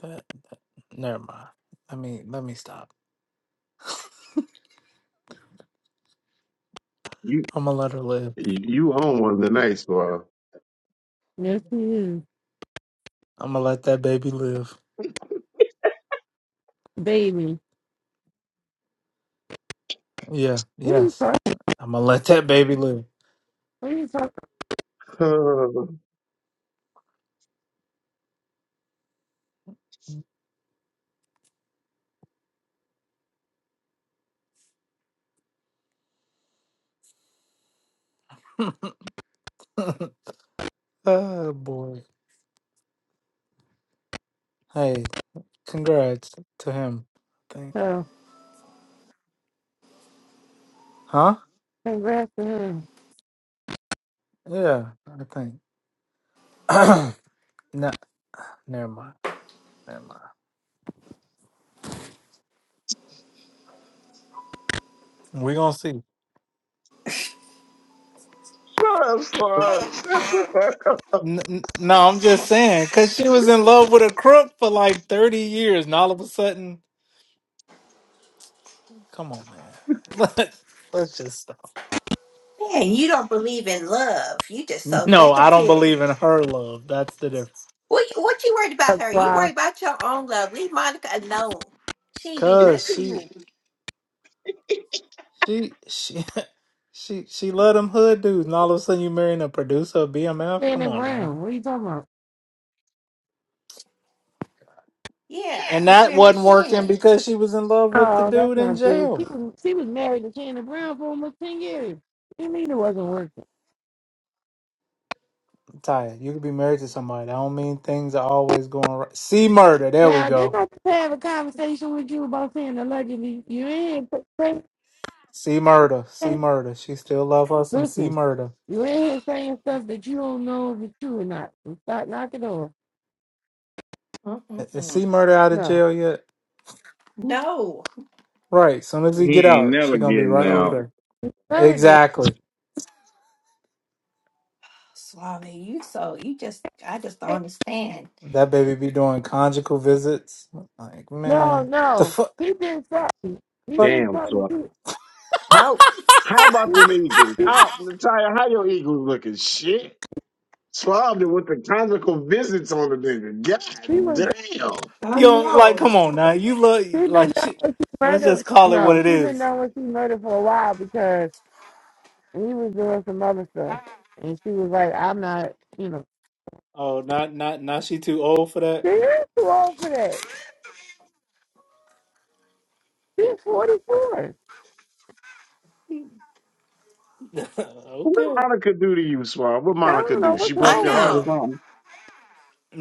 That, that never mind. I mean, let me stop. You I'm gonna let her live. you you own one tonight, Swab. Yes, he is. I'm gonna let that baby live. Baby. Yeah. What are you Yes. talking. I'm gonna let that baby live. What are you talking. oh boy. Hey, congrats to him. Thank about? Huh? congrats to her. Yeah, I think. no, never mind. Never mind. We're gonna see. N- n- no, I'm just saying, cause she was in love with a crook for like 30 years, and all of a sudden, come on, man. Let let's just stop. And you don't believe in love. You just so No, I don't negative. believe in her love. That's the difference. What you, what you worried about That's her? You worried why. about your own love. Leave Monica alone. She ain't do Cause nothing to she, you. she, she, she, she loved them hood dudes, and all of a sudden, you marrying a producer of BMF. Come Shannon on now. Brown. What are you talking about? Yeah, And she's that married to wasn't working Shem. because she was in love with the Oh, that's dude in not true. jail. She was, she was married to Shannon Brown for almost 10 years. You mean it wasn't working? tired. You could be married to somebody. That don't mean things are always going right. See murder. There we Yeah, didn't go. I just have a conversation with you about saying allegedly? You ain't saying, See murder. See murder. She still love her some see listen, murder. you ain't here saying stuff that you don't know if it's true or not. So start knocking on. I- Is Mm-mm-mm. see murder out of No. jail yet? No, Right. Soon as he He get ain't out, never she gonna be getting right over out. there. Very good. Exactly. Swami, you so you just I just don't understand. That baby be doing conjugal visits. Like No, man, the no. fuck. He did something. He But did Damn, something so too. how how about He, them Eagles? he, How Natalia, how your Eagles looking? Shit. Swabbed it with the conjugal visits on the nigga. he God was. damn. I you don't like. know. Come on now. You look She been like. down She, with she let's murder. just call it what No, it she been is. down with she murder for a while because he was doing some other stuff, and she was like, "I'm not, you know, Oh, not not not. She too old for that. she is too old for that. She's 44. What did okay. Monica do to you, Swab? What I Monica don't know do? She what's I broke wrong your with heart or know. her. something?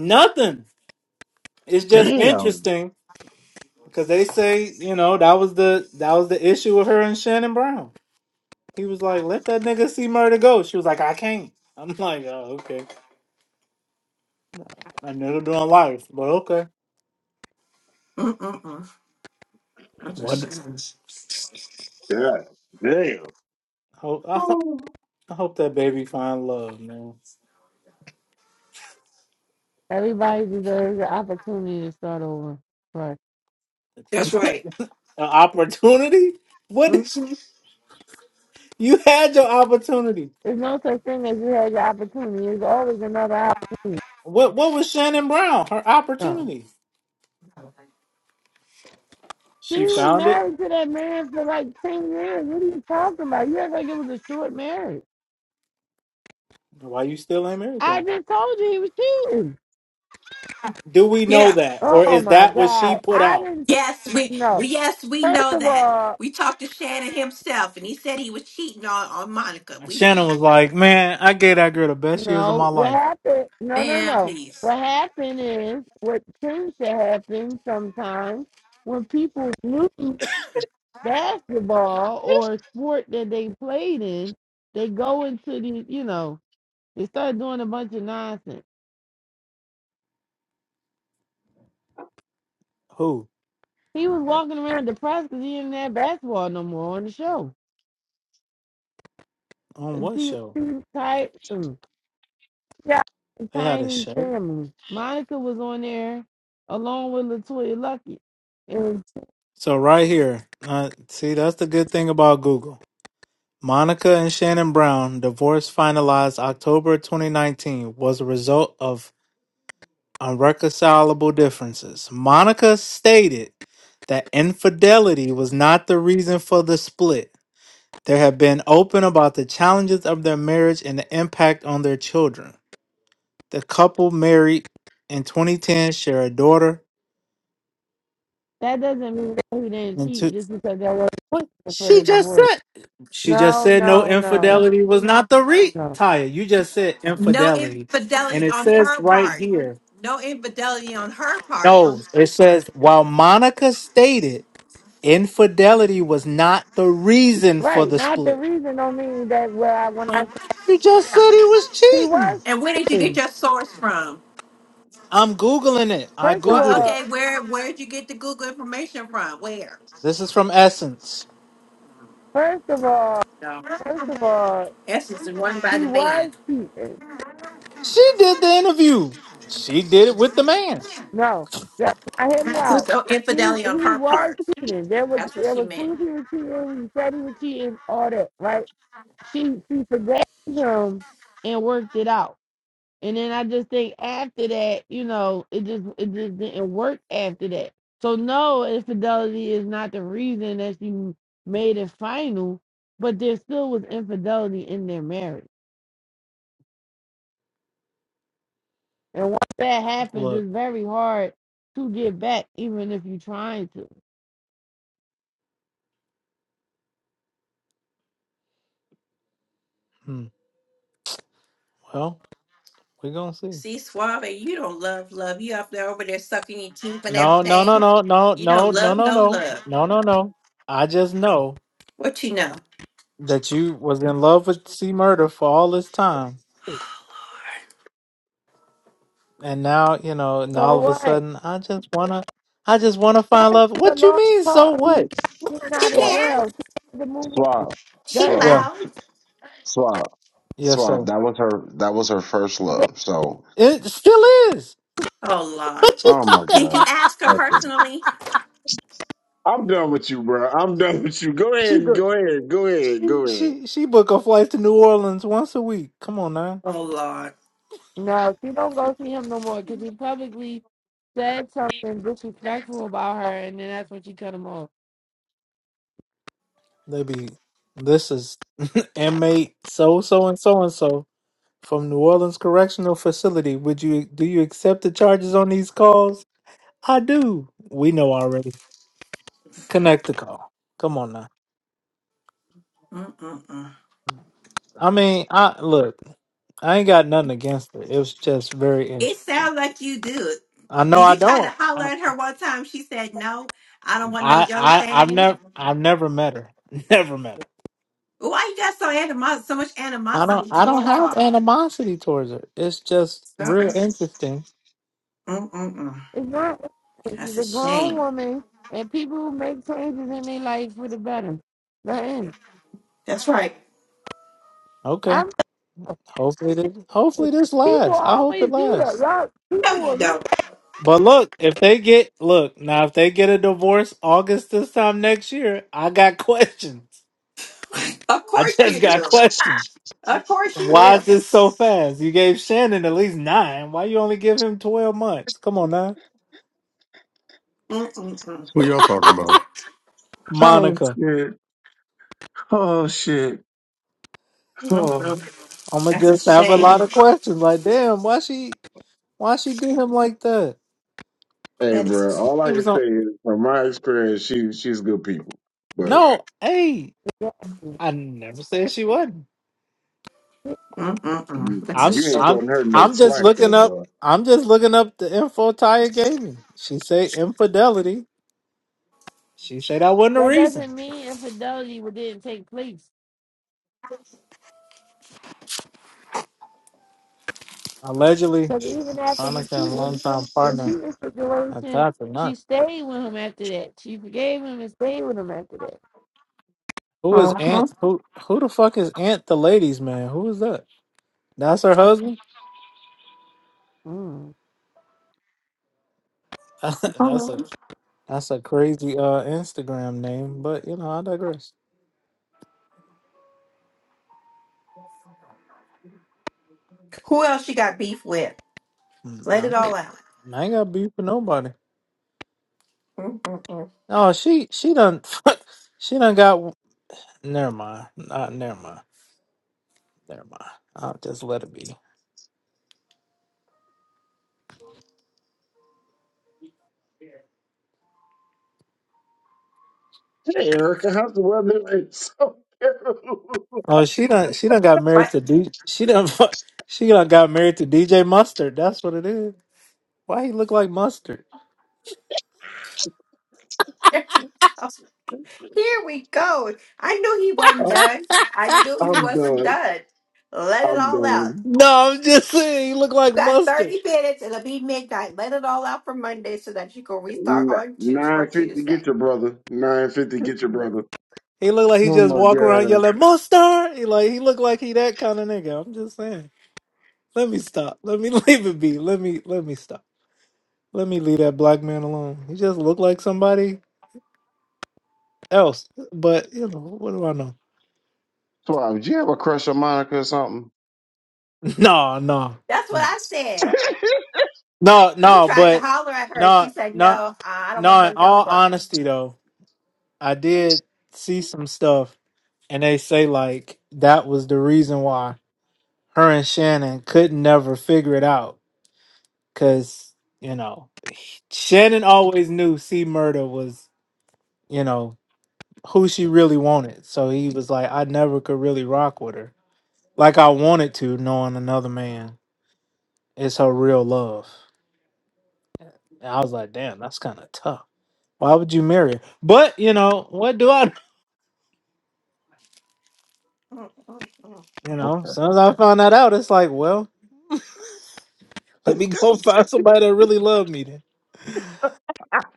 Nothing. It's just Damn. interesting Because they say, you know, that was the that was the issue with her and Shannon Brown. He was like, "Let that nigga see murder go." She was like, "I can't." I'm like, "Oh, okay." I never doing life, but okay. Mm-mm-mm. That's a What? shame. God damn. Hope I, ho- Ooh. I hope that baby find love, man. Everybody deserves the opportunity to start over, but That's An right. opportunity? What is Mhm. you had your opportunity? there's no such thing as you had your opportunity. There's always another What what was Shannon Brown? Her outcome. opportunity. She She was found it. married to that man for like 10 years. What are you talking about? You act like it was a short marriage. Why you still ain't married to I him? just told you he was cheating. Do we know that, or Oh is my that what she God. put I out? didn't Yes, we, know. we yes, we First know of that. all, We talked to Shannon himself and he said he was cheating on, on Monica. And We Shannon was like, "Man, I gave that girl the best years of my no. What life." happened? No, no, man, no. please. What happened is what tends to happen sometimes when people lose basketball or a sport that they played in, they go into the, you know, they start doing a bunch of nonsense. Who He was walking around depressed because he didn't have basketball no more on the show. on And what T, show? T, Ty, mm, Yeah. They had a Tiny show. Family. Monica was on there along with Latoya Lucky. And So right here, uh, see, that's the good thing about Google. Monica and Shannon Brown divorce finalized October 2019 was a result of irreconcilable differences. Monica stated that infidelity was not the reason for the split. They have been open about the challenges of their marriage and the impact on their children. The couple married in 2010, share a daughter that doesn't mean that he didn't and two. cheat just because that wasn't What? for She the just divorce. said. She just No, said no no, no, infidelity was not the re. no. Taya, you just said No infidelity, and infidelity it on says her right part. here. No infidelity on her part. No, it says while Monica stated infidelity was not the reason for Right. the Not the split. reason don't mean that where I when I On- You just yeah. said he was he cheating. was And where did you get cheating. your source from? I'm googling it. I First of Well, googled it. all okay, where where did you get the Google information from? Where? This is from Essence. first of all No. first of all Essence is run by he the man. was cheating. She did the interview. She did it with the man. No, that, now hear me There was out. no He he infidelity on her was part. cheating. There was That's what there she was meant. proof he was cheating. He said he was cheating. All that, right? She she forgave him and worked it out. And then I just think after that, you know, it just it just didn't work after that. So no, infidelity is not the reason that she made it final, but there still was infidelity in their marriage. And once that happens, Look, it's very hard to get back, even if you're trying to. hmm, well, we're gonna see. See, Suave, you don't love love. You up there over there sucking your teeth and No, no, no, everything. no, no, You no, don't no, love no, no no, love. no, no, no. I just know. What you know? that you was in love with C Murder for all this time, and now you know, and So all of a what? sudden, I just wanna, I just wanna find That love. is a What you long mean? So cause. He's not what? getting She out of Swab, can. jail. He had to move swab, She that swab, Yeah, in. loud. swab, yes, sir. swab. That was her. That was her first love. So It still is. Oh Lord. What you Oh my talking Did God. you about? ask her Okay. personally? I'm done with you, bro. I'm done with you. Go She ahead. go- Go ahead. Go ahead. she Go ahead. she she book a flight to New Orleans once a week. Come on now, Oh Lord. No, she don't go see him no more because he publicly said something disrespectful about her, and then that's when she cut him off. they be. This is inmate so so and so and so from New Orleans Correctional Facility. Would you do you accept the charges on these calls? I do. We know already. Connect the call. Come on now. Mm-mm-mm. I mean, I look. I ain't got nothing against it. It was just very It interesting. sounds like you do. I know Did I you try to don't. holler at her one time? She said no. I don't want no I young I I've thing. never I've never met her. Never met her. Why you got so animo- so much I don't animosity I don't towards have her? animosity towards her. It's just Something. real interesting. Mm-mm-mm. It's not. That's She's a a grown shame. woman, and people who make changes in their life for the better. That is. That's right. Okay. I'm. Hopefully this saying, hopefully this People lasts. I hope it always do that. lasts. Y'all, No, people you will look don't. But look, if they get look, now if they get a divorce August this time next year, I got questions. Of I course just you got do. questions. Of course you Why will. is this so fast? You gave Shannon at least nine. Why you only give him twelve months? Come on now, Mm-mm-mm. Who y'all talking about? Oh Monica. shit. Oh shit. Oh. Mm-mm. I'm gonna That's just a have a shame. lot of questions. Like, damn, why she, why she do him like that? Hey, That is, bro. All He I was can say on. is, from my experience, she she's good people, but No, hey, at me. I never said she wasn't. mm-mm-mm. you, That's a I'm, you ain't shame. I'm, cutting her no I'm just slack looking though, up. bro. I'm just looking up the info Taya gave me. She say infidelity. She said that wasn't a That reason. doesn't mean infidelity didn't take place. Allegedly, Because even after the Monica and cheating, longtime the partner cheating have situation, tried for nothing. she stayed with him after that. She forgave him and stayed with him after that. Who is Mm-hmm. Aunt? Who who the fuck is Aunt the ladies man? Who is that? That's her husband. Mm. that's a that's a crazy uh Instagram name, but you know I digress. Who else you got beef with? Mm, Let nah, I it ain't all out. I ain't got beef with nobody. Mm-mm-mm. Oh, she she done she done got. Never mind. Not never mind. Never mind. I'll just let it be. Hey, Erica, how's the weather? It's so terrible. Oh, she done she done got married What? to D. She done fu- she done got married to DJ Mustard. That's what it is. Why he look like mustard? Oh, Here we go. I knew he wasn't I'm, done. I knew he I'm wasn't done. done. Let it I'm all out. done. No, I'm just saying he look like Got mustard. 30 minutes. It'll be midnight. Let it all out for Monday so that you can restart on Tuesday for Nine fifty, Tuesday. get your brother. Nine fifty, get your brother. He look like he Oh just my walk around god, yelling "Monster!" He like he look like he that kind of nigga. I'm just saying. Let me stop. Let me leave it be. Let me let me stop. Let me leave that black man alone. He just look like somebody else. But you know what do I know? Swab, do you have a crush on Monica or something? No, no, That's what no, I said. no, He no. tried to But holler at her. She no, said, no, "No, I don't want no. In no young all bucks." honesty, though, I did see some stuff, and they say like that was the reason why her and Shannon could never figure it out because you know he- Shannon always knew C Murder was you know who she really wanted. So he was like, I never could really rock with her like I wanted to, knowing another man is her real love. And I was like, damn, that's kind of tough. Why would you marry her? But you know, what do I? know? Mm, mm, mm. You know, as Okay, soon as I found that out, it's like, well, let me go find somebody that really loved me. Then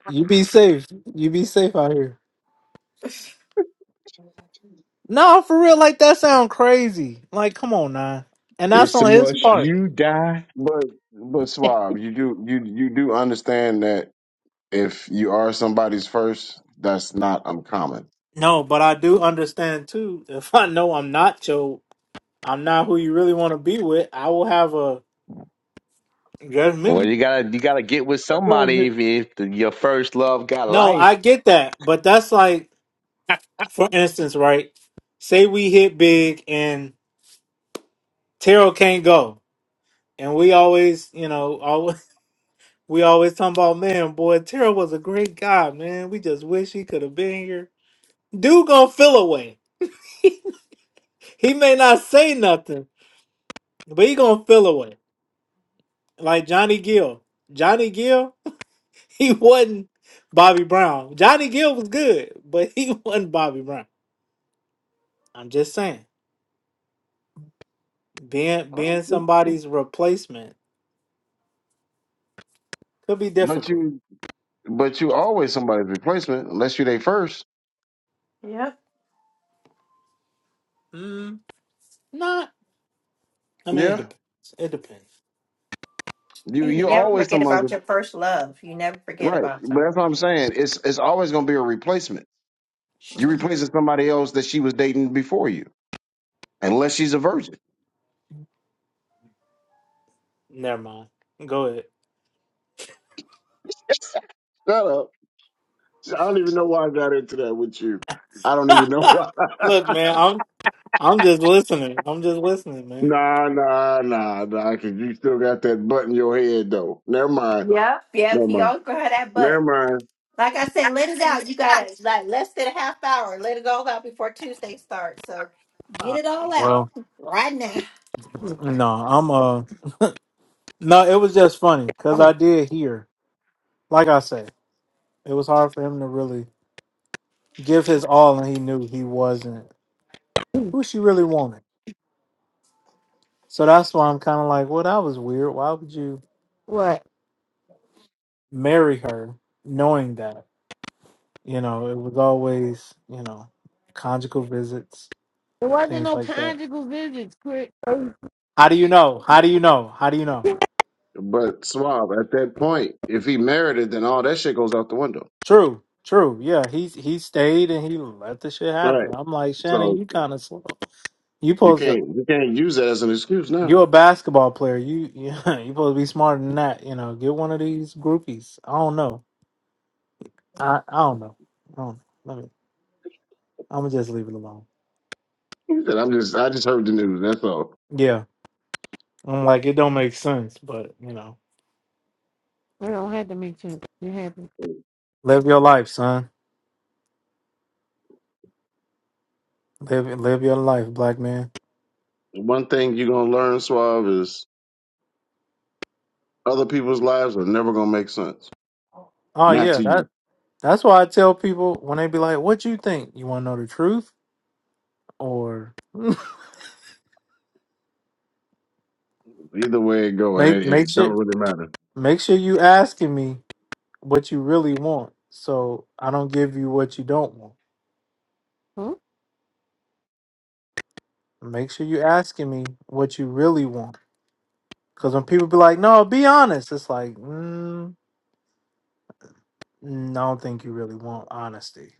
you be safe. You be safe out here. No, for real, like that sound crazy. Like, come on, nah. And that's It's a on his must part. you die. but but Swab, you do you you do understand that. If you are somebody's first, that's not uncommon. No, but I do understand too. If I know I'm not your, I'm not who you really want to be with, I will have a Well, judgment. you gotta you gotta get with somebody if, if the, your first love got No, life. I get that, but that's like, for instance, right? Say we hit big and Terrell can't go, and we always, you know, always we always talking about, man, boy, Terrell was a great guy, man. We just wish he could have been here. Dude gonna feel away. He may not say nothing, But he gonna feel away. Like Johnny Gill. Johnny Gill, he wasn't Bobby Brown. Johnny Gill was good, but he wasn't Bobby Brown. I'm just saying. Being being somebody's replacement could be But difficult. you but you always somebody's replacement unless you they first. Yep. Mm, not I mean it Yeah. depends. It depends. You And you you It never always forget depends. someone's about your first love. You never forget right. about But them. that's what I'm saying. It's it's always gonna be a replacement. You Mhm. replacing somebody else that she was dating before you, unless she's a virgin. Never mind. Go ahead. Shut up. I don't even know why I got into that with you. I don't even know why. Look, man, I'm I'm just listening. I'm just listening, man. Nah, nah, nah, because you still got that butt in your head though. Never mind. Yep. Yep, Never you mind. always gonna have that Never butt. mind. Like I said, let it out. You gotta like less than a half hour. Let it all out before Tuesday starts. So get Uh, it all out well, right now. no, I'm uh no, it was just funny because I did hear, like I said. It was hard for him to really give his all, and he knew he wasn't who she really wanted. So that's why I'm kind of like, well, that was weird. Why would you What? marry her knowing that? You know, it was always, you know, conjugal visits, There wasn't things no like that. conjugal visits, Chris. I How do you know? How do you know? How do you know? But Suave, at that point, if he married it, then all that shit goes out the window. True, true. Yeah, he he stayed and he let the shit Right. happen. I'm like Shannon, So you kind of slow. You you supposed to. can't you can't use that as an excuse now. You're a basketball player. You you you supposed to be smarter than that. You know, get one of these groupies. I don't know. I I don't know. I don't know. Let me. I'm gonna just leave it alone. He said, I'm just I just heard the news, that's all. Yeah, I'm like it don't make sense, but you know, don't have to make sense. You happy? live your life, son. Live live your life, black man. One thing you're gonna learn, Suave, is other people's lives are never gonna make sense. Oh Not yeah, to you. that that's why I tell people when they be like, "What you think? You want to know the truth or Either way it go, it, make make it don't sure really matter. make sure you asking me what you really want, so I don't give you what you don't want." Huh? Make sure you asking me what you really want. Because when people be like, no, be honest, it's like, mm, mm, I don't think you really want honesty.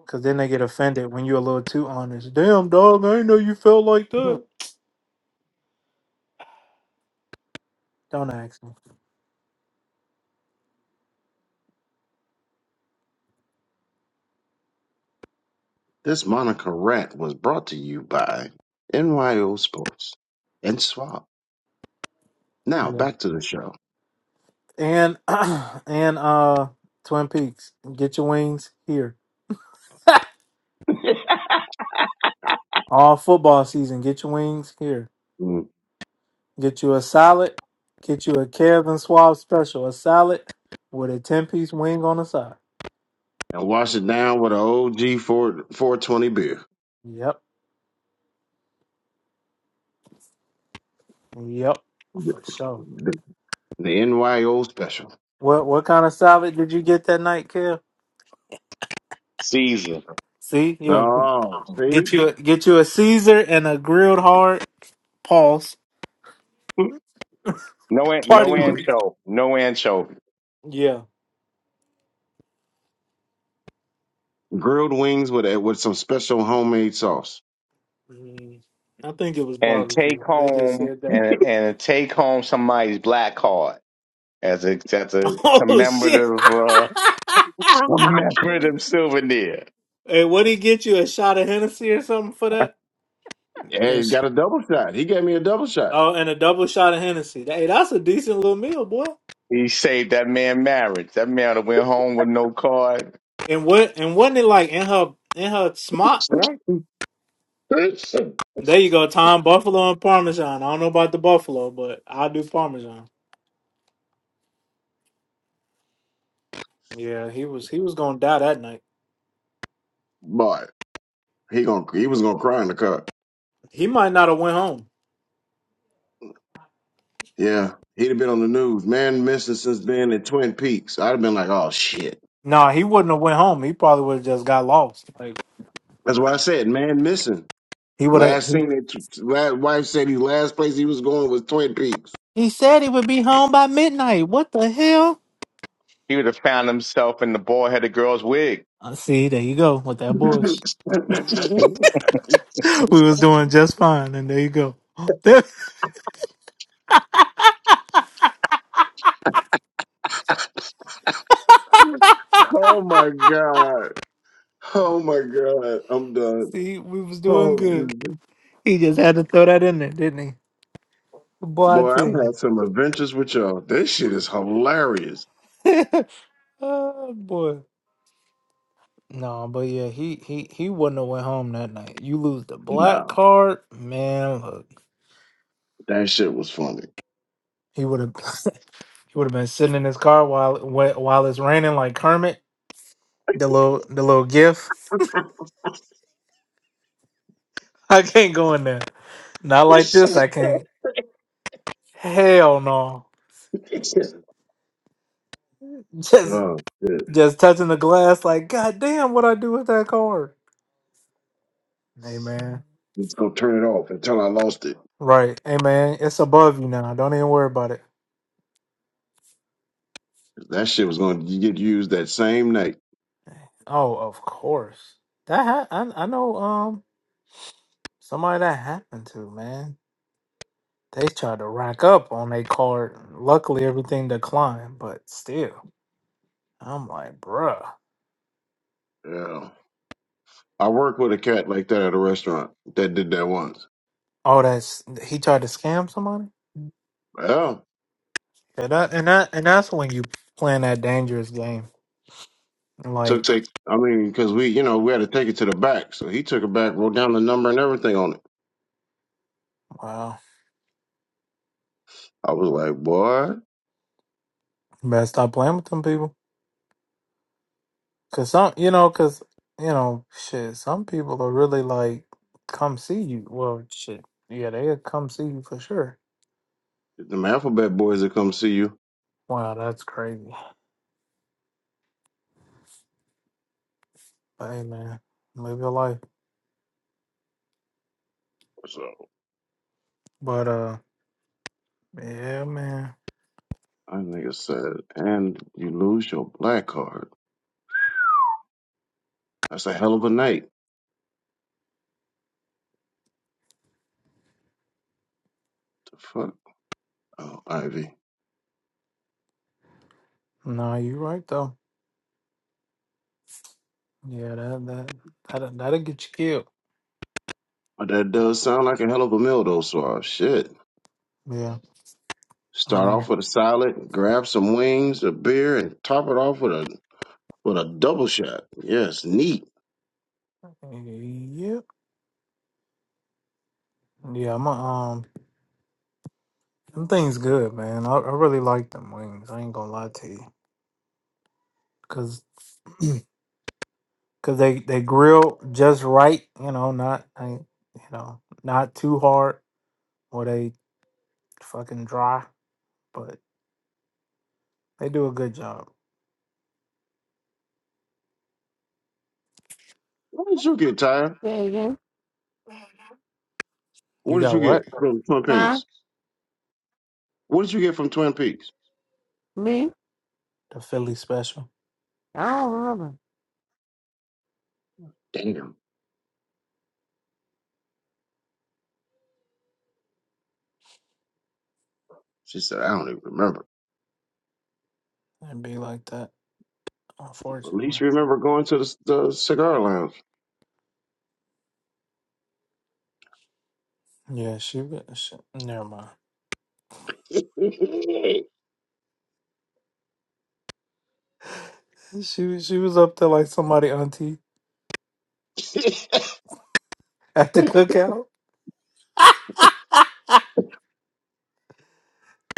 Because then they get offended when you're a little too honest. Damn, dog, I didn't know you felt like that. Don't ask me. This Monica rant was brought to you by NYO Sports and Suave. Yeah. Now back to the show. And, and, uh, Twin Peaks, get your wings here. All football season, get your wings here. Mm. Get you a salad. Get you a Kevin Swab special, a salad with a 10 piece wing on the side. And wash it down with an OG 4, 420 beer. Yep. Yep, The, for sure. the NYO special. What what kind of salad did you get that night, Kev? Caesar, See, yeah, Oh, see? get you a, get you a Caesar and a grilled hard pulse no an- no party wing. ancho, no ancho, Yeah, Grilled wings with a, with some special homemade sauce. Mhm. I think it was and take barbecue. They just home said that. and and take home somebody's black card as a as a Oh shit! commemorative uh, commemorative souvenir. hey, what did he get you? A shot of Hennessy or something for that? Hey, And he sh- got a double shot. He gave me a double shot. oh, and a double shot of Hennessy. Hey, that's a decent little meal, boy. He saved that man marriage. That man would have went home with no card. And what? And wasn't it like in her in her smock? There you go, Tom. Buffalo and Parmesan. I don't know about the Buffalo, but I'll do Parmesan. Yeah, he was he was gonna die that night. Boy, he gonna he was gonna cry in the car. He might not have went home. Yeah. He'd have been on the news. Man missing since being in Twin Peaks. I'd have been like, oh shit. nah, he wouldn't have went home. He probably would have just got lost. Like That's why I said man missing. he would have. Last He, thing that t- last wife said he last place he was going was Twin Peaks. he said he would be home by midnight. What the hell? He would have found himself in the boy had a girl's wig. Uh, see, there you go with that bush. we was doing just fine, and there you go. There- oh my god. Oh my God, I'm done. see, we was doing Oh good. Jesus. He just had to throw that in there, didn't he? Boy, I Boy, I've tell had some adventures with y'all. This shit is hilarious. you. oh boy. No, but yeah, he he he wouldn't have went home that night. You lose the black Nah, card, man. Look, that shit was funny. he would have he would have been sitting in his car while wh- while it's raining like Kermit. The little the little gif. I can't go in there. Not like this. I can't. Hell no. Just oh shit. just touching the glass. Like God damn, what I do with that card? Hey man, Let's go turn it off until I lost it. right? Hey man, it's above you now. Don't even worry about it. That shit was gonna get used that same night. Oh, of course. That ha- I I know. Um. Somebody that happened to, man. They tried to rack up on their card. Luckily, everything declined, but still, I'm like, bruh. Yeah. I worked with a cat like that at a restaurant that did that once. Oh, that's he tried to scam somebody. Well, Yeah, that and that and that's when you playing that dangerous game. Like, took they I mean, cause we you know, we had to take it to the back. So he took it back, wrote down the number and everything on it. wow, I was like, boy. you better stop playing with them people. Cause some, you know, cause you know, shit. Some people are really like, come see you. Well, shit. Yeah, they'll come see you for sure. Them alphabet boys that come see you. Wow, that's crazy. But hey, man, live your life. So But uh. Yeah, man. I nigga said, and you lose your black card. That's a hell of a night. The fuck? Oh, Ivy. No, you're right though. Yeah, that that that that'll get you killed. But that does sound like a hell of a meal though, so shit. Yeah, I Start off mean, with a salad, grab some wings, a beer, and top it off with a with a double shot. Yes, neat. yep, yeah. I'm a, um, them things good, man. I, I really like them wings. I ain't gonna lie to you, cause cause they they grill just right. You know, not I ain't- you know not too hard or they fucking dry, but they do a good job. What did you get, Tyra? Say again? You What did you got what get from Twin Huh? Peaks? What did you get from Twin Peaks? Me? the Philly special? I don't remember. Damn. She said, I don't even remember. It'd be like that, At least unfortunately. you remember going to the, the cigar lounge. Yeah, she, she never mind. She was- she was up there like somebody auntie at the cookout.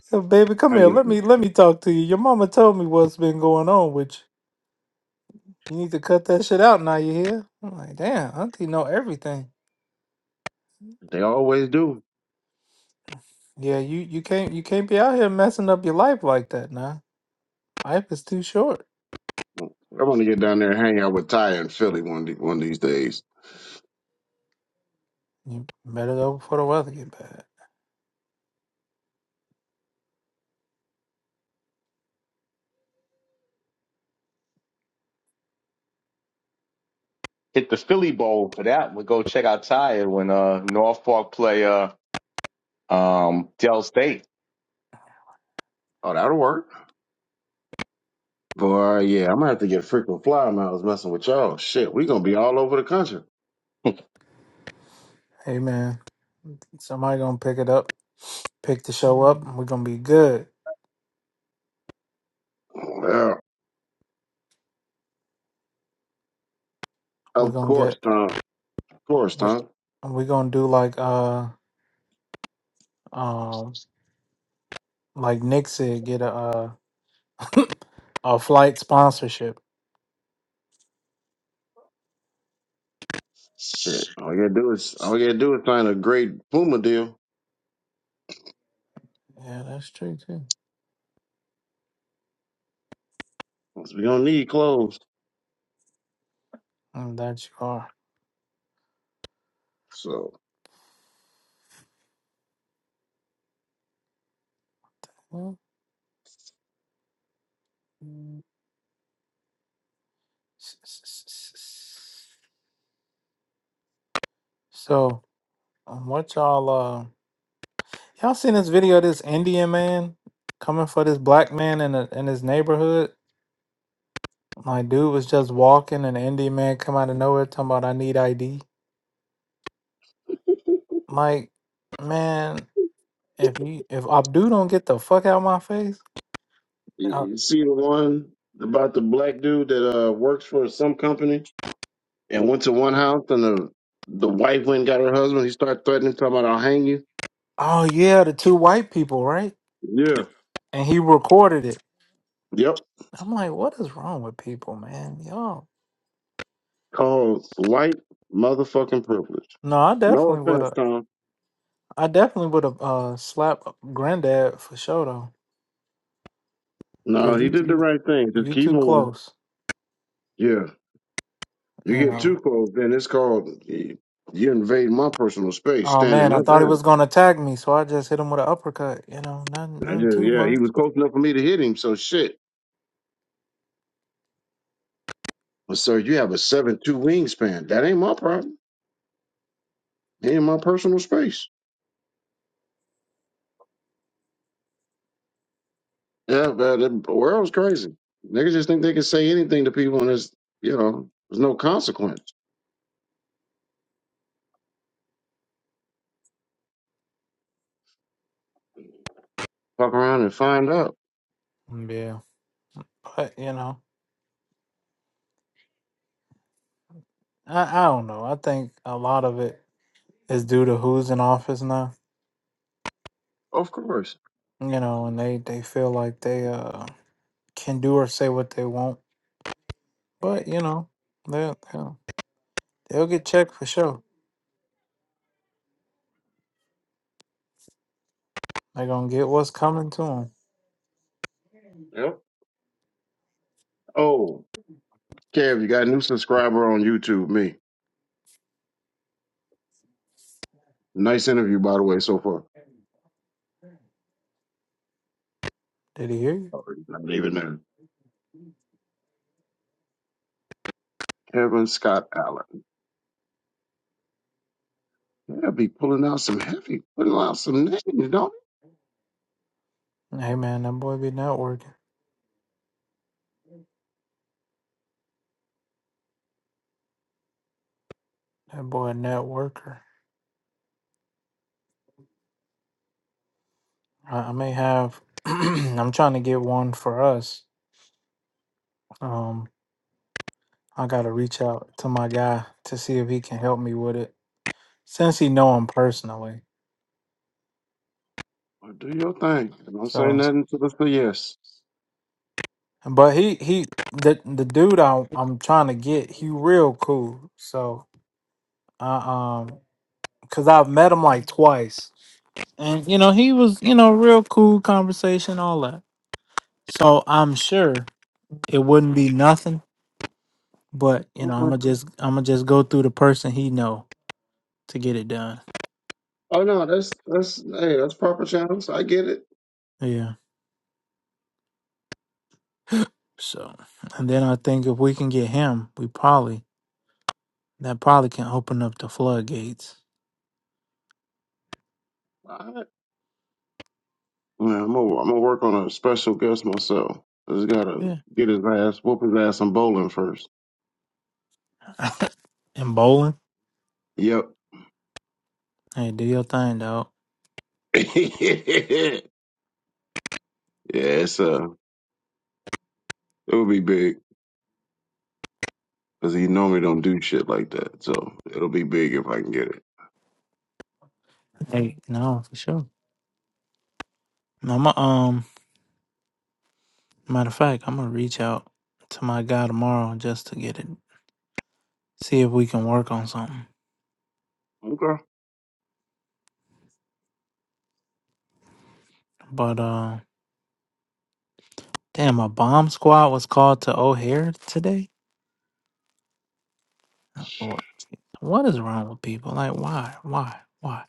So baby, come I here. get Let them. me let me talk to you. Your mama told me what's been going on with you. You need to cut that shit out now. You hear? I'm like, damn, auntie know everything. They always do. Yeah, you you can't you can't be out here messing up your life like that now. Life is too short. I am going to get down there and hang out with Ty and Philly one of one of these days. You better go before the weather get bad. hit the Philly Bowl for that. We go check out Ty when uh North Park play uh um Dell State. Oh, that'll work. Boy, yeah, I'm gonna have to get frequent flyer miles messing with y'all. Shit, we gonna be all over the country. Hey man, somebody gonna pick it up, pick the show up. and We're gonna be good. Well, We're of gonna course, get Tom. Of course, we Tom. we gonna do like uh um like Nick said, get a uh, a flight sponsorship. Shit, all we gotta do is all we gotta do is find a great Puma deal. Yeah, that's true too. 'Cause we gonna need clothes. And that you are. So Well, s- s- s- s- So um, what y'all uh y'all seen this video of this Indian man coming for this black man in a, in his neighborhood? My dude was just walking, and an Indian man come out of nowhere talking about I need ID. Like, man, if you if Abdu don't get the fuck out of my face, I- you you see the one about the black dude that uh works for some company and went to one house and the the wife went and got her husband. He started threatening, talking about I'll hang you. oh yeah, the two white people, right? Yeah. And he recorded it. Yep. I'm like, what is wrong with people, man? Y'all. Called white motherfucking privilege. No, I No definitely would offense, have. Tom. I definitely would have uh slapped granddad for sure though, No, cause he you did the you right thing. Just you keep too moving. close, Yeah. You you get know. too close, then it's called you invade my personal space, Oh standing man, my I thought he ground. was gonna tag me, so I just hit him with an uppercut. You know, nothing, I nothing just too yeah, he was much. close enough for me to hit him, so shit. But sir, you have a seven two wingspan. That ain't my problem. He in my personal space. Yeah, but the world's crazy. Niggas just think they can say anything to people and there's, you know, there's no consequence. Fuck around and find out. Yeah, but you know, I, I don't know. I think a lot of it is due to who's in office now. Of course. You know, and they they feel like they uh can do or say what they want. But you know, they'll they'll, they'll get checked for sure. They're gonna get what's coming to them. Yep. Oh, Kev, you got a new subscriber on YouTube, me. Nice interview, by the way, so far. Did he hear you? Oh, he's Not even there. Kevin Scott Allen. Yeah, be pulling out some heavy, pulling out some names, don't he? Hey man, that boy be networking. That boy a networker. I, I may have. I'm trying to get one for us. Um. I gotta reach out to my guy to see if he can help me with it, since he know him personally. Well, do your thing. And don't say So, nothing to us for yes. but he he the the dude I'm I'm trying to get, he real cool. So, uh, um, cause I've met him like twice, and you know he was you know real cool conversation, all that. So I'm sure it wouldn't be nothing, but you know I'm Okay. gonna just I'm gonna just go through the person he know to get it done. Oh, no, that's, that's, hey, that's proper channels. I get Yeah. So, and then I think if we can get him, we probably That probably can open up the floodgates. it. Man, I'm gonna, I'm gonna work on a special guest myself. I just gotta Yeah. get his ass, whoop his ass in bowling first. and bowling. Yep. Hey, do your thing, dog. yeah, it's uh, it'll be big because he normally don't do shit like that. So it'll be big if I can get it. Hey, no, for sure. I'm a, um matter of fact, I'm gonna reach out to my guy tomorrow just to get it see if we can work on something. Okay. But uh damn a bomb squad was called to O'Hare today. What what is wrong with people? Like why? Why? Why?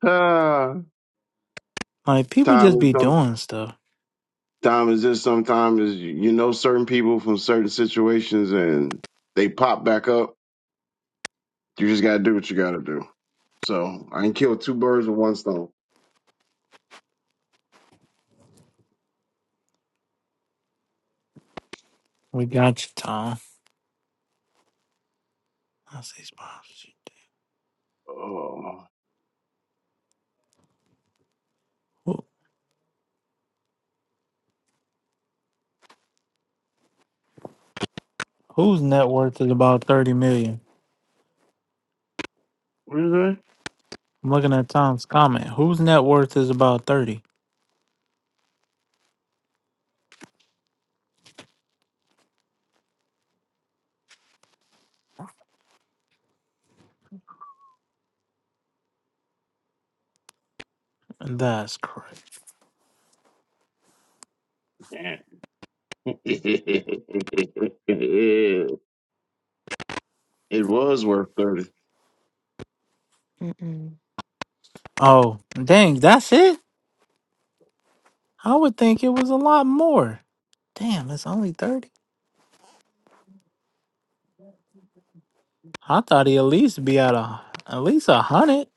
Ah, Like people time just is be some doing stuff. time is just sometimes is you you know certain people from certain situations and they pop back up. You just gotta do what you gotta do. So I can kill two birds with one stone. We got you, Tom. I see sponsors. Oh, Who, whose net worth is about thirty million? what is I'm looking at Tom's comment. Whose net worth is about 30? That's correct. that? it was worth 30 Oh, dang, that's it? I would think it was a lot more. Damn, it's only 30. I thought he at least be at a at least a hundred.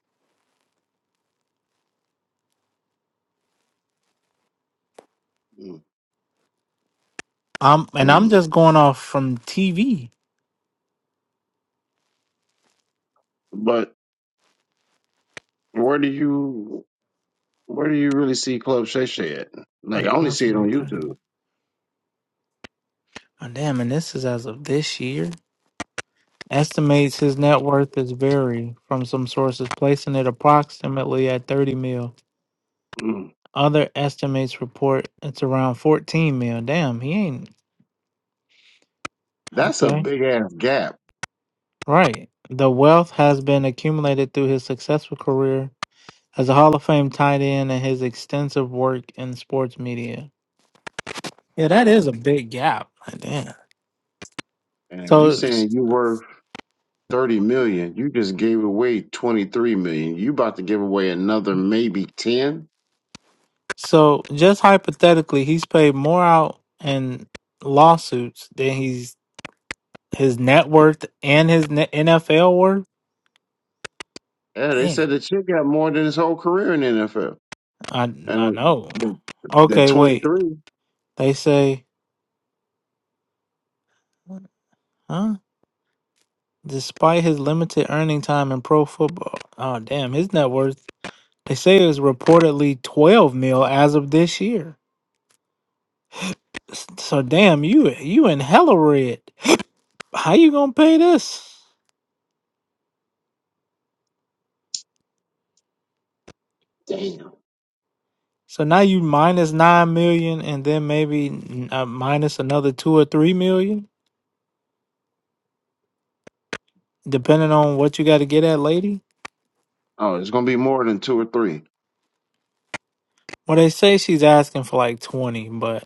Um and I'm Mm. just going off from TV. But where do you where do you really see Club Shay Shay at? Like I only see it Approximately on 30. YouTube. Oh, damn, and this is as of this year. Estimates his net worth is vary from some sources, placing it approximately at 30 mil. Mm. Other estimates report it's around 14 mil. Damn, he ain't That's a Okay. big ass gap. Right. The wealth has been accumulated through his successful career as a Hall of Fame tight end and his extensive work in sports media. Yeah, that is a big gap. Like, Damn. And if you So saying you worth thirty million, you just gave away twenty three million. You about to give away another maybe ten. so just hypothetically, he's paid more out in lawsuits than he's his net worth and his ne- NFL worth. Yeah, they Damn. said the chick got more than his whole career in the NFL. I And I uh, know. the, the Okay, twenty wait. three, They say huh? Despite his limited earning time in pro football, oh damn, his net worth they say is reportedly twelve mil as of this year. S- So damn, you you in hella red. How you gonna pay this? So now you minus nine million, and then maybe mm, uh, minus another two or three million, depending on what you got to get at, lady. oh, it's gonna be more than two or three. Well, they say she's asking for like twenty, but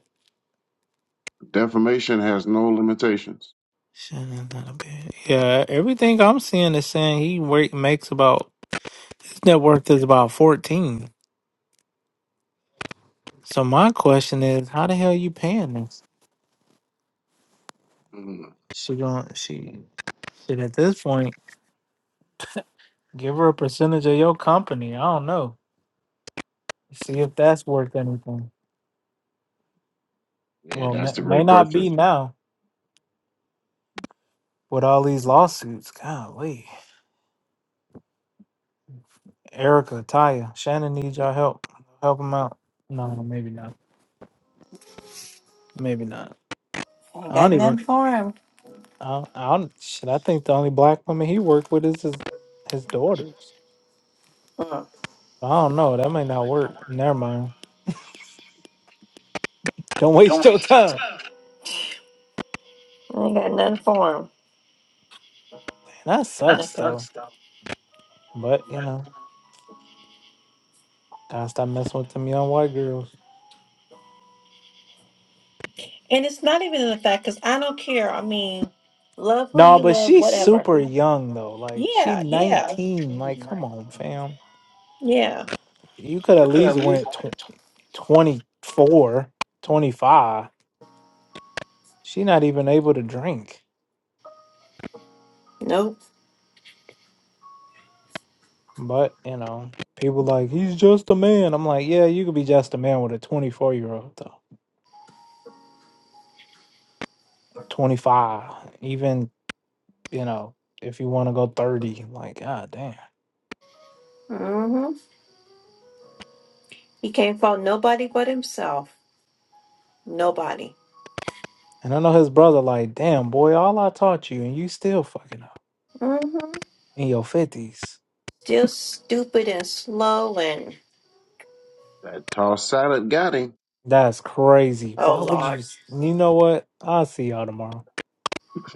Defamation has no limitations. shit, that's not a bit. Yeah, everything I'm seeing is saying he wa- makes about His net worth is about fourteen. So my question is, how the hell you paying this? Mm, She going she shit at this point, give her a percentage of your company. I don't know. See if that's worth anything. yeah, Well, may, that's the may great not be question. now with all these lawsuits. Golly, Erica, Taya, Shannon needs y'all help. Help them out. No, maybe not. Maybe not. Ain't I got don't nothing even. for him. I, I don't. Shit, I think the only black woman he worked with is his his daughters. Don't I don't know. That may not work. Never mind. Don't waste your waste your time. time. Ain't got nothing for him. And that That sucks though. sucks. But you know, gotta stop messing with them young white girls. And it's not even in the fact because I don't care. I mean, love who No, you but love, she's whatever. super young though. Like she Yeah, yeah, nineteen. Like come on, fam. yeah. You could at least went tw- 24, twenty-five. She not even able to drink. Nope. But you know, people like he's just a man. I'm like, yeah, you could be just a man with a twenty four year old though. Twenty five, even you know, if you want to go thirty, like god damn. Mm-hmm. He can't fault nobody but himself. Nobody. And I know his brother, like, damn, boy, all I taught you, and you still fucking up Mm-hmm. in your 50s. Still stupid and slow and That toss salad got him. That's crazy. oh Why would you? Lord. s- You know what? I'll see y'all tomorrow.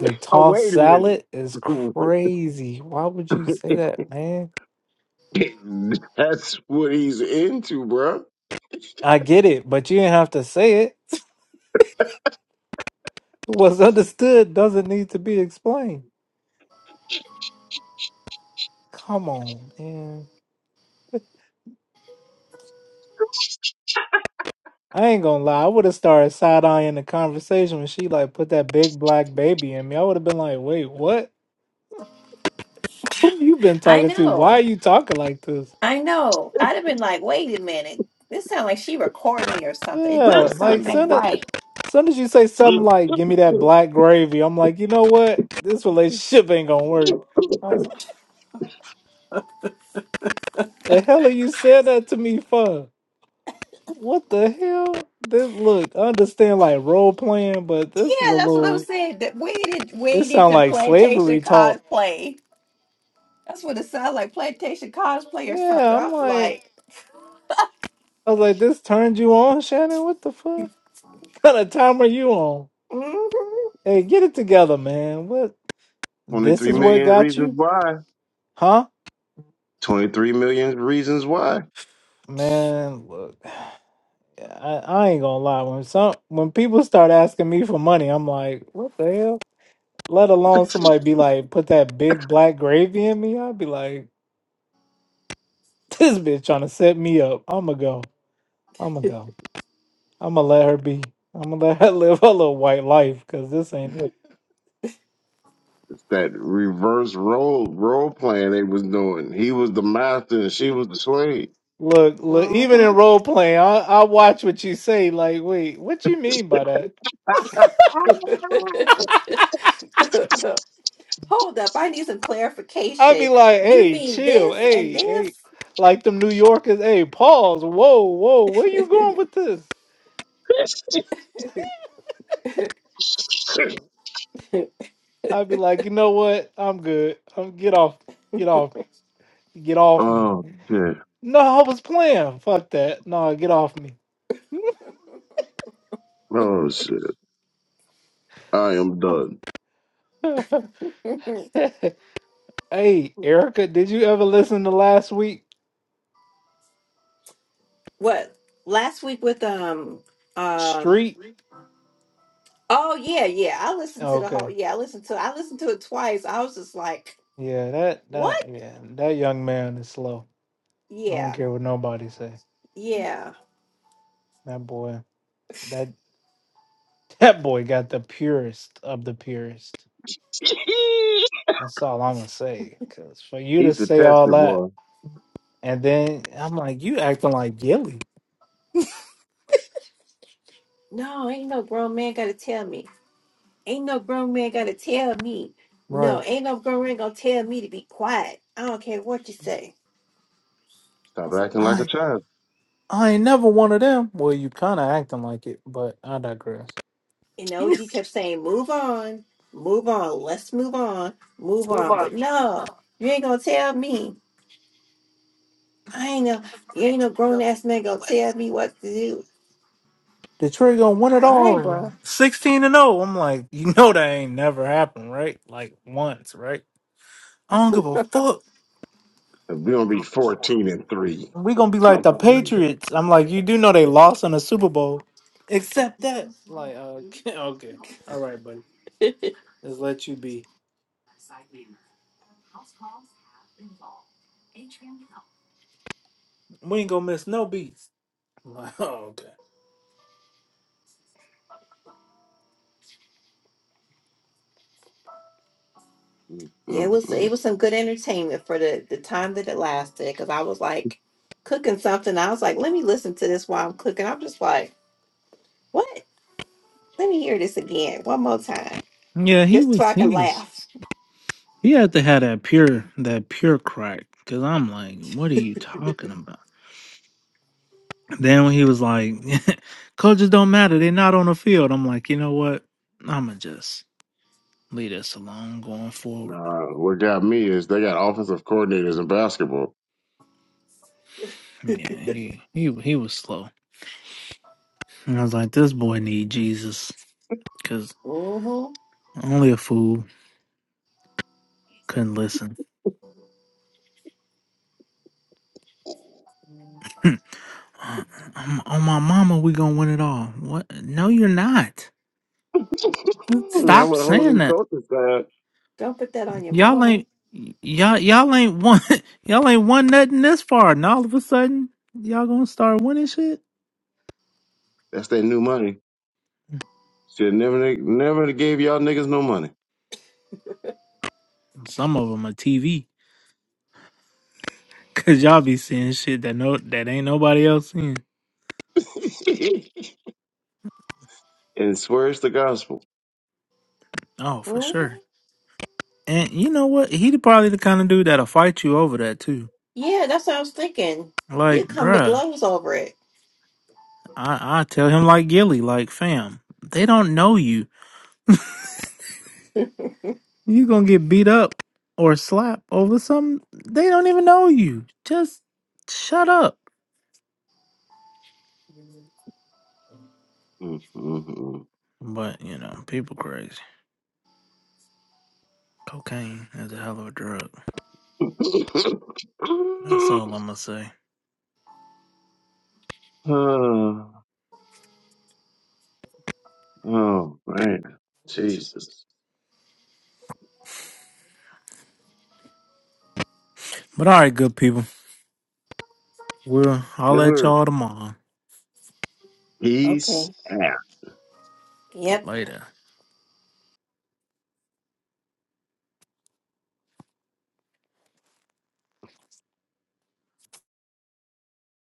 Oh, tossed wait a salad is minute. crazy. Why would you say that, man? that's what he's into, bro. I get it, but you didn't have to say it. What's understood doesn't need to be explained. Come on, man. I ain't gonna lie. I would have started side eyeing the conversation when she like put that big black baby in me. I would have been like, wait, what? Who you been I talking to? Why are know. you talking like this? I know. I'd have been like, wait a minute. This sounds like she recorded me or something. It Yeah, don't like sound ain't soon as right. soon as you say something like "Give me that black gravy," I'm like, you know what? This relationship ain't gonna work. The hell are you saying that to me for? What the hell? This look, I understand like role playing, but Yeah, this is a that's what I'm little. saying. That waited, It waited sound to like plantation slavery talk. cosplay. That's what it sounds like, plantation cosplay or something. Yeah, I I'm was like, like, I was like, this turned you on, Shannon. What the fuck? What kind of time are you on? mm-hmm, Hey, get it together, man. What? This 23 is what million got reasons you? why. Huh? 23 million reasons why. Man, look, yeah, I, I ain't gonna lie. When some when people start asking me for money, I'm like, what the hell? Let alone somebody be like, put that big black gravy in me. I'd be like, this bitch trying to set me up. I'ma go. I'ma go. I'ma let her be. I'ma let her live her little white life because this ain't it. It's that reverse role role playing they was doing. He was the master and she was the slave. Look, look. Even mm-hmm. in role playing, I I watch what you say. Like, wait, what you mean by that? Hold up, I need some I'd clarification. be like, You hey, mean chill, this and hey, hey. this? Like them New Yorkers, hey, pause, whoa, whoa, where you going with this? I'd be like, you know what? I'm good. I'm get off, get off, get off me. Oh shit. No, I was playing. Fuck that. No, get off me. Oh shit. I am done. hey, Erica, did you ever listen to last week? what? Last week with um um Street? oh yeah, yeah. I listened to the whole Okay. yeah, I listened to I listened to it twice. I was just like, Yeah, that what? that yeah, that young man is slow. I don't Yeah, care what nobody say. yeah. That boy, that that boy got the purest of the purest. That's all I'm gonna say. Cause for you to He's the say all tester that, boy. and then I'm like, you acting like Gilly, No, ain't no grown man gotta tell me. Ain't no grown man gotta tell me. No, right? ain't no grown man gonna tell me to be quiet. I don't care what you say. I Stop was like, acting like wow. a I child. I ain't never one of them. Well, you kind of acting like it, but I digress. And OG kept saying, move on, move on, let's move on, move on. But no, you ain't gonna tell me. I ain't no, you ain't no grown ass man gonna tell me what to do. Detroit gonna win it All right, all, bro. sixteen and zero. I'm like, you know that ain't never happened, right? Like once, right? I don't give a fuck. If we don't be 14 and 3, We gonna be like come the on, nigga. Patriots. I'm like, you do know they lost in the Super Bowl, except that. Like, uh, okay, all right, buddy. Let's let you be. We ain't gonna miss no beats. Wow. Okay. Mm, Yeah, it mm, was mm. it was some good entertainment for the the time that it lasted. Cause I was like cooking something. I was like, let me listen to this while I'm cooking. I'm just like. What? Let me hear this again one more time, Yeah, he just so was I can he was laugh. he had to have that pure that pure crack because I'm like, what are you talking about? Then when he was like, coaches don't matter, they're not on the field. I'm like, you know what? I'ma just leave this alone going forward. Nah, what got me is they got offensive coordinators in basketball. Yeah, he he he was slow. And I was like, this boy need Jesus because Mm-hmm. only a fool couldn't listen. on my mama, we gonna win it all. What? No, you're not. now Stop with a whole saying new that. coaching side, Don't put that on your Y'all mama. ain't y'all y'all ain't won y'all ain't won nothing this far, and all of a sudden y'all gonna start winning shit. that's their new money. Mm, Should never, never gave y'all niggas no money. Some of them are TV, cause y'all be seeing shit that no that ain't nobody else seeing. and swears the gospel. Oh, for hmm sure. And you know what? He the- probably the kind of dude that'll fight you over that too. Yeah, that's what I was thinking. You Like, come to bruh, blows over it. I I tell him like Gilly, like fam, they don't know you. You gonna get beat up or slapped over something they don't even know you. Just shut up. Mm, mm, But you know, people crazy. Cocaine is a hell of a drug. That's all I'm gonna say. mm. Oh, man. Jesus. But all right, good people. We'll I'll let Liver y'all tomorrow. peace Okay. out. Yep. Later.